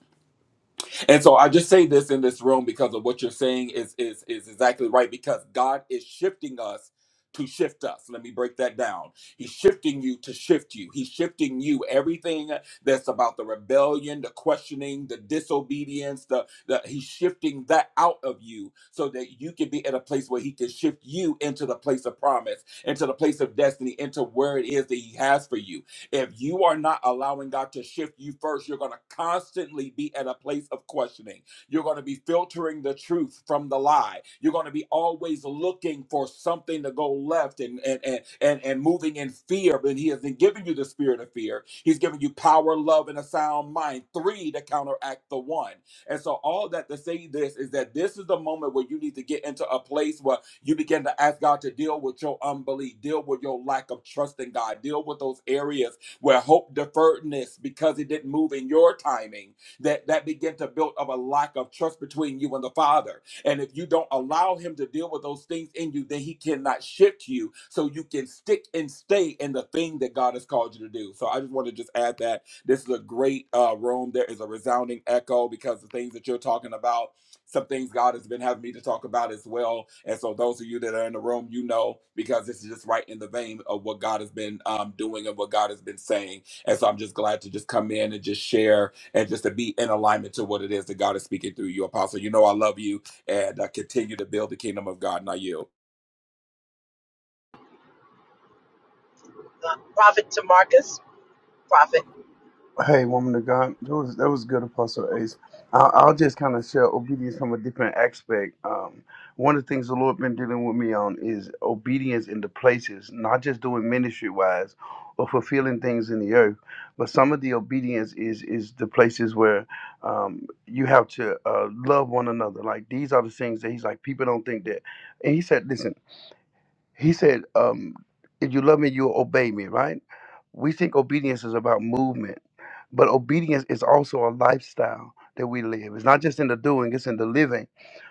S3: And so I just say this in this room because of what you're saying is is is exactly right because God is shifting us to shift us. Let me break that down. He's shifting you to shift you. He's shifting you everything that's about the rebellion, the questioning, the disobedience, the, the he's shifting that out of you so that you can be at a place where he can shift you into the place of promise, into the place of destiny, into where it is that he has for you. If you are not allowing God to shift you first, you're going to constantly be at a place of questioning. You're going to be filtering the truth from the lie. You're going to be always looking for something to go left and and and and, and moving in fear. But He hasn't given you the spirit of fear. He's given you power, love, and a sound mind. Three to counteract the one. And so all that to say this is that this is the moment where you need to get into a place where you begin to ask God to deal with your unbelief, deal with your lack of trust in God, deal with those areas where hope deferredness because it didn't move in your timing, that, that began to build up a lack of trust between you and the Father. And if you don't allow him to deal with those things in you, then he cannot shift you so you can stick and stay in the thing that God has called you to do. So I just want to just add that this is a great uh, room. There is a resounding echo because the things that you're talking about some things God has been having me to talk about as well. And so, those of you that are in the room, you know, because this is just right in the vein of what God has been um, doing and what God has been saying. And so, I'm just glad to just come in and just share and just to be in alignment to what it is that God is speaking through you, Apostle. You know, I love you and I continue to build the kingdom of God, not you.
S1: Uh, Prophet Tamarcus, Prophet,
S5: Hey, woman of God, that was that was good, Apostle Ace. I'll, I'll just kind of share obedience from a different aspect. Um, one of the things the Lord been dealing with me on is obedience in the places, not just doing ministry wise or fulfilling things in the earth, but some of the obedience is is the places where um, you have to uh, love one another. Like these are the things that He's like people don't think that, and He said, listen. He said, um, if you love me, you'll obey me, right? We think obedience is about movement, but obedience is also a lifestyle that we live. It's not just in the doing, it's in the living.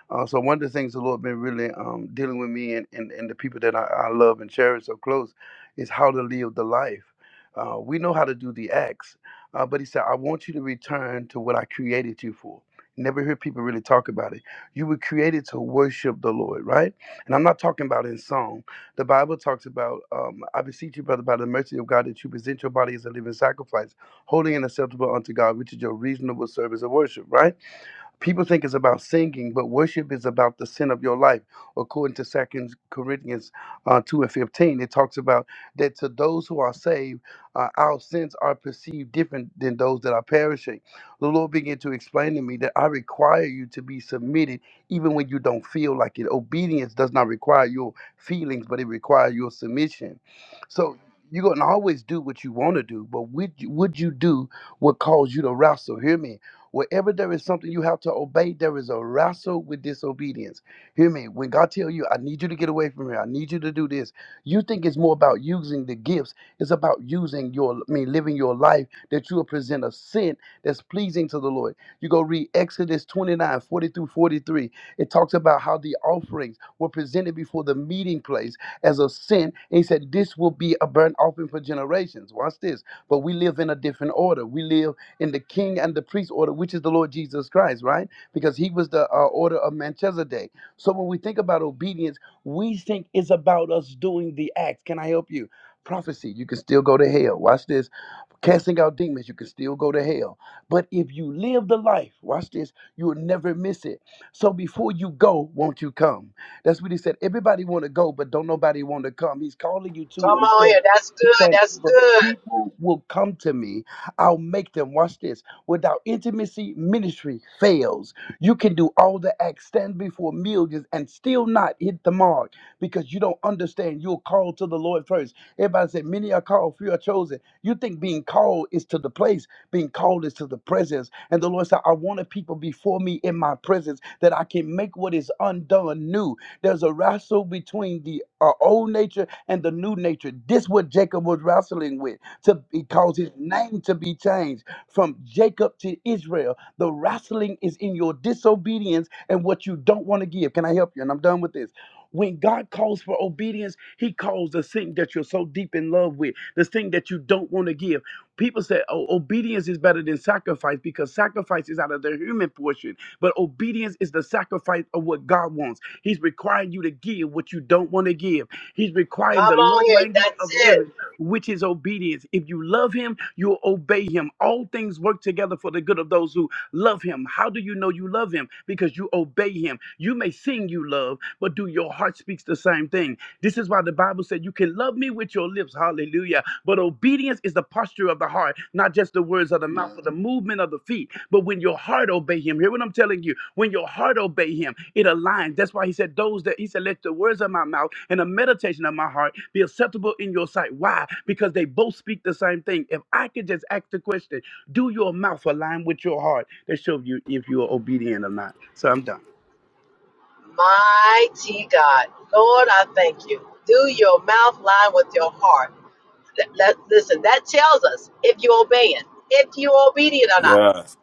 S5: Uh, so one of the things the Lord been really um, dealing with me and, and, and the people that I, I love and cherish so close is how to live the life. Uh, we know how to do the acts, uh, but he said, I want you to return to what I created you for. Never hear people really talk about it. You were created to worship the Lord, right? And I'm not talking about in song. The Bible talks about, um, I beseech you, brother, by the mercy of God, that you present your body as a living sacrifice, holy and acceptable unto God, which is your reasonable service of worship, right? people think it's about singing, but worship is about the sin of your life. According to Second Corinthians uh, two and fifteen, it talks about that to those who are saved, uh, our sins are perceived different than those that are perishing. The Lord began to explain to me that I require you to be submitted, even when you don't feel like it. Obedience does not require your feelings, but it requires your submission. So. You're gonna always do what you want to do, but would you, would you do what caused you to wrestle? Hear me Wherever there is something you have to obey, there is a wrestle with disobedience. Hear me. When God tell you, I need you to get away from here, I need you to do this, you think it's more about using the gifts. It's about using your, I mean, living your life that you will present a scent that's pleasing to the Lord. You go read Exodus 29 40 through 43. It talks about how the offerings were presented before the meeting place as a sin. And he said, This will be a burnt offering for generations. Watch this. But we live in a different order. We live in the king and the priest order, which is the Lord Jesus Christ, right? Because he was the uh, order of Melchizedek. So when we think about obedience, we think it's about us doing the acts. Can I help you? Prophecy, you can still go to hell. Watch this casting out demons, you can still go to hell. But if you live the life, watch this, you'll never miss it. So before you go, won't you come? That's what he said. Everybody want to go, but don't nobody want to come. He's calling you to
S1: come on here.
S5: himself.
S1: That's
S5: He
S1: good.
S5: said,
S1: That's
S5: "If
S1: good.
S5: people will come to me. I'll make them. Watch this. Without intimacy, ministry fails. You can do all the acts, stand before millions, and still not hit the mark because you don't understand. You're called to the Lord first. Everybody said, many are called, few are chosen you think being called is to the place, being called is to the presence. And the Lord said, I wanted people before me in my presence that I can make what is undone new. There's a wrestle between the uh, old nature and the new nature. This what Jacob was wrestling with to because his name to be changed from Jacob to Israel. The wrestling is in your disobedience and what you don't want to give. Can I help you? And I'm done with this. When God calls for obedience, He calls the thing that you're so deep in love with, the thing that you don't want to give. People say, oh, obedience is better than sacrifice because sacrifice is out of the human portion. But obedience is the sacrifice of what God wants. He's requiring you to give what you don't want to give. He's requiring
S1: Come
S5: the
S1: on
S5: love
S1: here.
S5: language
S1: That's
S5: of
S1: it.
S5: heaven, which is obedience. If you love Him, you'll obey Him. All things work together for the good of those who Love him. How do you know you love him? Because you obey him. You may sing you love, but do your heart speaks the same thing? This is why the Bible said you can love me with your lips. Hallelujah. But obedience is the posture of the heart, not just the words of the mouth or the movement of the feet. But when your heart obey him, hear what I'm telling you. When your heart obey him, it aligns. That's why he said those that he said, let the words of my mouth and the meditation of my heart be acceptable in your sight. Why? Because they both speak the same thing. If I could just ask the question, do your mouth align with your heart? That shows you if you are obedient or not. So I'm done.
S1: Mighty God. Lord, I thank you. Do your mouth line with your heart. Let, let- listen, that tells us if you're obeying, if you're obedient or not.
S3: Yes.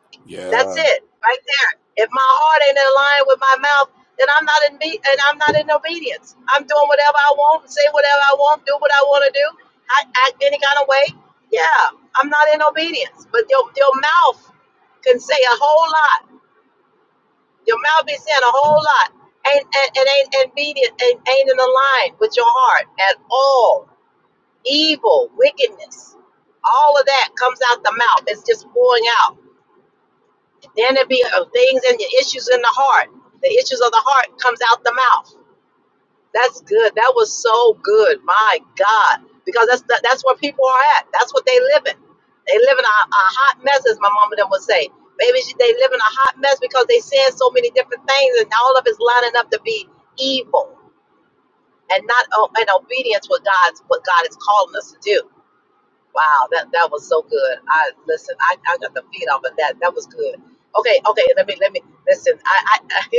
S1: That's
S3: Yeah.
S1: it, right there. If my heart ain't in line with my mouth, then I'm not in be- and I'm not in obedience. I'm doing whatever I want, say whatever I want, do what I want to do, I act any kind of way. Yeah, I'm not in obedience. But your your mouth can say a whole lot. Your mouth be saying a whole lot, and and, and ain't obedient, ain't, ain't in line with your heart at all. Evil, wickedness, all of that comes out the mouth. It's just pouring out. Then it be uh, things and the issues in the heart. The issues of the heart comes out the mouth. That's good. That was so good. My God, because that's that, that's where people are at. That's what they live in. They live in a, a hot mess, as my mama them would say. Maybe she- they live in a hot mess because they saying so many different things, and all of it's lining up to be evil and not uh, in obedience what God's what God is calling us to do. Wow, that that was so good. I listen. I, I got the feet on, but that that was good. Okay, okay. Let me let me listen. I, I,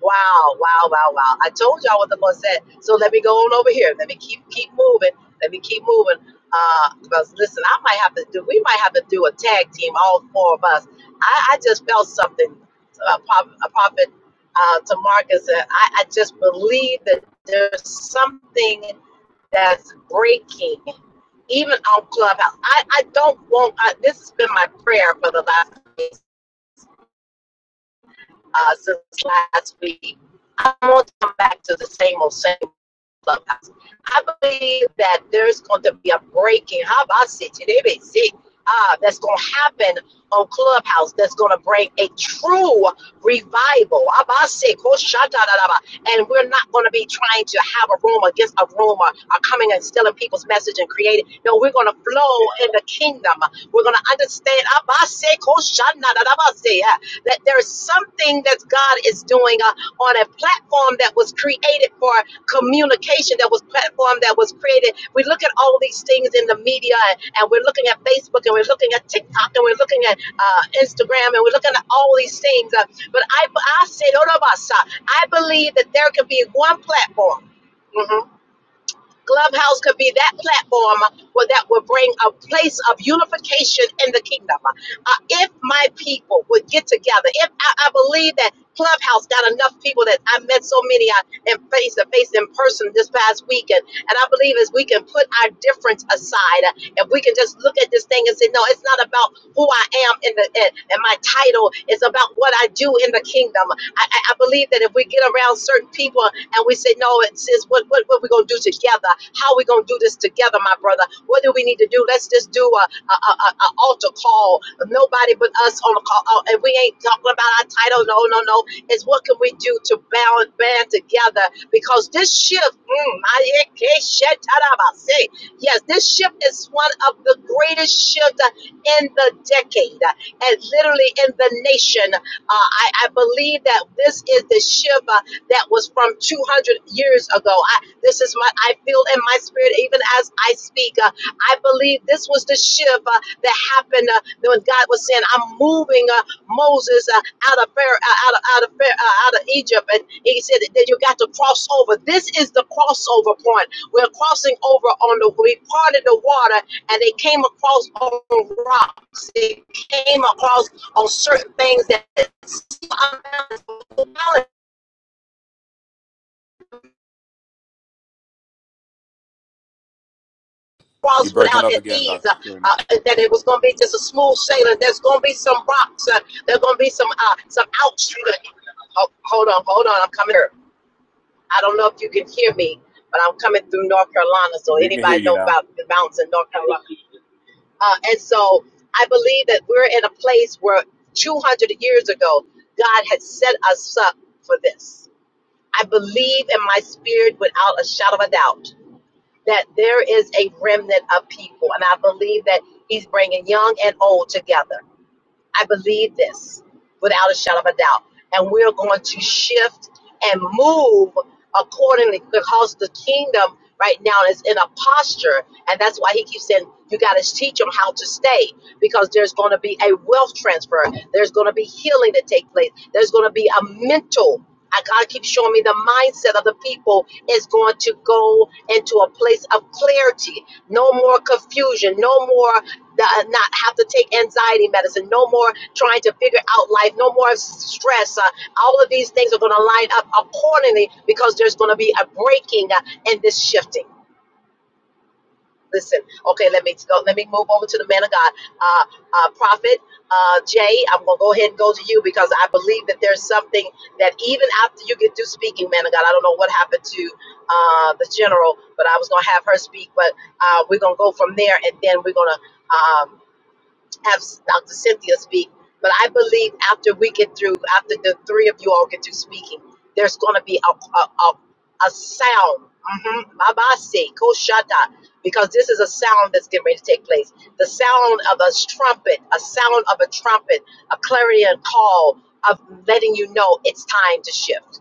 S1: wow, wow, wow, wow. I told y'all what the Lord said. So let me go on over here. Let me keep keep moving. Let me keep moving. Uh, because listen, I might have to do. We might have to do a tag team, all four of us. I, I just felt something. A prop a prophet uh, to Marcus, and I, I just believe that there's something that's breaking even on Clubhouse. I, I don't want, I, this has been my prayer for the last day, uh, since last week. I want to come back to the same old same clubhouse. I believe that there's going to be a breaking. How about see? Ah, that's going to happen on Clubhouse. That's going to bring a true revival. How about say, ko shata da da ba. And we're not going to be trying to have a room against a room or, or coming and stealing people's message and creating. No, we're going to flow in the kingdom. We're going to understand. How about say, ko shana da da ba that there's something that God is doing uh, on a platform that was created for communication, that was platform that was created. We look at all these things in the media, and, and we're looking at Facebook, and we're looking at TikTok, and we're looking at uh, Instagram, and we're looking at all these things. Uh, but I, I said, "Hold on, boss. uh, I believe that there could be one platform. Mhm. Clubhouse could be that platform where that will bring a place of unification in the kingdom. Uh, if my people would get together, if I, I believe that Clubhouse got enough people that I met so many uh, in face to face in person this past weekend, and I believe as we can put our difference aside, uh, if we can just look at this thing and say, no, it's not about who I am in the in, and my title, it's about what I do in the kingdom. I, I I believe that if we get around certain people and we say, no, it's, it's what, what, what we going to do together? How are we going to do this together, my brother? What do we need to do? Let's just do a, a, a, a altar call. Nobody but us on the call. Oh, and we ain't talking about our title. No, no, no. It's what can we do to band, band together? Because this shift, mm, my- yes, this shift is one of the greatest shifts in the decade and literally in the nation. Uh, I, I believe that this is the shift. uh, that was from 200 years ago. I, this is my, I feel in my spirit, even as I speak. Uh, I believe this was the shift uh, that happened uh, when God was saying, I'm moving uh, Moses uh, out of Pharaoh, uh, out of out of, Pharaoh, uh, out of Egypt, and He said that you got to cross over. This is the crossover point. We're crossing over on the we parted the water, and they came across on rocks. They came across on certain things that
S3: You're
S1: cross
S3: breaking
S1: without
S3: up
S1: an
S3: again,
S1: ease,
S3: Dr.
S1: uh,
S3: Trina.
S1: uh, that it was going to be just a smooth sailing. There's going to be some rocks. Uh, there's going to be some uh, some outshooting. Oh, hold on, hold on. I'm coming here. I don't know if you can hear me, but I'm coming through North Carolina. So
S3: We can hear
S1: anybody
S3: you
S1: know
S3: now.
S1: about the mountains in North Carolina? Uh, and so I believe that we're in a place where 200 years ago, God had set us up for this. I believe in my spirit without a shadow of a doubt that there is a remnant of people. And I believe that he's bringing young and old together. I believe this without a shadow of a doubt. And we're going to shift and move accordingly because the kingdom right now is in a posture. And that's why he keeps saying, you got to teach them how to stay because there's going to be a wealth transfer. There's going to be healing to take place. There's going to be a mental. I God keeps showing me the mindset of the people is going to go into a place of clarity. No more confusion. No more th- not have to take anxiety medicine, no more trying to figure out life, no more stress. Uh, all of these things are going to line up accordingly because there's going to be a breaking uh, and this shifting. Listen, okay, let me go. Let me move over to the man of God, uh, uh, prophet. Uh, Jay, I'm gonna go ahead and go to you because I believe that there's something that even after you get through speaking, man of God, I don't know what happened to uh, the general, but I was gonna have her speak, but uh, we're gonna go from there, and then we're gonna um, have Dr. Cynthia speak. But I believe after we get through, after the three of you all get through speaking, there's going to be a, a, a, a sound. Mm-hmm. Babase, koshata, because this is a sound that's getting ready to take place. The sound of a trumpet, a sound of a trumpet, a clarion call of letting you know it's time to shift.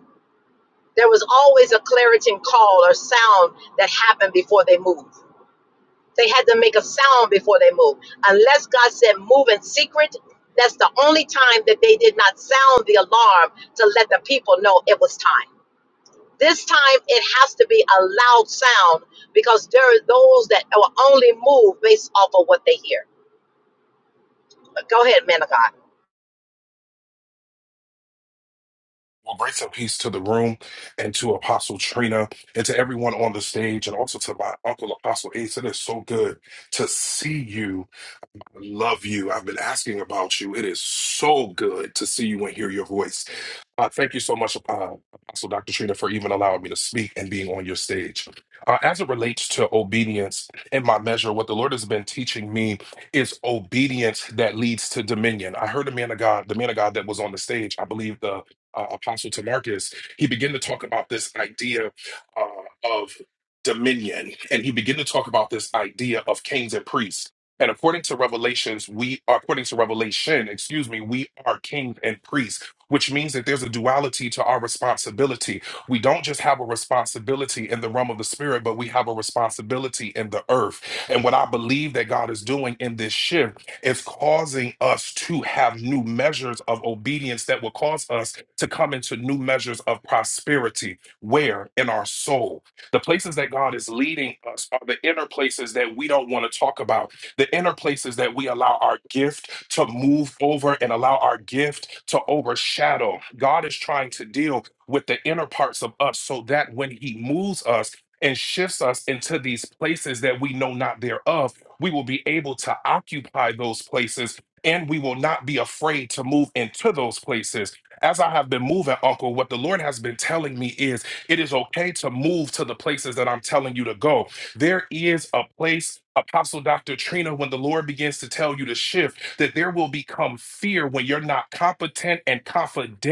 S1: There was always a clarion call or sound that happened before they moved. They had to make a sound before they moved. Unless God said move in secret, that's the only time that they did not sound the alarm to let the people know it was time. This time it has to be a loud sound because there are those that will only move based off of what they hear. But go ahead, man of God.
S6: Well, grace and peace to the room and to Apostle Trina and to everyone on the stage and also to my uncle Apostle Ace. It is so good to see you. I love you. I've been asking about you. It is so good to see you and hear your voice. Uh, thank you so much, uh, Apostle Dr. Trina, for even allowing me to speak and being on your stage. Uh, as it relates to obedience in my measure, what the Lord has been teaching me is obedience that leads to dominion. I heard a man of God, the man of God that was on the stage, I believe the uh, Apostle Tamarcus, he began to talk about this idea uh, of dominion, and he began to talk about this idea of kings and priests. And according to Revelations, we according to Revelation, excuse me, we are kings and priests which means that there's a duality to our responsibility. We don't just have a responsibility in the realm of the spirit, but we have a responsibility in the earth. And what I believe that God is doing in this shift is causing us to have new measures of obedience that will cause us to come into new measures of prosperity. Where? In our soul. The places that God is leading us are the inner places that we don't want to talk about, the inner places that we allow our gift to move over and allow our gift to overshadow. God is trying to deal with the inner parts of us so that when He moves us and shifts us into these places that we know not thereof, we will be able to occupy those places and we will not be afraid to move into those places. As I have been moving, Uncle, what the Lord has been telling me is it is okay to move to the places that I'm telling you to go. There is a place, Apostle Dr. Trina, when the Lord begins to tell you to shift that there will become fear when you're not competent and confident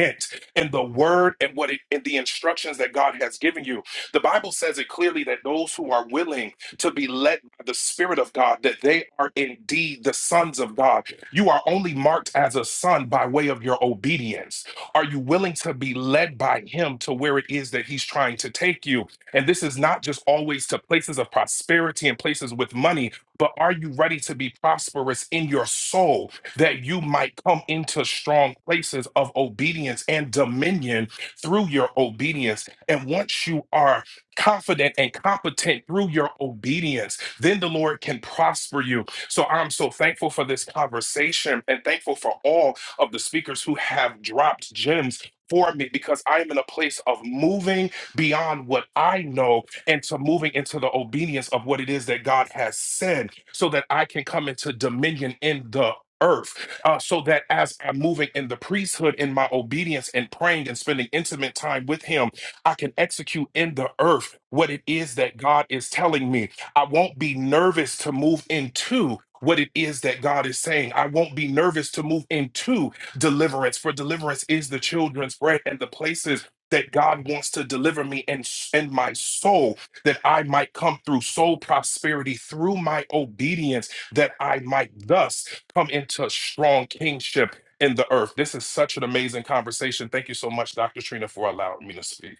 S6: in the word and what it and the instructions that God has given you. The Bible says it clearly that those who are willing to be led by the Spirit of God, that they are indeed the sons of God. You are only marked as a son by way of your obedience. Are you willing to be led by Him to where it is that He's trying to take you? And this is not just always to places of prosperity and places with money but are you ready to be prosperous in your soul that you might come into strong places of obedience and dominion through your obedience? And once you are confident and competent through your obedience, then the Lord can prosper you. So I'm so thankful for this conversation and thankful for all of the speakers who have dropped gems. For me, because I am in a place of moving beyond what I know and to moving into the obedience of what it is that God has said so that I can come into dominion in the earth uh, so that as I'm moving in the priesthood in my obedience and praying and spending intimate time with him I can execute in the earth what it is that God is telling me I won't be nervous to move into what it is that God is saying. I won't be nervous to move into deliverance, for deliverance is the children's bread and the places that God wants to deliver me and, and my soul that I might come through soul prosperity through my obedience, that I might thus come into strong kingship in the earth. This is such an amazing conversation. Thank you so much, Dr. Trina, for allowing me to speak.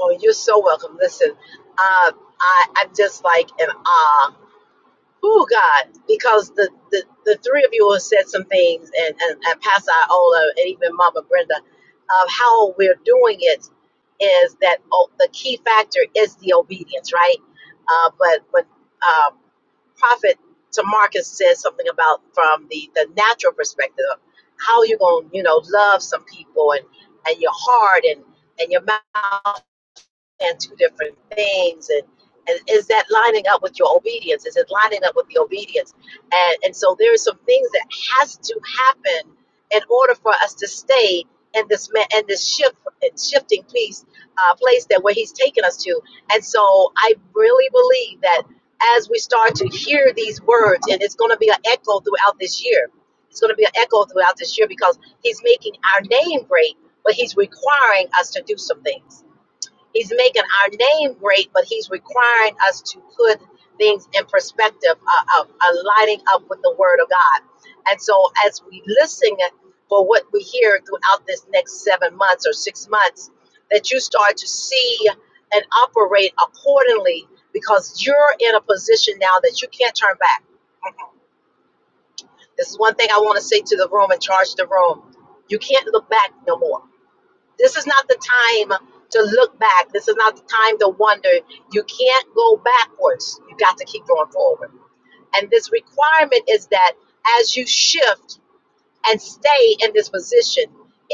S1: Oh, you're so welcome. Listen, uh, I, I'm just like in awe Oh God, because the, the, the three of you have said some things, and, and, and Pastor Iola, and even Mama Brenda, of how we're doing it is that oh, the key factor is the obedience, right? Uh, but but uh, Prophet Tamarcus said something about from the, the natural perspective of how you're going to, you know, love some people and, and your heart and, and your mouth and two different things and and is that lining up with your obedience is it lining up with the obedience and and so there are some things that has to happen in order for us to stay in this ma- in this shift shifting place uh, place that where he's taken us to and so i really believe that as we start to hear these words and it's going to be an echo throughout this year it's going to be an echo throughout this year because he's making our name great but he's requiring us to do some things He's making our name great, but he's requiring us to put things in perspective, uh, uh, uh, lighting up with the word of God. And so, as we listen for what we hear throughout this next seven months or six months, that you start to see and operate accordingly because you're in a position now that you can't turn back. This is one thing I want to say to the room and charge the room. You can't look back no more this is not the time to look back. This is not the time to wonder. You can't go backwards. You got to keep going forward. And this requirement is that as you shift and stay in this position.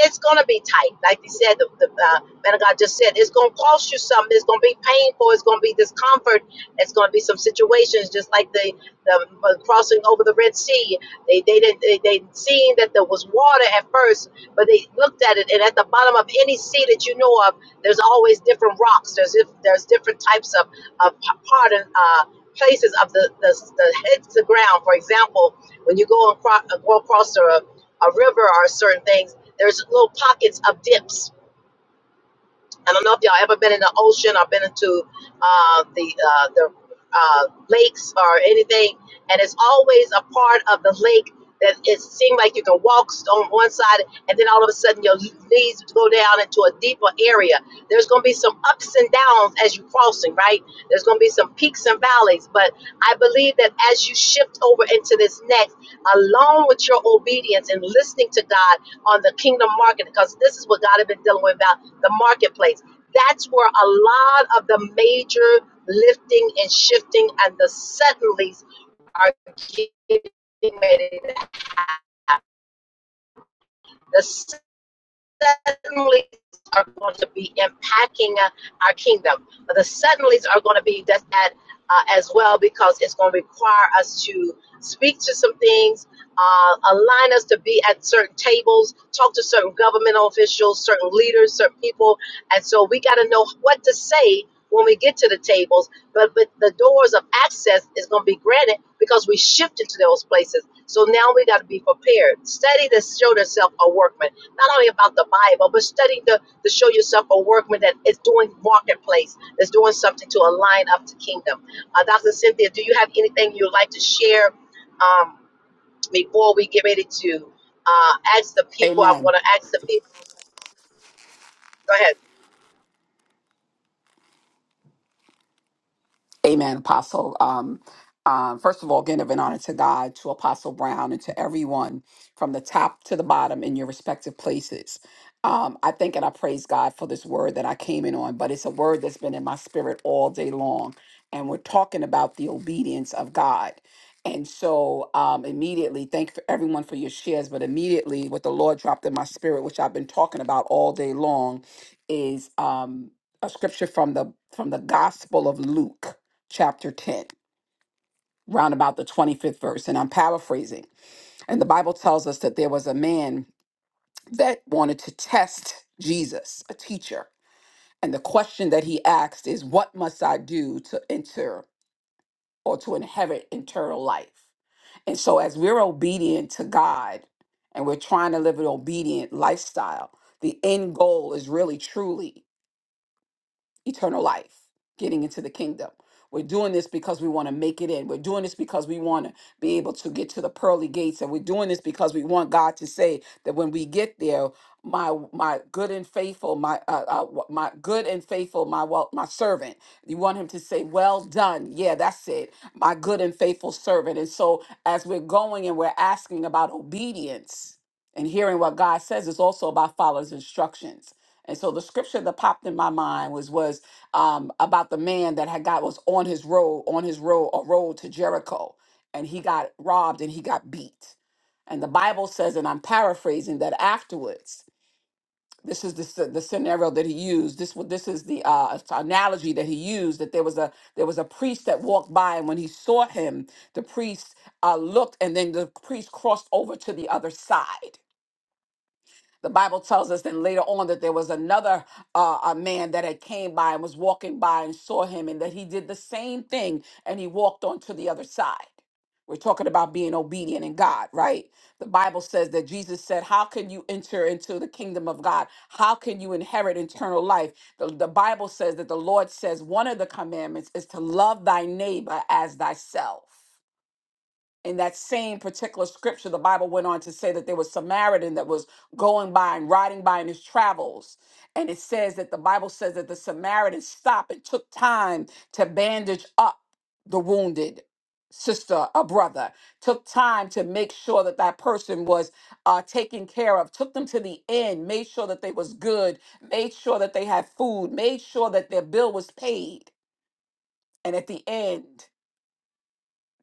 S1: It's going to be tight. Like you said, the, the uh, man of God just said, it's going to cost you something. It's going to be painful. It's going to be discomfort. It's going to be some situations just like the, the uh, crossing over the Red Sea. They, they didn't, they, they seen that there was water at first, but they looked at it. And at the bottom of any sea that you know of, there's always different rocks. There's, if- there's different types of, of pardon, uh, places of the, the, the heads to ground. For example, when you go, and cro- go across the a river or certain things, there's little pockets of dips I don't know if y'all ever been in the ocean or been into uh, the uh, the uh, lakes or anything, and it's always a part of the lake that it seems like you can walk on one side, and then all of a sudden your knees go down into a deeper area. There's going to be some ups and downs as you're crossing, right? There's going to be some peaks and valleys, but I believe that as you shift over into this next, along with your obedience and listening to God on the kingdom market, because this is what God has been dealing with about the marketplace. That's where a lot of the major lifting and shifting and the suddenlies are getting ready to happen. The Suddenly, are going to be impacting uh, our kingdom. The suddenlies are going to be that, that uh, as well because it's going to require us to speak to some things, uh, align us to be at certain tables, talk to certain governmental officials, certain leaders, certain people, and so we got to know what to say when we get to the tables. But but the doors of access is going to be granted because we shifted to those places. So now we got to be prepared. Study to show yourself a workman not only about the Bible, but studying to, to show yourself a workman that is doing marketplace, that's doing something to align up to kingdom. Uh, Dr. Cynthia, do you have anything you'd like to share um, before we get ready to uh, ask the people? I'm
S7: Amen.
S1: going to ask the people. Go ahead.
S7: Amen, Apostle. Um, um, first of all, again, of an honor to God, to Apostle Brown, and to everyone from the top to the bottom in your respective places. Um, I think and I praise God for this word that I came in on, but it's a word that's been in my spirit all day long. And we're talking about the obedience of God. And so, um, immediately, thank for everyone for your shares. But immediately, what the Lord dropped in my spirit, which I've been talking about all day long, is um, a scripture from the from the Gospel of Luke chapter 10, round about the 25th verse, and I'm paraphrasing. And the Bible tells us that there was a man that wanted to test Jesus, a teacher. And the question that he asked is, What must I do to enter or to inherit eternal life? And so, as we're obedient to God and we're trying to live an obedient lifestyle, the end goal is really truly eternal life, getting into the kingdom. We're doing this because we want to make it in. We're doing this because we want to be able to get to the pearly gates. And we're doing this because we want God to say that when we get there, my my good and faithful, my uh, uh wha- my good and faithful, my well, my servant. You want him to say, "Well done." Yeah, that's it. My good and faithful servant. And so as we're going and we're asking about obedience and hearing what God says, it's also about following his instructions and so the scripture that popped in my mind was was um, about the man that had got was on his road, on his road, a road to Jericho, and he got robbed and he got beat. And the Bible says, and I'm paraphrasing that afterwards. This is the, sce- the scenario that he used. This wa- this is the uh, analogy that he used. That there was a there was a priest that walked by, and when he saw him, the priest uh, looked, and then the priest crossed over to the other side the Bible tells us then later on that there was another uh, a man that had came by and was walking by and saw him and that he did the same thing and he walked on to the other side. We're talking about being obedient in God, right? The Bible says that Jesus said, How can you enter into the kingdom of God? How can you inherit eternal life? The, the Bible says that the Lord says one of the commandments is to love thy neighbor as thyself in that same particular scripture, the Bible went on to say that there was a Samaritan that was going by and riding by in his travels. And it says that the Bible says that the Samaritan stopped and took time to bandage up the wounded sister or brother, took time to make sure that that person was uh, taken care of, took them to the inn, made sure that they was good, made sure that they had food, made sure that their bill was paid. And at the end,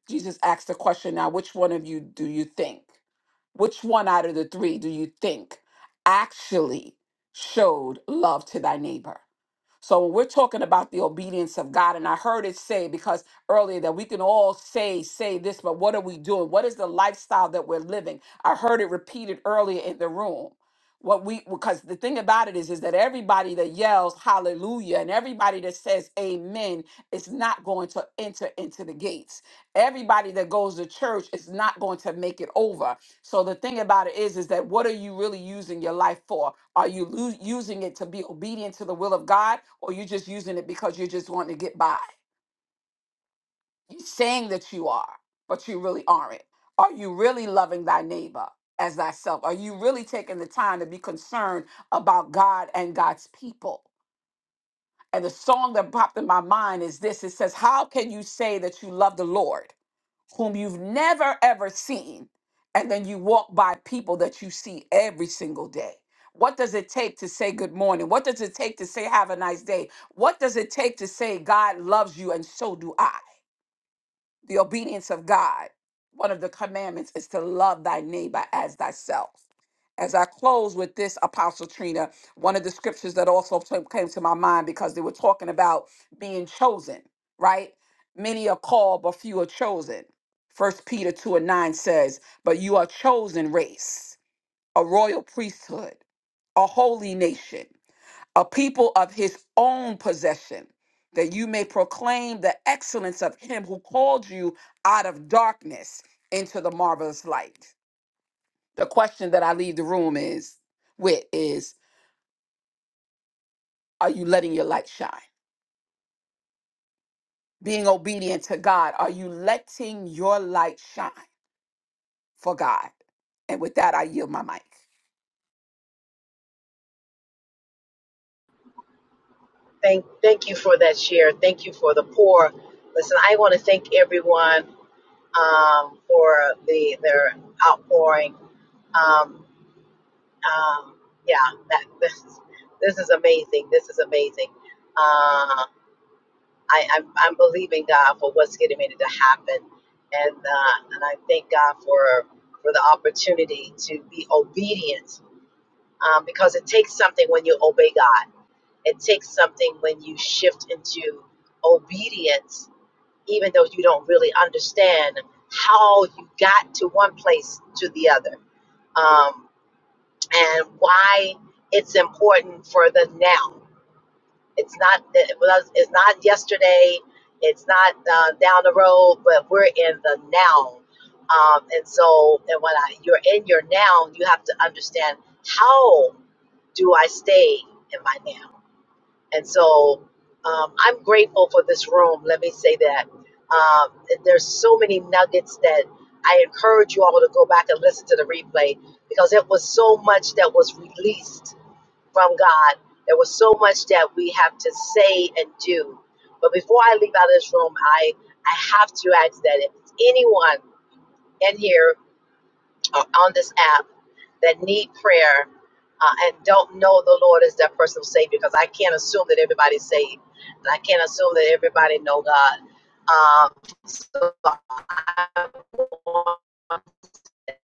S7: Jesus asked the question now, which one of you do you think? Which one out of the three do you think actually showed love to thy neighbor? So when we're talking about the obedience of God, and I heard it say because earlier that we can all say, say this, but what are we doing? What is the lifestyle that we're living? I heard it repeated earlier in the room. What we because the thing about it is is that everybody that yells hallelujah and everybody that says amen is not going to enter into the gates. Everybody that goes to church is not going to make it over. So the thing about it is, is that what are you really using your life for? Are you lo- using it to be obedient to the will of God, or you just using it because you're just wanting to get by? You're saying that you are, but you really aren't. Are you really loving thy neighbor as thyself? Are you really taking the time to be concerned about God and God's people? And the song that popped in my mind is this: It says, "How can you say that you love the Lord?" whom you've never ever seen, and then you walk by people that you see every single day. What does it take to say good morning? What does it take to say have a nice day? What does it take to say God loves you and so do I? The obedience of God, one of the commandments is to love thy neighbor as thyself. As I close with this, Apostle Trina, one of the scriptures that also t- came to my mind because they were talking about being chosen, right? Many are called, but few are chosen. First Peter 2 and 9 says, But you are chosen race, a royal priesthood, a holy nation a people of his own possession, that you may proclaim the excellence of him who called you out of darkness into the marvelous light. The question that I leave the room is with is are you letting your light shine? Being obedient to God, are you letting your light shine for God? And with that I yield my mic.
S1: Thank, thank you for that share. Thank you for the pour. Listen, I want to thank everyone um, for the their outpouring. Um, um, yeah, that this is this is amazing. This is amazing. Uh, I, I'm I'm believing God for what's getting ready to happen, and uh, and I thank God for for the opportunity to be obedient, um, because it takes something when you obey God. It takes something when you shift into obedience, even though you don't really understand how you got to one place to the other. Um, and why it's important for the now. It's not it was- it's not yesterday. It's not uh, down the road, but we're in the now. Um, and so, and when I, you're in your now, you have to understand how do I stay in my now. And so, um, I'm grateful for this room. Let me say that um, there's so many nuggets that I encourage you all to go back and listen to the replay because it was so much that was released from God. There was so much that we have to say and do. But before I leave out of this room, I, I have to ask that if anyone in here or on this app that need prayer uh, and don't know the Lord as their personal Savior, because I can't assume that everybody's saved, and I can't assume that everybody know God. Um, so I want to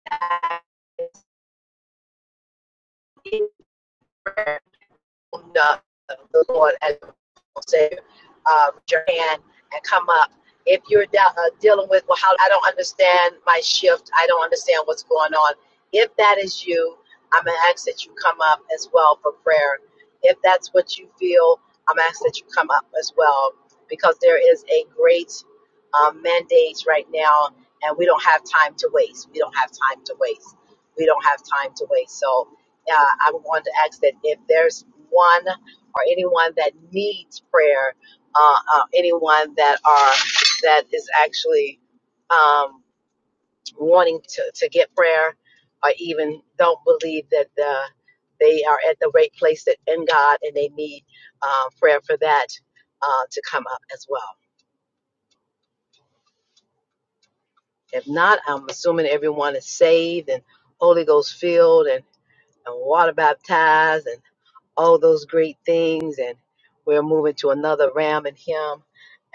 S1: ask know the Lord as your Savior, um, your hand and come up. If you're de- uh, dealing with, well, how I don't understand my shift, I don't understand what's going on. If that is you, I'm gonna ask that you come up as well for prayer. If that's what you feel, I'm gonna ask that you come up as well because there is a great um, mandate right now, and we don't have time to waste. We don't have time to waste. We don't have time to waste. So uh, I wanted to ask that if there's one or anyone that needs prayer, uh, uh, anyone that are that is actually um, wanting to, to get prayer, or even don't believe that the, they are at the right place that in God and they need uh, prayer for that uh, to come up as well. If not, I'm assuming everyone is saved and Holy Ghost filled and, and water baptized and all those great things and we're moving to another ram in him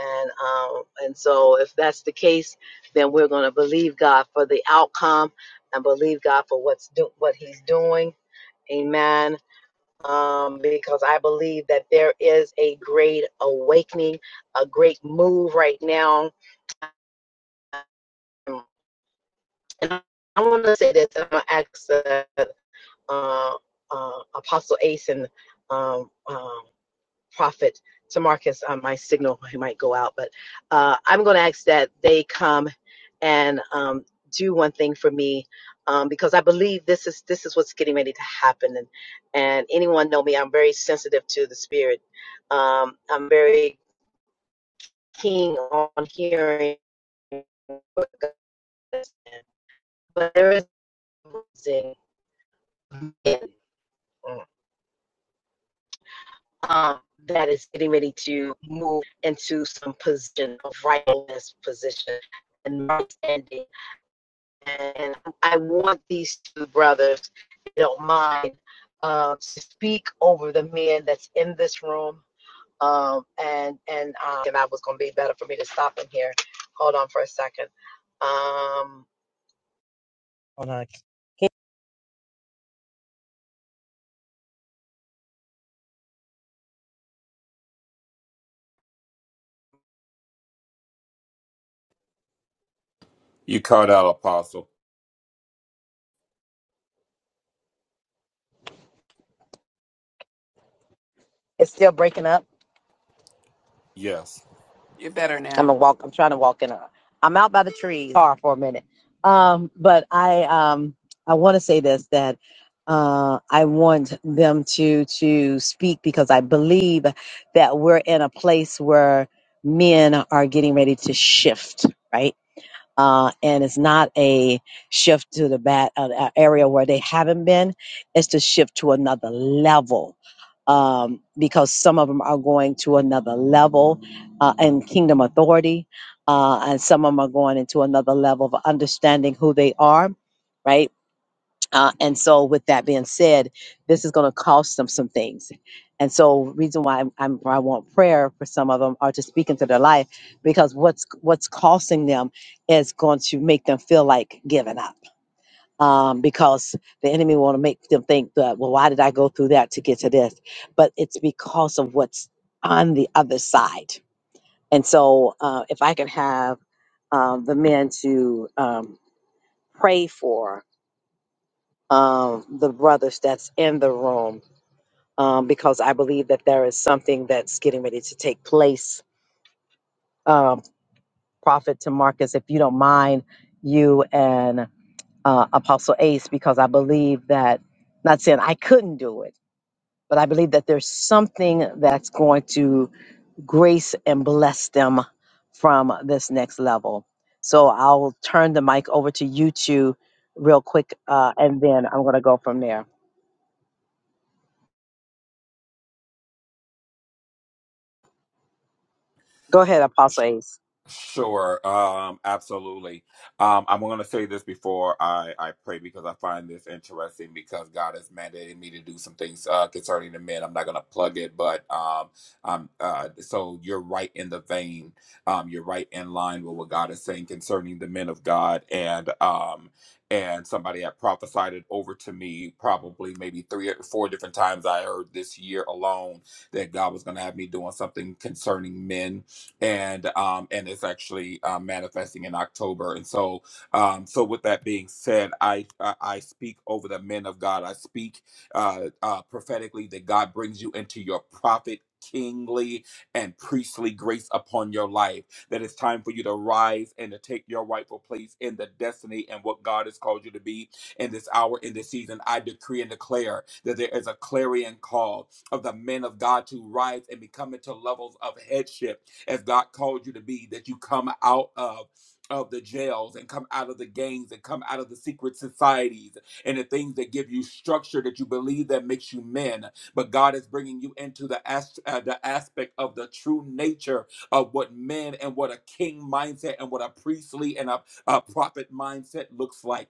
S1: and um and so if that's the case then we're going to believe god for the outcome and believe god for what's do- what he's doing amen um because i believe that there is a great awakening a great move right now um, and I, I want to say this. I'm gonna ask uh, uh, uh, Apostle Ace and um, um, prophet to Marcus on my signal. He might go out, but uh, I'm going to ask that they come and um, do one thing for me um, because I believe this is this is what's getting ready to happen. And and anyone know me, I'm very sensitive to the spirit. Um, I'm very keen on hearing what God is saying. but there is um, that is getting ready to move into some position of rightfulness position and right standing. And I want these two brothers, if you don't mind, uh, to speak over the men that's in this room. Um, and and uh, and I was gonna be better for me to stop in here. Hold on for a second. Um,
S3: You caught out, Apostle.
S1: it's still breaking up.
S3: Yes.
S7: You're better
S1: I'm
S7: now.
S1: gonna walk. I'm trying to walk in a. I'm out by the trees. Car for a minute. Um, but I um I want to say this that uh I want them to to speak because I believe that we're in a place where men are getting ready to shift. Right uh, and it's not a shift to the bad uh, uh, area where they haven't been. It's to shift to another level um, because some of them are going to another level uh, in kingdom authority, uh, and some of them are going into another level of understanding who they are. Right uh, and so, with that being said, this is going to cost them some things. And so, reason why I'm, I'm why I want prayer for some of them are to speak into their life because what's what's costing them is going to make them feel like giving up. Um, because the enemy want to make them think that well, why did I go through that to get to this? But it's because of what's on the other side. And so, uh, if I can have um, the men to um, pray for um, the brothers that's in the room um, because I believe that there is something that's getting ready to take place. Um, Prophet to Marcus, if you don't mind, you and uh, Apostle Ace, because I believe that, not saying I couldn't do it, but I believe that there's something that's going to grace and bless them from this next level. So I'll turn the mic over to you two real quick, uh, and then I'm going to go from there. Go ahead, Apostle Ace.
S3: Sure, um, absolutely. Um, I'm going to say this before I, I pray because I find this interesting because God has mandated me to do some things uh, concerning the men. I'm not going to plug it, but um, um, uh, so you're right in the vein. Um, you're right in line with what God is saying concerning the men of God and um and somebody had prophesied it over to me probably maybe three or four different times I heard this year alone that God was going to have me doing something concerning men and um, and it's actually uh, manifesting in October. And so, um, so with that being said, I I I speak over the men of God. I speak uh, uh, prophetically that God brings you into your prophet. Kingly and priestly grace upon your life. That it's time for you to rise and to take your rightful place in the destiny and what God has called you to be in this hour, in this season. I decree and declare that there is a clarion call of the men of God to rise and become into levels of headship as God called you to be, that you come out of of the jails and come out of the gangs and come out of the secret societies and the things that give you structure that you believe that makes you men but God is bringing you into the as- uh, the aspect of the true nature of what men and what a king mindset and what a priestly and a, a prophet mindset looks like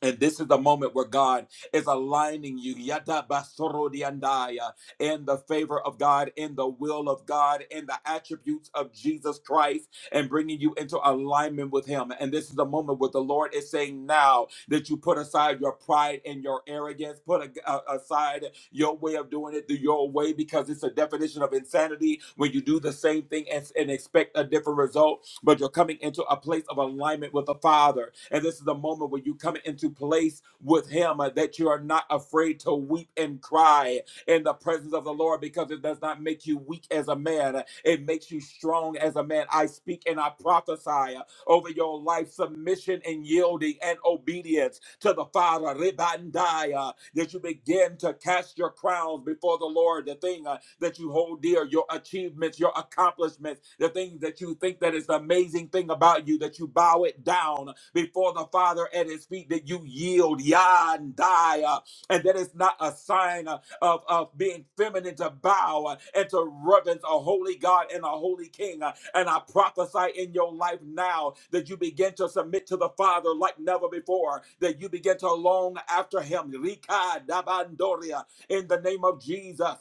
S3: and this is the moment where God is aligning you yada basorodiandaya, in the favor of God, in the will of God, in the attributes of Jesus Christ, and bringing you into alignment with Him. And this is the moment where the Lord is saying now that you put aside your pride and your arrogance, put a- a- aside your way of doing it your way because it's a definition of insanity when you do the same thing and, and expect a different result but you're coming into a place of alignment with the Father. And this is the moment where you come into place with Him uh, that you are not afraid to weep and cry in the presence of the Lord because it does not make you weak as a man, it makes you strong as a man. I speak and I prophesy uh, over your life submission and yielding and obedience to the Father. Ribandaya that you begin to cast your crowns before the Lord, the thing uh, that you hold dear, your achievements, your accomplishments, the things that you think that is the amazing thing about you, that you bow it down before the Father at his feet, that you yield, yah, and die, uh, and that is not a sign uh, of, of being feminine to bow uh, and to reverence a holy God and a holy King. And I prophesy in your life now that you begin to submit to the Father like never before, that you begin to long after Him. Rika dabandoria, In the name of Jesus.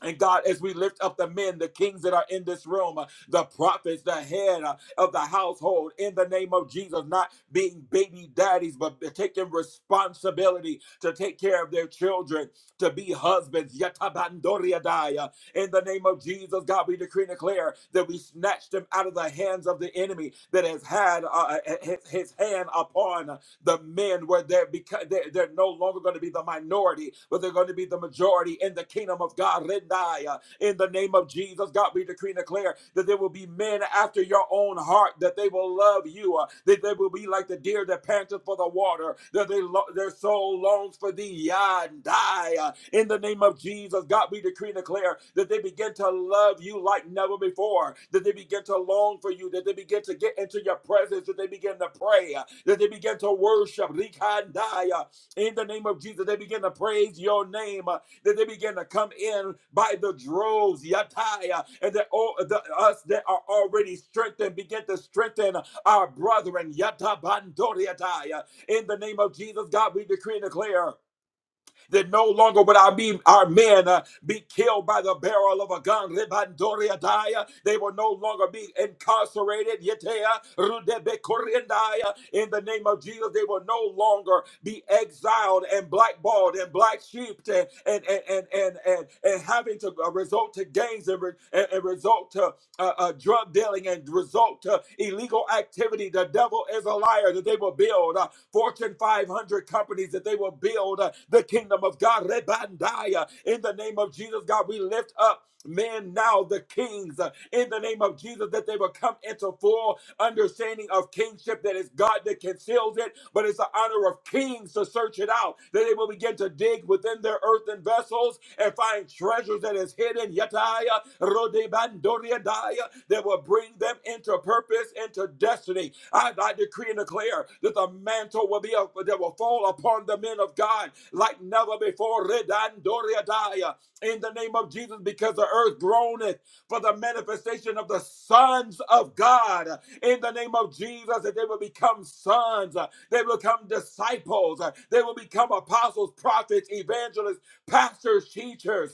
S3: And God, as we lift up the men, the kings that are in this room, uh, the prophets, the head uh, of the household, in the name of Jesus, not being baby daddies, but taking responsibility to take care of their children, to be husbands. Yatabandoriadaya. In the name of Jesus, God, we decree and declare that we snatch them out of the hands of the enemy that has had uh, uh, his, his hand upon the men where they're because they're, they're no longer going to be the minority, but they're going to be the majority in the kingdom of God. In the name of Jesus, God, we decree and declare that there will be men after your own heart, that they will love you, uh, that they will be like the deer that panteth for the water, that they lo- their soul longs for thee, Yah, and die. uh, in the name of Jesus, God, we decree and declare that they begin to love you like never before, that they begin to long for you, that they begin to get into your presence, that they begin to pray, uh, that they begin to worship, Rikandaya, in the name of Jesus, they begin to praise your name. uh, that they begin to come in by the droves, yataya, and that all the, us that are already strengthened begin to strengthen our brethren, yatabandoriataya. In the name of Jesus, God, we decree and declare that no longer would our, be, our men uh, be killed by the barrel of a gun. Rebandoria daya. They will no longer be incarcerated. Yetea rudebe korindaya. In the name of Jesus, they will no longer be exiled and blackballed and black sheeped and and and and and, and, and having to uh, resort to gangs and, re- and, and resort to uh, uh, drug dealing and result to illegal activity. The devil is a liar that they will build uh, Fortune 500 companies, that they will build uh, the kingdom of God. Rebandaya. In the name of Jesus, God, we lift up men now, the kings, uh, in the name of Jesus, that they will come into full understanding of kingship that is God that conceals it but it's the honor of kings to search it out, that they will begin to dig within their earthen vessels and find treasures that is hidden, yataya, rodebandoriadaya, that will bring them into purpose, into destiny. I, I decree and declare that the mantle will be a, that will fall upon the men of God like never before, redandoriadaya, in the name of Jesus, because the earth groaneth for the manifestation of the sons of God in the name of Jesus, that they will become sons. They become disciples. They will become apostles, prophets, evangelists, pastors, teachers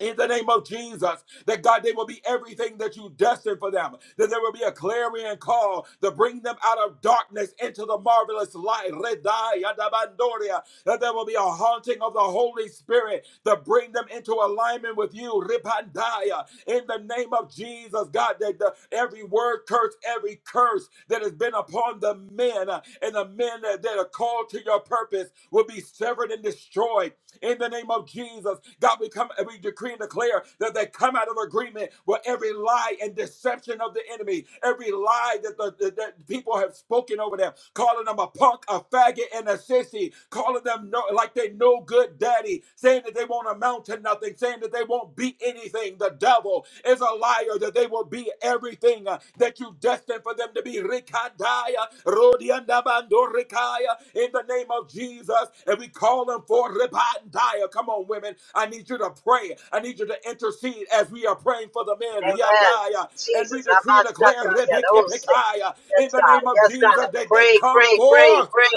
S3: in the name of Jesus, that God, they will be everything that you destined for them, that there will be a clarion call to bring them out of darkness into the marvelous light, Redai Adabandoria. that there will be a haunting of the Holy Spirit to bring them into alignment with you, Ripandaya, in the name of Jesus, God, that the, every word curse, every curse that has been upon the men uh, and the men that, that are called to your purpose will be severed and destroyed in the name of Jesus. God, we come and we decree and declare that they come out of agreement with every lie and deception of the enemy, every lie that the that that people have spoken over them, calling them a punk, a faggot, and a sissy, calling them no, like they no good daddy, saying that they won't amount to nothing, saying that they won't beat anything. The devil, is a liar that they will be everything uh, that you destined for them to be. Rikandaya, Rodiandabandorikaya, in the name of Jesus. And we call them for Ribandaya. Come on, women. I need you to pray. I need you to intercede as we are praying for the men.
S1: Amen.
S3: Riadaya. And we
S1: Jesus.
S3: decree and declare
S1: Abasataya, those things.
S3: Rebekepekaya,
S1: Yes,
S3: in the
S1: God.
S3: name of
S1: Yes, God.
S3: Jesus that they
S1: Pray,
S3: come
S1: pray, pray,
S3: forth.
S1: pray.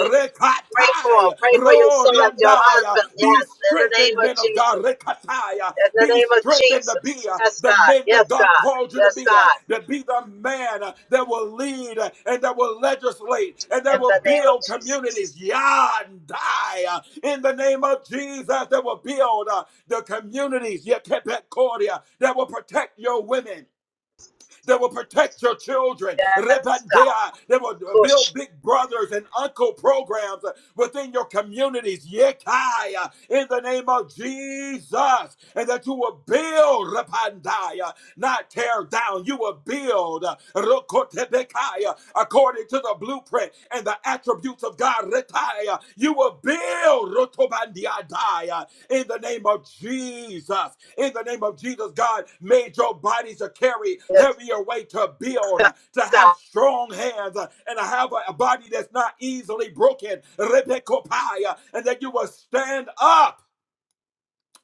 S1: Pray for her. Pray for your son, your
S3: Roriandaya.
S1: husband.
S3: Be
S1: Yes, in the name
S3: strengthened,
S1: of
S3: men of God.
S1: Jesus.
S3: Rekataya.
S1: In the
S3: Be
S1: name of
S3: strengthened to be
S1: Jesus.
S3: uh,
S1: Yes,
S3: the
S1: God.
S3: men that
S1: Yes,
S3: God
S1: God.
S3: called you to
S1: Yes,
S3: be. uh,
S1: God.
S3: To be the man uh, that will lead uh, and that will legislate and that
S1: In
S3: will
S1: the name of
S3: build communities.
S1: Jesus.
S3: Yandaya. In the name of Jesus, that will build uh, the communities. Yekepekoria, That will protect your women that will protect your children. Repandea, That will build big brothers and uncle programs uh, within your communities. Yekai, uh, In the name of Jesus. And that you will build, repandaya, not tear down. You will build uh, Rokotebekaya, according to the blueprint and the attributes of God. Retaya, You will build Rotobandiadaya, in the name of Jesus in the name of Jesus, God made your body to carry
S1: Yes,
S3: heavier weight, to build, uh, to have strong hands, uh, and to have a, a body that's not easily broken. Rebekopaya, And that you will stand up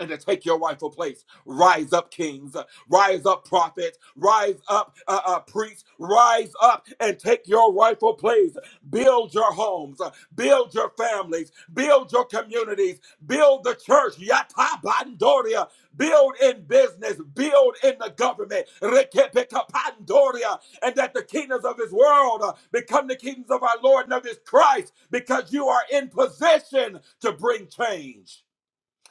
S3: and to take your rightful place. Rise up, kings. Rise up, prophets. Rise up, uh, uh, priests. Rise up and take your rightful place. Build your homes. Build your families. Build your communities. Build the church. Yata Bandoria. Build in business. Build in the government. Rekepeka Pandoria. And that the kingdoms of this world uh, become the kingdoms of our Lord and of his Christ because you are in position to bring change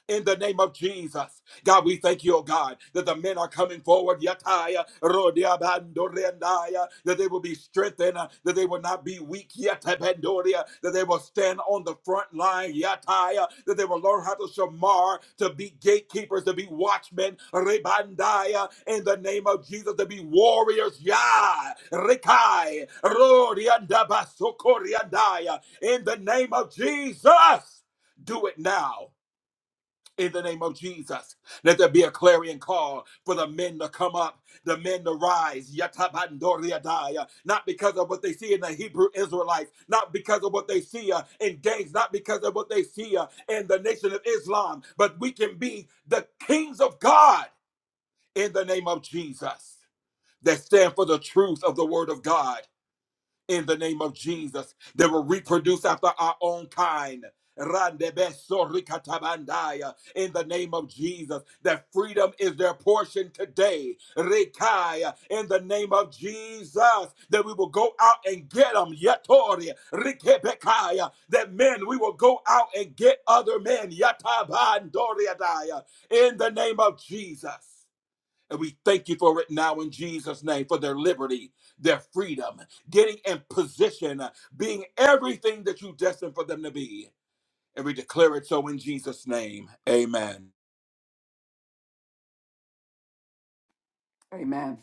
S3: in the name of Jesus. God, we thank you, oh God, that the men are coming forward, yataya, rodeabandorendaya, that they will be strengthened, uh, that they will not be weak, yatabandoria, that they will stand on the front line, yataya, that they will learn how to shamar, to be gatekeepers, to be watchmen, rebandaya, in the name of Jesus, to be warriors, ya, rekai, rodeandabasokoriandaya, in the name of Jesus. Do it now in the name of Jesus. Let there be a clarion call for the men to come up, the men to rise, Yatabandoriadaya. not because of what they see in the Hebrew Israelites, not because of what they see uh, in gangs, not because of what they see uh, in the nation of Islam, but we can be the kings of God in the name of Jesus that stand for the truth of the word of God in the name of Jesus that will reproduce after our own kind. Randebeso rikatabandaya, In the name of Jesus, that freedom is their portion today. Rikaya, In the name of Jesus, that we will go out and get them. Yatori, rikebekaya, That men, we will go out and get other men. Yatabandoriadaya, In the name of Jesus. And we thank you for it now in Jesus' name for their liberty, their freedom, getting in position, being everything that you destined for them to be. And we declare it so in Jesus' name. Amen.
S7: Amen.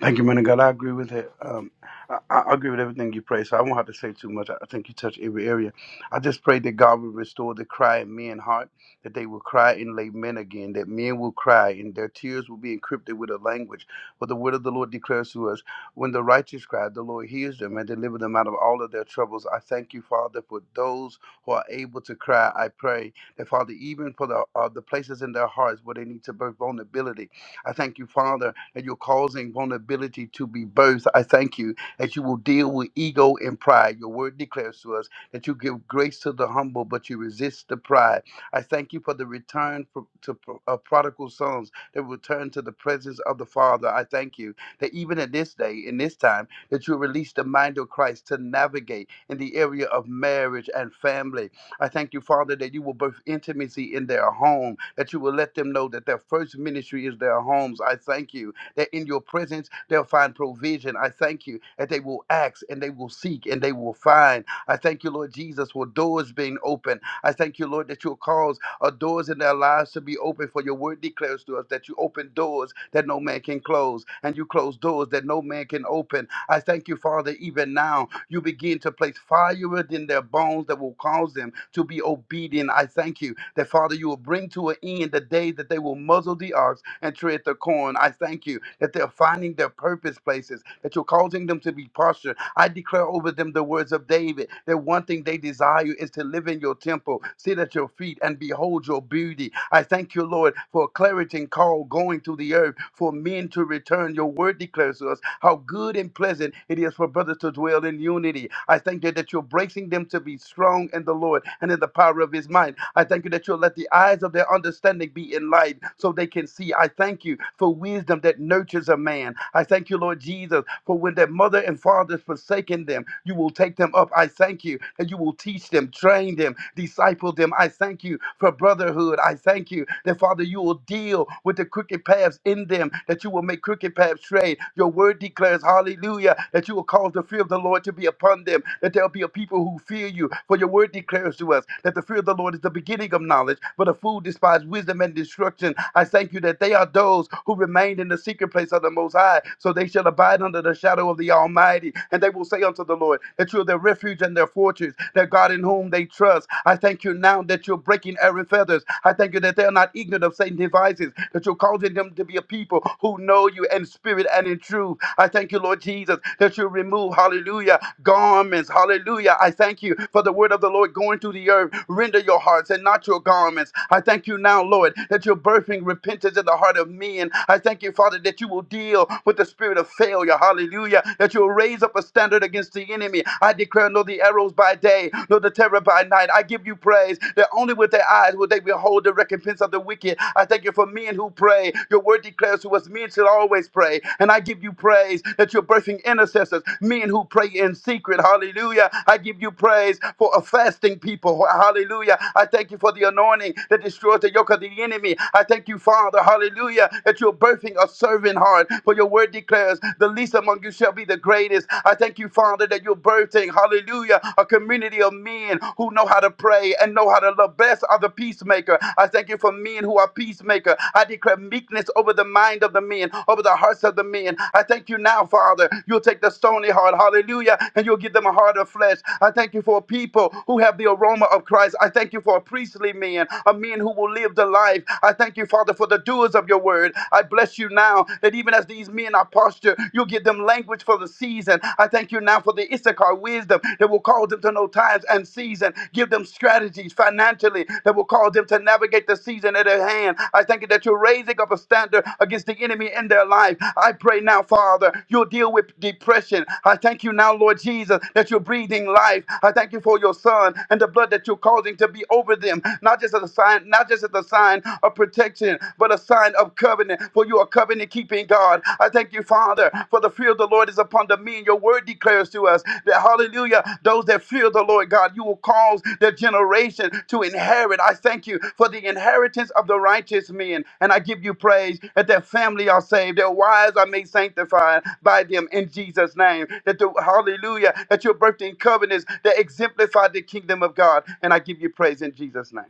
S5: Thank you, man of God. I agree with it. Um, I, I I agree with everything you pray, so I won't have to say too much. I I think you touch every area. I just pray that God will restore the cry in men's heart, that they will cry and lay men again, that men will cry and their tears will be encrypted with a language. For the word of the Lord declares to us, when the righteous cry, the Lord hears them and delivers them out of all of their troubles. I thank you, Father, for those who are able to cry. I pray that, Father, even for the, uh, the places in their hearts where they need to birth vulnerability, I thank you, Father, and you're causing vulnerability to be birthed. I thank you that you will deal with ego and pride. Your word declares to us that you give grace to the humble, but you resist the pride. I thank you for the return pro- to pro- of prodigal sons that return to the presence of the Father. I thank you that even at this day, in this time, that you release the mind of Christ to navigate in the area of marriage and family. I thank you, Father, that you will birth intimacy in their home, that you will let them know that their first ministry is their homes. I thank you that in your presence they'll find provision. I thank you that they will ask and they will seek and they will find. I thank you, Lord Jesus, for doors being open. I thank you, Lord, that you'll cause uh, doors in their lives to be open, for your word declares to us that you open doors that no man can close and you close doors that no man can open. I thank you, Father, even now you begin to place fire within their bones that will cause them to be obedient. I thank you that, Father, you will bring to an end the day that they will muzzle the ox and tread the corn. I thank you that they're finding their purpose places, that you're causing them to be postured. I declare over them the words of David that one thing they desire is to live in your temple, sit at your feet, and behold your beauty. I thank you, Lord, for a clarity and call going to the earth for men to return. Your word declares promises us how good and pleasant it is for brothers to dwell in unity. I thank you that you're bracing them to be strong in the Lord and in the power of his might. I thank you that you'll let the eyes of their understanding be enlightened so they can see. I thank you for wisdom that nurtures a man. I thank you, Lord Jesus, for when their mother and fathers forsaken them, you will take them up. I thank you that you will teach them, train them, disciple them. I thank you for brotherhood. I thank you that, Father, you will deal with the quick crooked paths in them, that you will make crooked paths straight. Your word declares, hallelujah, that you will cause the fear of the Lord to be upon them, that there'll be a people who fear you. For your word declares to us that the fear of the Lord is the beginning of knowledge, but a fool despises wisdom and destruction. I thank you that they are those who remain in the secret place of the Most High, so they shall abide under the shadow of the Almighty. And they will say unto the Lord, that you are their refuge and their fortress, their God in whom they trust. I thank you now that you're breaking every fetter feathers. I thank you that they are not ignorant of Satan's devices, that you're causing them to be a people who know you in spirit and in truth. I thank you, Lord Jesus, that you remove, hallelujah, garments. Hallelujah. I thank you for the word of the Lord going to the earth. Render your hearts and not your garments. I thank you now, Lord, that you're birthing repentance in the heart of men. I thank you, Father, that you will deal with the spirit of failure. Hallelujah. That you'll raise up a standard against the enemy. I declare no the arrows by day, nor the the terror by night. I give you praise that only with their eyes will they behold the recompense of the wicked. I thank you for men who pray. Your word declares to us men should always pray. And I give you praise that you're birthing intercessors, men who pray in secret. Hallelujah. I give you praise for a fasting people. Hallelujah. I thank you for the anointing that destroys the yoke of the enemy. I thank you, Father. Hallelujah. That you're birthing a servant heart. For your word declares the least among you shall be the greatest. I thank you you, Father, that you're birthing, hallelujah, a community of men who know how to pray and know how to love. Blessed are the peacemaker. I thank you for men who are peacemaker. I declare meekness over the mind of the men, over the hearts of the men. I thank you now, Father. You'll take the stony heart, hallelujah, and you'll give them a heart of flesh. I thank you for a people who have the aroma of Christ. I thank you for a priestly men, a men who will live the life. I thank you, Father, for the doers of your word. I bless you now that even as these men in our posture. You'll give them language for the season. I thank you now for the Issachar wisdom that will cause them to know times and season. Give them strategies financially that will cause them to navigate the season at their hand. I thank you that you're raising up a standard against the enemy in their life. I pray now, Father, you'll deal with depression. I thank you now, Lord Jesus, that you're breathing life. I thank you for your son and the blood that you're causing to be over them, not just as a sign, not just as a sign of protection, but the sign of covenant, for you are covenant keeping God. I thank you, Father, for the fear of the Lord is upon the me, and your word declares to us that, hallelujah, those that fear the Lord God, you will cause their generation to inherit. I thank you for the inheritance of the righteous men, and I give you praise that their family are saved, their wives are made sanctified by them in Jesus' name. That the hallelujah, that your birthing covenants that exemplify the kingdom of God, and I give you praise in Jesus' name.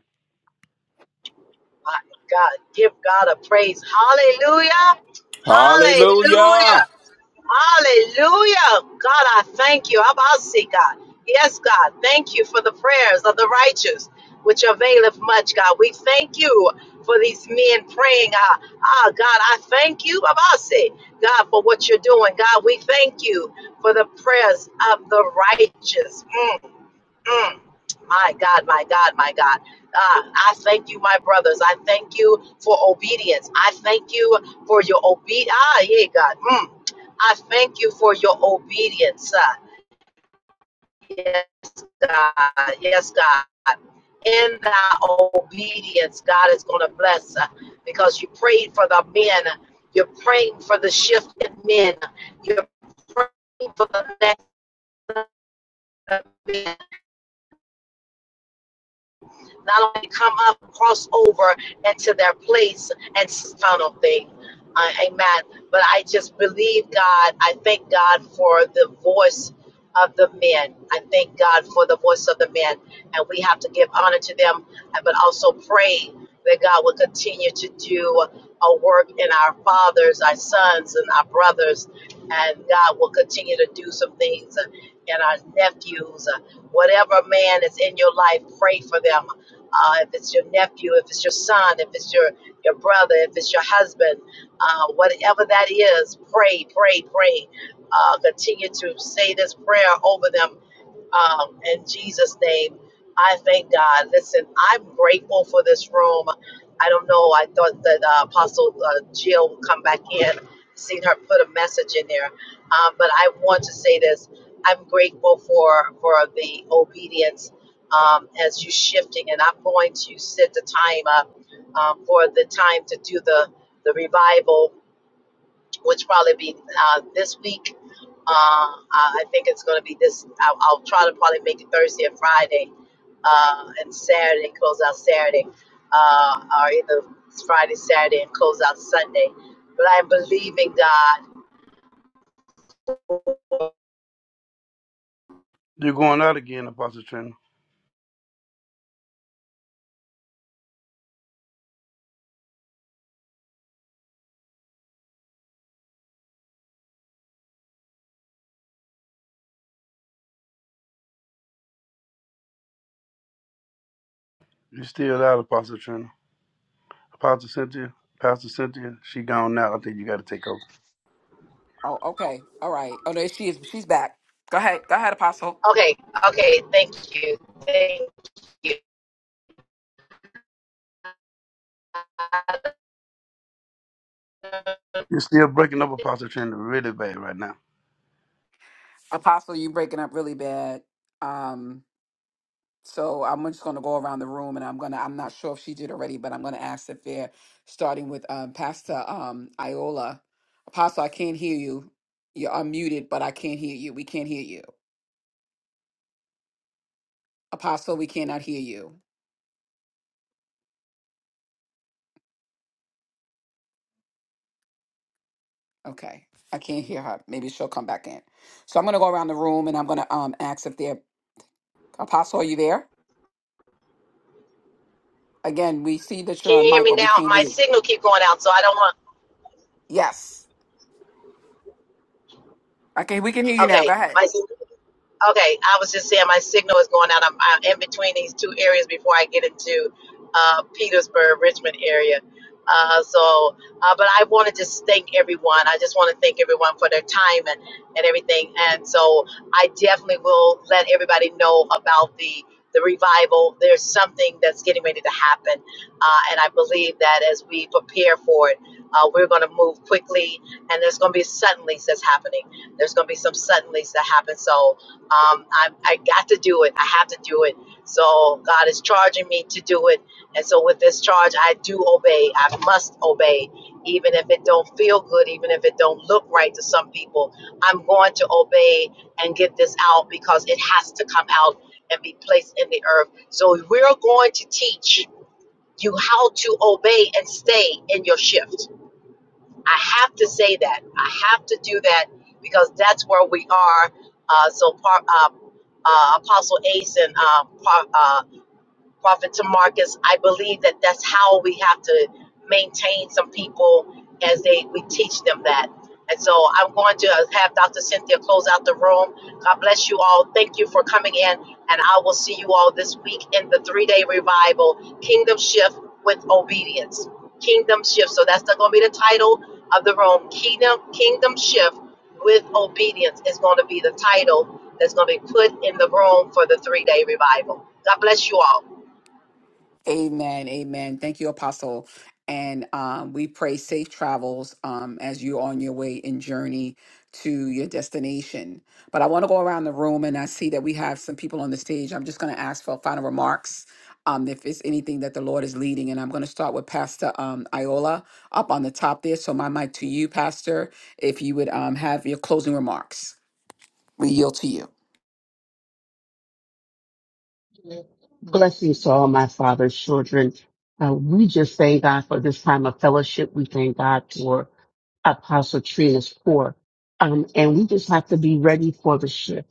S1: my God. Give God a praise. Hallelujah. Hallelujah.
S3: Hallelujah.
S1: Hallelujah. God, I thank you. I'll see God. Yes, God. Thank you for the prayers of the righteous, which availeth much, God. We thank you for these men praying. Ah, ah God, I thank you, Abasi, God, for what you're doing. God, we thank you for the prayers of the righteous. Mm, mm. My God, my God, my God. Ah, I thank you, my brothers. I thank you for obedience. I thank you for your obedience. Ah, yeah, God. Mm. I thank you for your obedience. uh, Yes, God. Yes, God. In thy obedience, God is going to bless uh, because you prayed for the men. You're praying for the shifted men. You're praying for the next men. not only come up, cross over into their place and final thing. Uh, amen. But I just believe God. I thank God for the voice of the men. I thank God for the voice of the men. And we have to give honor to them, uh, but also pray that God will continue to do a work in our fathers, our sons, and our brothers. And God will continue to do some things in our nephews. Whatever man is in your life, pray for them uh, if it's your nephew, if it's your son, if it's your, your brother, if it's your husband, uh, whatever that is, pray, pray, pray. Uh, continue to say this prayer over them um, in Jesus' name, I thank God. Listen, I'm grateful for this room. I don't know. I thought that uh, Apostle uh, Jill would come back in, seen her put a message in there. Um, but I want to say this. I'm grateful for for the obedience um, as you shifting, and I'm going to set the time up um, for the time to do the the revival, which probably be uh, this week uh, I I think it's going to be this. I'll, I'll try to probably make it Thursday and Friday, uh, and Saturday close out Saturday, uh, or either Friday, Saturday, and close out Sunday. But I'm believing God.
S5: You're going out again, Apostle Trinity. You still out, Apostle Trina. Apostle Cynthia, Pastor Cynthia, she gone now. I think you got to take over.
S7: Oh, okay. All right. Oh, there she is. She's back. Go ahead. Go ahead, Apostle.
S5: You're still breaking up Apostle Trina really bad right now.
S7: Apostle, you breaking up really bad. Um So I'm just going to go around the room, and I'm gonna. I'm not sure if she did already, but I'm gonna ask if they're starting with um, Pastor um, Iola. Apostle, I can't hear you. You're unmuted, but I can't hear you. We can't hear you. Apostle, we cannot hear you. Okay, I can't hear her. Maybe she'll come back in. So I'm gonna go around the room, and I'm gonna um, ask if they're Apostle. Are you there? Again, we see that
S1: Can
S7: you're on
S1: you hear
S7: mic,
S1: me
S7: but we
S1: now?
S7: can't
S1: My
S7: hear you.
S1: signal keep going out, so I don't want.
S7: Yes. Okay, we can hear you now.
S1: Okay,
S7: Go ahead.
S1: my Okay, I was just saying my signal is going out. I'm, I'm in between these two areas before I get into uh, Petersburg, Richmond area. Uh, so, uh, but I want to just thank everyone. I just want to thank everyone for their time and, and everything. And so I definitely will let everybody know about the, the revival. There's something that's getting ready to happen. Uh, and I believe that as we prepare for it, uh, we're going to move quickly and there's going to be suddenlies that's happening. There's going to be some suddenlies that happen. So, um, I, I got to do it. I have to do it. So God is charging me to do it. And so with this charge, I do obey. I must obey, even if it don't feel good, even if it don't look right to some people. I'm going to obey and get this out because it has to come out and be placed in the earth. So we're going to teach you how to obey and stay in your shift I have to say that. I have to do that because that's where we are. Uh, so, par, uh, uh, Apostle Ace and um, Prophet Tamarcus, I believe that that's how we have to maintain some people as they we teach them that. And so I'm going to have Dr. Cynthia close out the room. God bless you all. Thank you for coming in, and I will see you all this week in the three-day revival, Kingdom Shift with Obedience. Kingdom Shift. So that's going to be the title of the room. Kingdom Kingdom Shift with Obedience is going to be the title that's going to be put in the room for the three-day revival. God bless you all.
S7: Amen. Amen. Thank you, Apostle. And um, we pray safe travels um, as you're on your way and journey to your destination. But I want to go around the room and I see that we have some people on the stage. I'm just going to ask for final remarks um, if it's anything that the Lord is leading. And I'm going to start with Pastor um, Iola up on the top there. So, my mic to you, Pastor, if you would um, have your closing remarks. We yield to you.
S2: Blessings to all my father's children. Uh, we just thank God for this time of fellowship. We thank God for Apostle Trina's pour. Um, and we just have to be ready for the shift.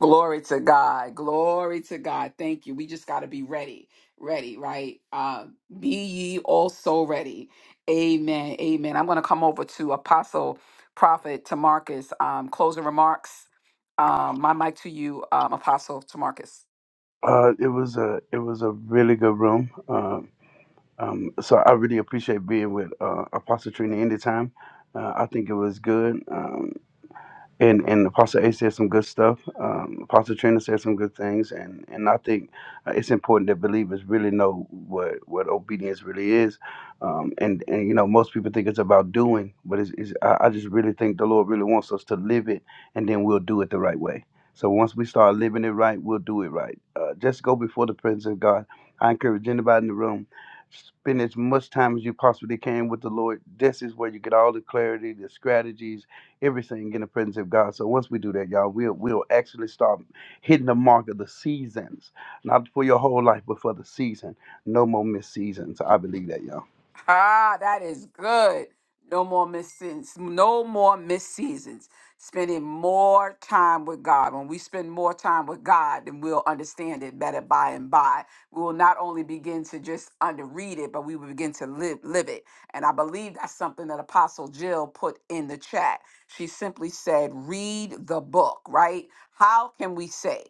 S7: Glory to God. Glory to God. Thank you. We just got to be ready. Ready, right? Uh, be ye also ready. Amen. Amen. I'm going to come over to Apostle Prophet Tamarcus. Um, closing remarks. Um, my mic to you, um, Apostle Tamarcus.
S5: Uh, it was a it was a really good room. Uh, um, so I really appreciate being with uh, Apostle Trina anytime. Uh, I think it was good. Um, and and Apostle A said some good stuff. Um, Apostle Trina said some good things, and and I think uh, it's important that believers really know what what obedience really is. Um, and and you know most people think it's about doing, but it's, it's I, I just really think the Lord really wants us to live it, and then we'll do it the right way. So once we start living it right, we'll do it right. Uh, just go before the presence of God. I encourage anybody in the room. Spend as much time as you possibly can with the Lord. This is where you get all the clarity, the strategies, everything in the presence of God. So once we do that, y'all, we'll we'll actually start hitting the mark of the seasons, not for your whole life, but for the season. No more missed seasons. I believe that, y'all.
S7: Ah, that is good. No more missed No more missed seasons. Spending more time with God. When we spend more time with God, then we'll understand it better by and by. We will not only begin to just under read it, but we will begin to live live it. And I believe that's something that Apostle Jill put in the chat. She simply said, read the book, right? How can we say,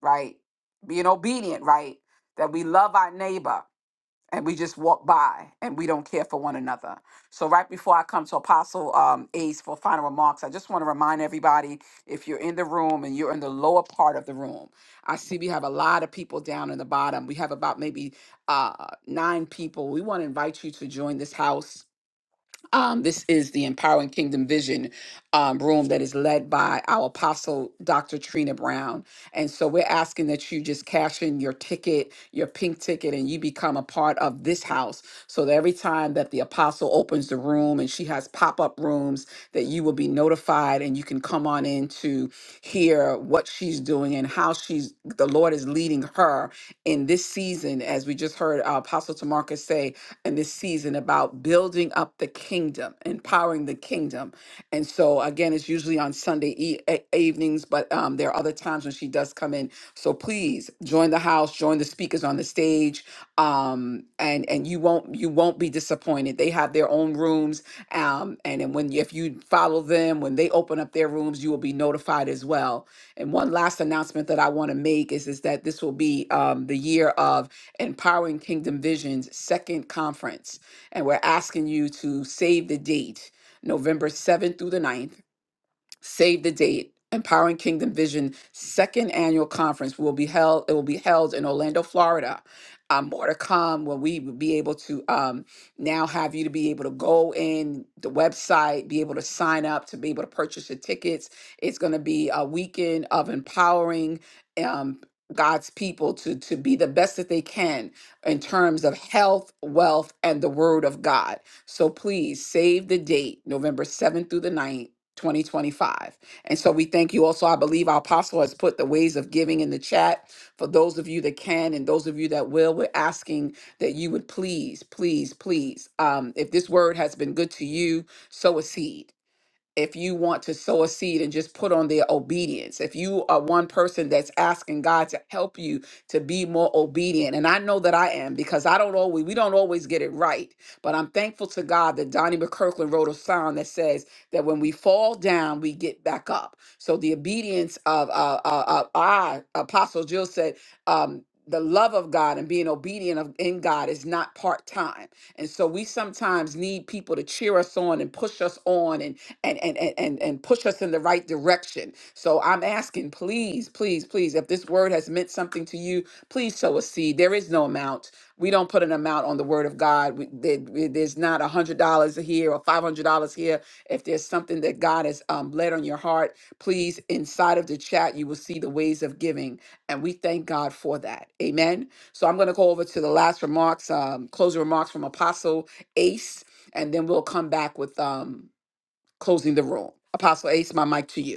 S7: right? Being obedient, right? That we love our neighbor and we just walk by and we don't care for one another. So right before I come to Apostle um, Ace for final remarks, I just want to remind everybody if you're in the room and you're in the lower part of the room, I see we have a lot of people down in the bottom. We have about maybe uh, nine people. We want to invite you to join this house um, this is the Empowering Kingdom Vision um, room that is led by our apostle, Dr. Trina Brown. And so we're asking that you just cash in your ticket, your pink ticket, and you become a part of this house. So that every time that the apostle opens the room and she has pop up rooms, that you will be notified and you can come on in to hear what she's doing and how she's the Lord is leading her in this season. As we just heard uh, Apostle Tamarcus say, in this season about building up the kingdom, empowering the kingdom. And so, again, it's usually on Sunday e- e- evenings, but um, there are other times when she does come in. So please join the house, join the speakers on the stage, um, and and you won't you won't be disappointed. They have their own rooms, um, and then when if you follow them when they open up their rooms, you will be notified as well. And one last announcement that I want to make is is that this will be um, the year of Empowering Kingdom Visions Second Conference. And we're asking you to save the date, November 7th through the 9th. Save the date. Empowering Kingdom Vision second annual conference will be held. It will be held in Orlando, Florida. Um, more to come when we will be able to um, now have you to be able to go in the website, be able to sign up, to be able to purchase your tickets. It's going to be a weekend of empowering um, God's people to to be the best that they can in terms of health, wealth, and the Word of God. So please save the date, November seventh through the ninth. 2025. And so we thank you also. I believe our apostle has put the ways of giving in the chat for those of you that can and those of you that will. We're asking that you would please, please, please, um, if this word has been good to you, sow a seed if you want to sow a seed and just put on their obedience, if you are one person that's asking God to help you to be more obedient, and I know that I am because I don't always, we don't always get it right, but I'm thankful to God that Donnie McKirkland wrote a song that says that when we fall down, we get back up. So the obedience of, uh, uh, uh, I, Apostle Jill said, um, the love of God and being obedient of, in God is not part time. And so we sometimes need people to cheer us on and push us on and and and and and and push us in the right direction. So I'm asking, please, please, please, if this word has meant something to you, please sow a seed. There is no amount. We don't put an amount on the word of God. We, there- we- there's not a hundred dollars here or five hundred dollars here. If there's something that God has um, led on your heart, please, inside of the chat, you will see the ways of giving, and we thank God for that. Amen. So I'm going to go over to the last remarks, um, closing remarks from Apostle Ace, and then we'll come back with um, closing the room. Apostle Ace, my mic to you.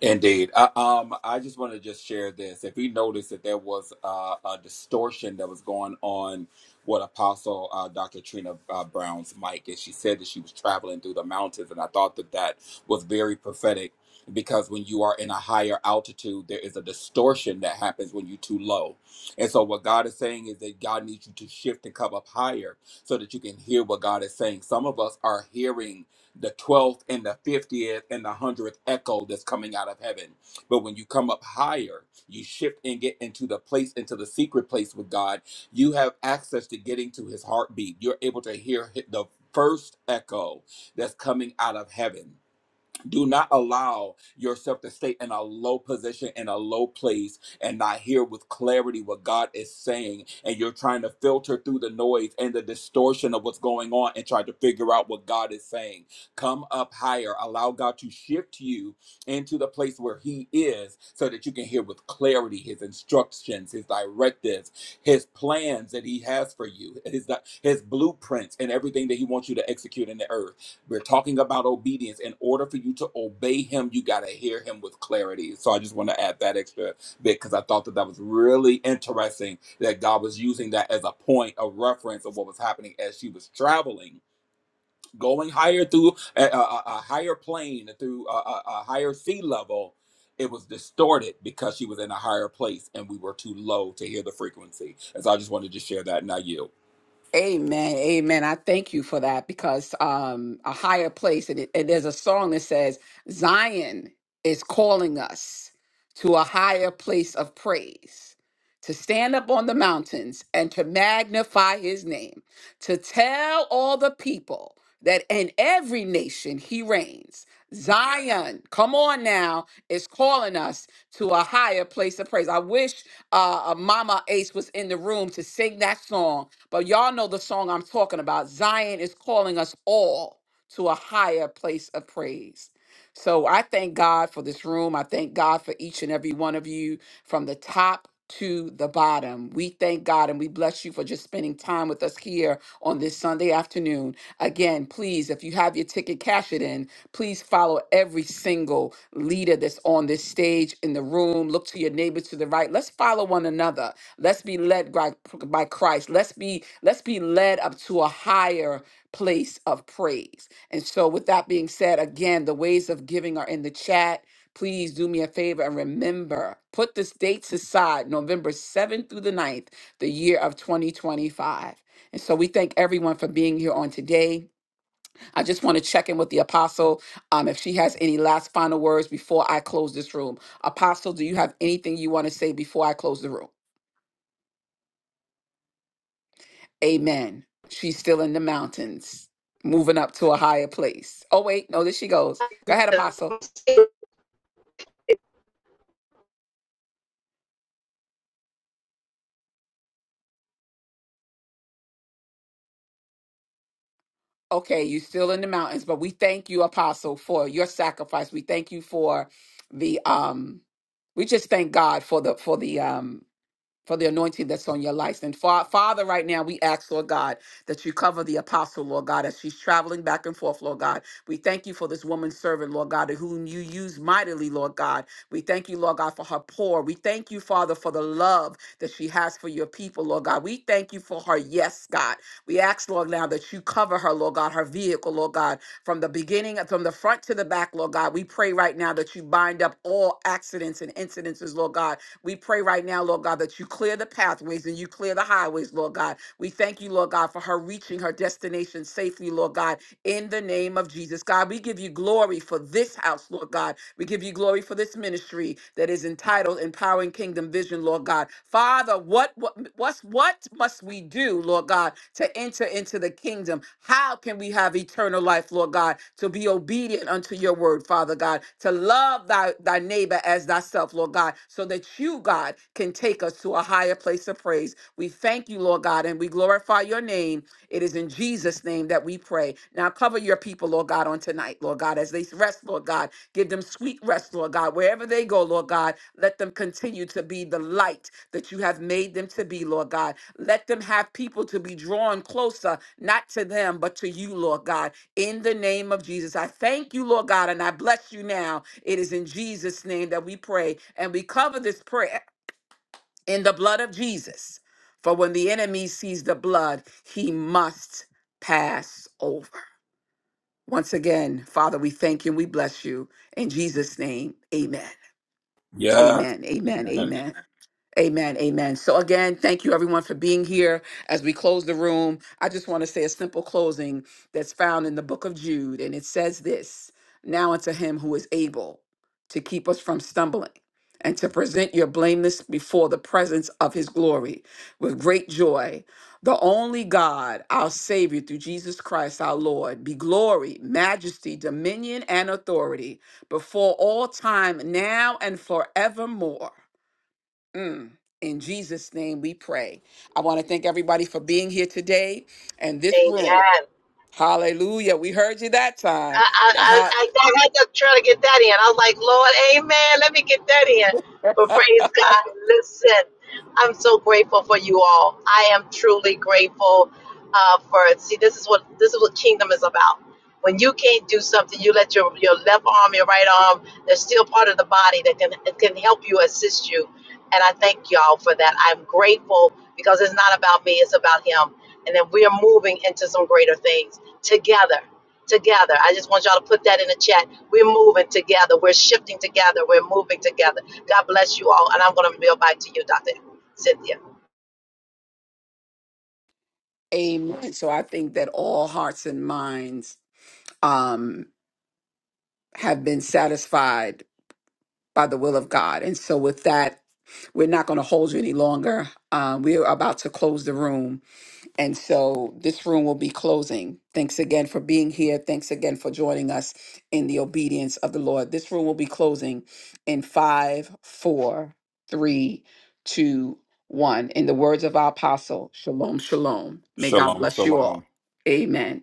S3: Indeed. I, um, I just want to just share this. If we noticed that there was uh, a distortion that was going on with Apostle uh, Dr. Trina uh, Brown's mic, and she said that she was traveling through the mountains, and I thought that that was very prophetic because when you are in a higher altitude, there is a distortion that happens when you're too low. And so what God is saying is that God needs you to shift and come up higher so that you can hear what God is saying. Some of us are hearing the 12th and the 50th and the 100th echo that's coming out of heaven. But when you come up higher, you shift and get into the place, into the secret place with God, you have access to getting to his heartbeat. You're able to hear hi- the first echo that's coming out of heaven do not allow yourself to stay in a low position, in a low place, and not hear with clarity what God is saying. And you're trying to filter through the noise and the distortion of what's going on and try to figure out what God is saying. Come up higher. Allow God to shift you into the place where He is so that you can hear with clarity His instructions, His directives, His plans that He has for you, His, His blueprints, and everything that He wants you to execute in the earth. We're talking about obedience. In order for you to obey him, you got to hear him with clarity. So I just want to add that extra bit because I thought that that was really interesting that God was using that as a point of reference of what was happening as she was traveling, going higher through a, a, a a higher plane, through a, a, a higher sea level. It was distorted because she was in a higher place and we were too low to hear the frequency. And so I just wanted to share that. Now you.
S7: Amen. Amen. I thank you for that because um a higher place and, it, and there's a song that says Zion is calling us to a higher place of praise. To stand up on the mountains and to magnify his name, to tell all the people that in every nation he reigns. Zion, come on now, is calling us to a higher place of praise. I wish uh, uh, Mama Ace was in the room to sing that song but y'all know the song I'm talking about. Zion is calling us all to a higher place of praise. So I thank God for this room. I thank God for each and every one of you from the top to the bottom. We thank God and we bless you for just spending time with us here on this Sunday afternoon. Again, please, if you have your ticket, cash it in. Please follow every single leader that's on this stage in the room. Look to your neighbor to the right. Let's follow one another. Let's be led by, by Christ. Let's be let's be led up to a higher place of praise. And so with that being said, again, the ways of giving are in the chat. Please do me a favor and remember, put the dates aside, November 7th through the ninth, the year of 2025. And so we thank everyone for being here on today. I just want to check in with the apostle um, if she has any last final words before I close this room. Apostle, do you have anything you want to say before I close the room? Amen. She's still in the mountains, moving up to a higher place. Oh, wait, no, there she goes. Go ahead, Apostle. Okay, you're still in the mountains, but we thank you, Apostle, for your sacrifice. We thank you for the um we just thank God for the for the um for the anointing that's on your life. And fa- Father, right now, we ask, Lord God, that you cover the apostle, Lord God, as she's traveling back and forth, Lord God. We thank you for this woman servant, Lord God, whom you use mightily, Lord God. We thank you, Lord God, for her pour. We thank you, Father, for the love that she has for your people, Lord God. We thank you for her yes, God. We ask, Lord, now that you cover her, Lord God, her vehicle, Lord God, from the beginning, from the front to the back, Lord God. We pray right now that you bind up all accidents and incidences, Lord God, we pray right now, Lord God, that you clear the pathways and you clear the highways, Lord God. We thank you, Lord God, for her reaching her destination safely, Lord God in the name of Jesus. God, we give you glory for this house, Lord God. We give you glory for this ministry that is entitled Empowering Kingdom Vision, Lord God. Father, what what what's, what must we do, Lord God, to enter into the kingdom? How can we have eternal life, Lord God, to be obedient unto your word, Father God, to love thy, thy neighbor as thyself, Lord God, so that you, God, can take us to a higher place of praise. We thank you, Lord God, and we glorify your name it is in Jesus' name that we pray. Now cover your people, Lord God, on tonight, Lord God, as they rest, Lord God. Give them sweet rest, Lord God. Wherever they go, Lord God, let them continue to be the light that you have made them to be, Lord God. Let them have people to be drawn closer, not to them, but to you, Lord God. In the name of Jesus, I thank you, Lord God, and I bless you now. It is in Jesus' name that we pray, and we cover this prayer in the blood of Jesus. For when the enemy sees the blood, he must pass over. Once again, Father, we thank you and we bless you. In Jesus' name, amen.
S3: Yeah.
S7: Amen. Amen.
S3: Amen.
S7: Amen. Amen. Amen. So, again, thank you everyone for being here. As we close the room, I just want to say a simple closing that's found in the book of Jude. And it says this Now unto him who is able to keep us from stumbling and to present your blameless before the presence of his glory with great joy. The only God, our Savior, through Jesus Christ our Lord, be glory, majesty, dominion, and authority before all time, now and forevermore. Mm. In Jesus' name we pray. I want to thank everybody for being here today and this room. Hallelujah. We heard you that time. Yeah, ha-
S1: family that can can help you assist you. And I thank y'all for that. I'm grateful because it's not about me, it's about him. And then we are moving into some greater things together. Together. I just want y'all to put that in the chat. We're moving together. We're shifting together. We're moving together. God bless you all. And I'm going to build back to you, Dr. Cynthia.
S7: Amen. So I think that all hearts and minds um, have been satisfied by the will of God. And so with that, we're not going to hold you any longer. Um, we are about to close the room. And so this room will be closing. Thanks again for being here. Thanks again for joining us in the obedience of the Lord. This room will be closing in five, four, three, two, one. In the words of our apostle, shalom, shalom. May God
S3: Shalom,
S7: bless you
S3: shalom.
S7: all. Amen.